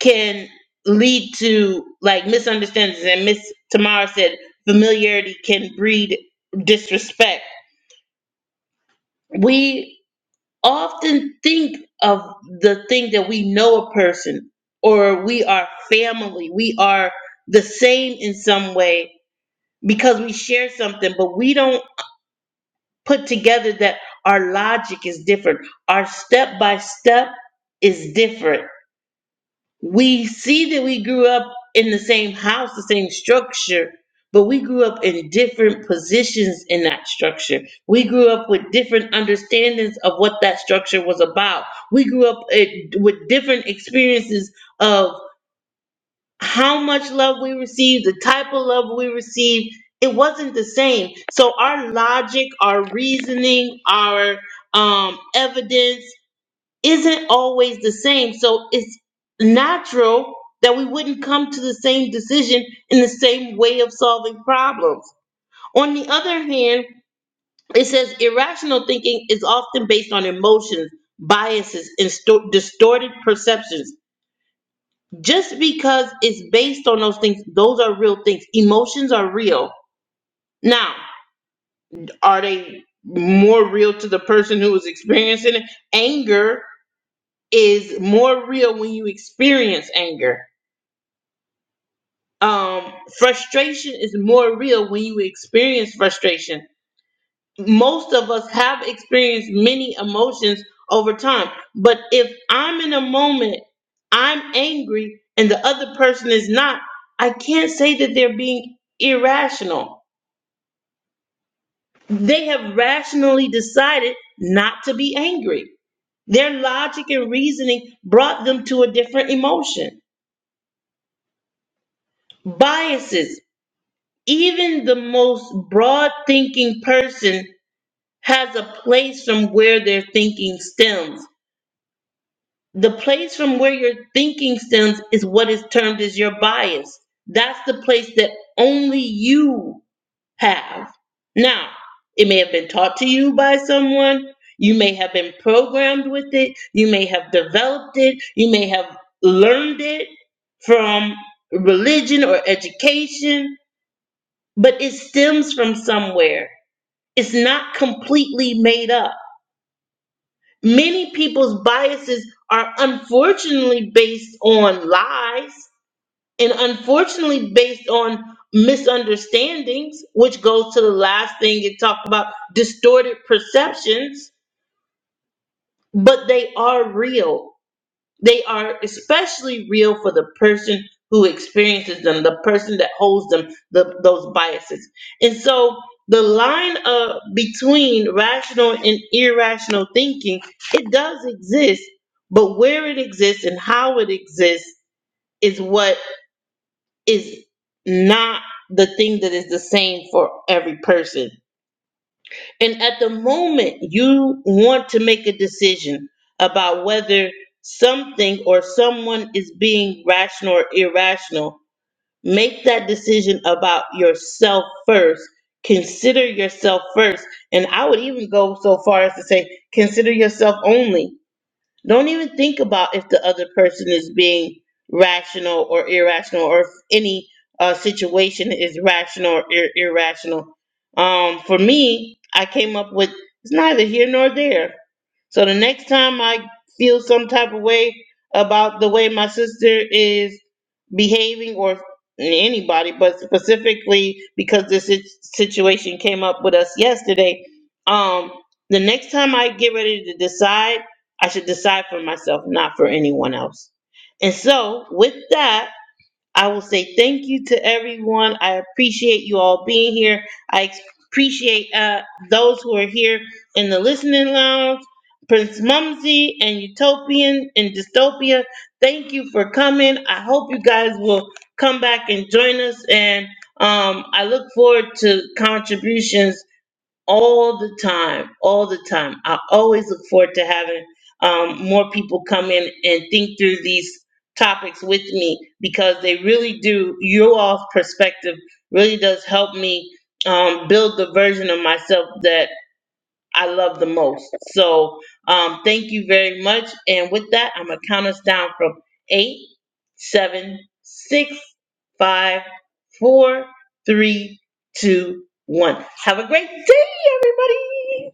S1: can lead to like misunderstandings and miss tamara said familiarity can breed disrespect we often think of the thing that we know a person or we are family we are the same in some way because we share something but we don't put together that our logic is different our step by step is different we see that we grew up in the same house, the same structure, but we grew up in different positions in that structure. We grew up with different understandings of what that structure was about. We grew up it, with different experiences of how much love we received, the type of love we received. It wasn't the same. So our logic, our reasoning, our um, evidence isn't always the same. So it's natural that we wouldn't come to the same decision in the same way of solving problems. On the other hand, it says irrational thinking is often based on emotions, biases, and sto- distorted perceptions. Just because it's based on those things, those are real things. Emotions are real. Now, are they more real to the person who is experiencing it? Anger is more real when you experience anger um, frustration is more real when you experience frustration. Most of us have experienced many emotions over time, but if I'm in a moment, I'm angry, and the other person is not, I can't say that they're being irrational. They have rationally decided not to be angry. Their logic and reasoning brought them to a different emotion. Biases. Even the most broad thinking person has a place from where their thinking stems. The place from where your thinking stems is what is termed as your bias. That's the place that only you have. Now, it may have been taught to you by someone, you may have been programmed with it, you may have developed it, you may have learned it from religion or education, but it stems from somewhere. It's not completely made up Many people's biases are unfortunately based on lies and unfortunately based on misunderstandings, which goes to the last thing it talked about distorted perceptions, but they are real. They are especially real for the person who experiences them, the person that holds them, the, those biases. And so the line uh, between rational and irrational thinking, it does exist, but where it exists and how it exists is what is not the thing that is the same for every person. And at the moment you want to make a decision about whether something or someone is being rational or irrational, make that decision about yourself first. Consider yourself first. And I would even go so far as to say, consider yourself only don't even think about if the other person is being rational or irrational, or if any uh, situation is rational or ir- irrational. Um, for me, I came up with it's neither here nor there. So the next time I feel some type of way about the way my sister is behaving or anybody, but specifically because this sit- situation came up with us yesterday. Um, the next time I get ready to decide, I should decide for myself, not for anyone else. And so, with that, I will say thank you to everyone. I appreciate you all being here. I ex- appreciate uh, those who are here in the listening lounge. Prince Mumsy and Utopian and Dystopia, thank you for coming. I hope you guys will come back and join us. And um, I look forward to contributions all the time, all the time. I always look forward to having um, more people come in and think through these topics with me because they really do. Your all's perspective really does help me um, build the version of myself that I love the most. So um, thank you very much. And with that, I'm gonna count us down from eight, seven, six, five, four, three, two, one. Have a great day, everybody.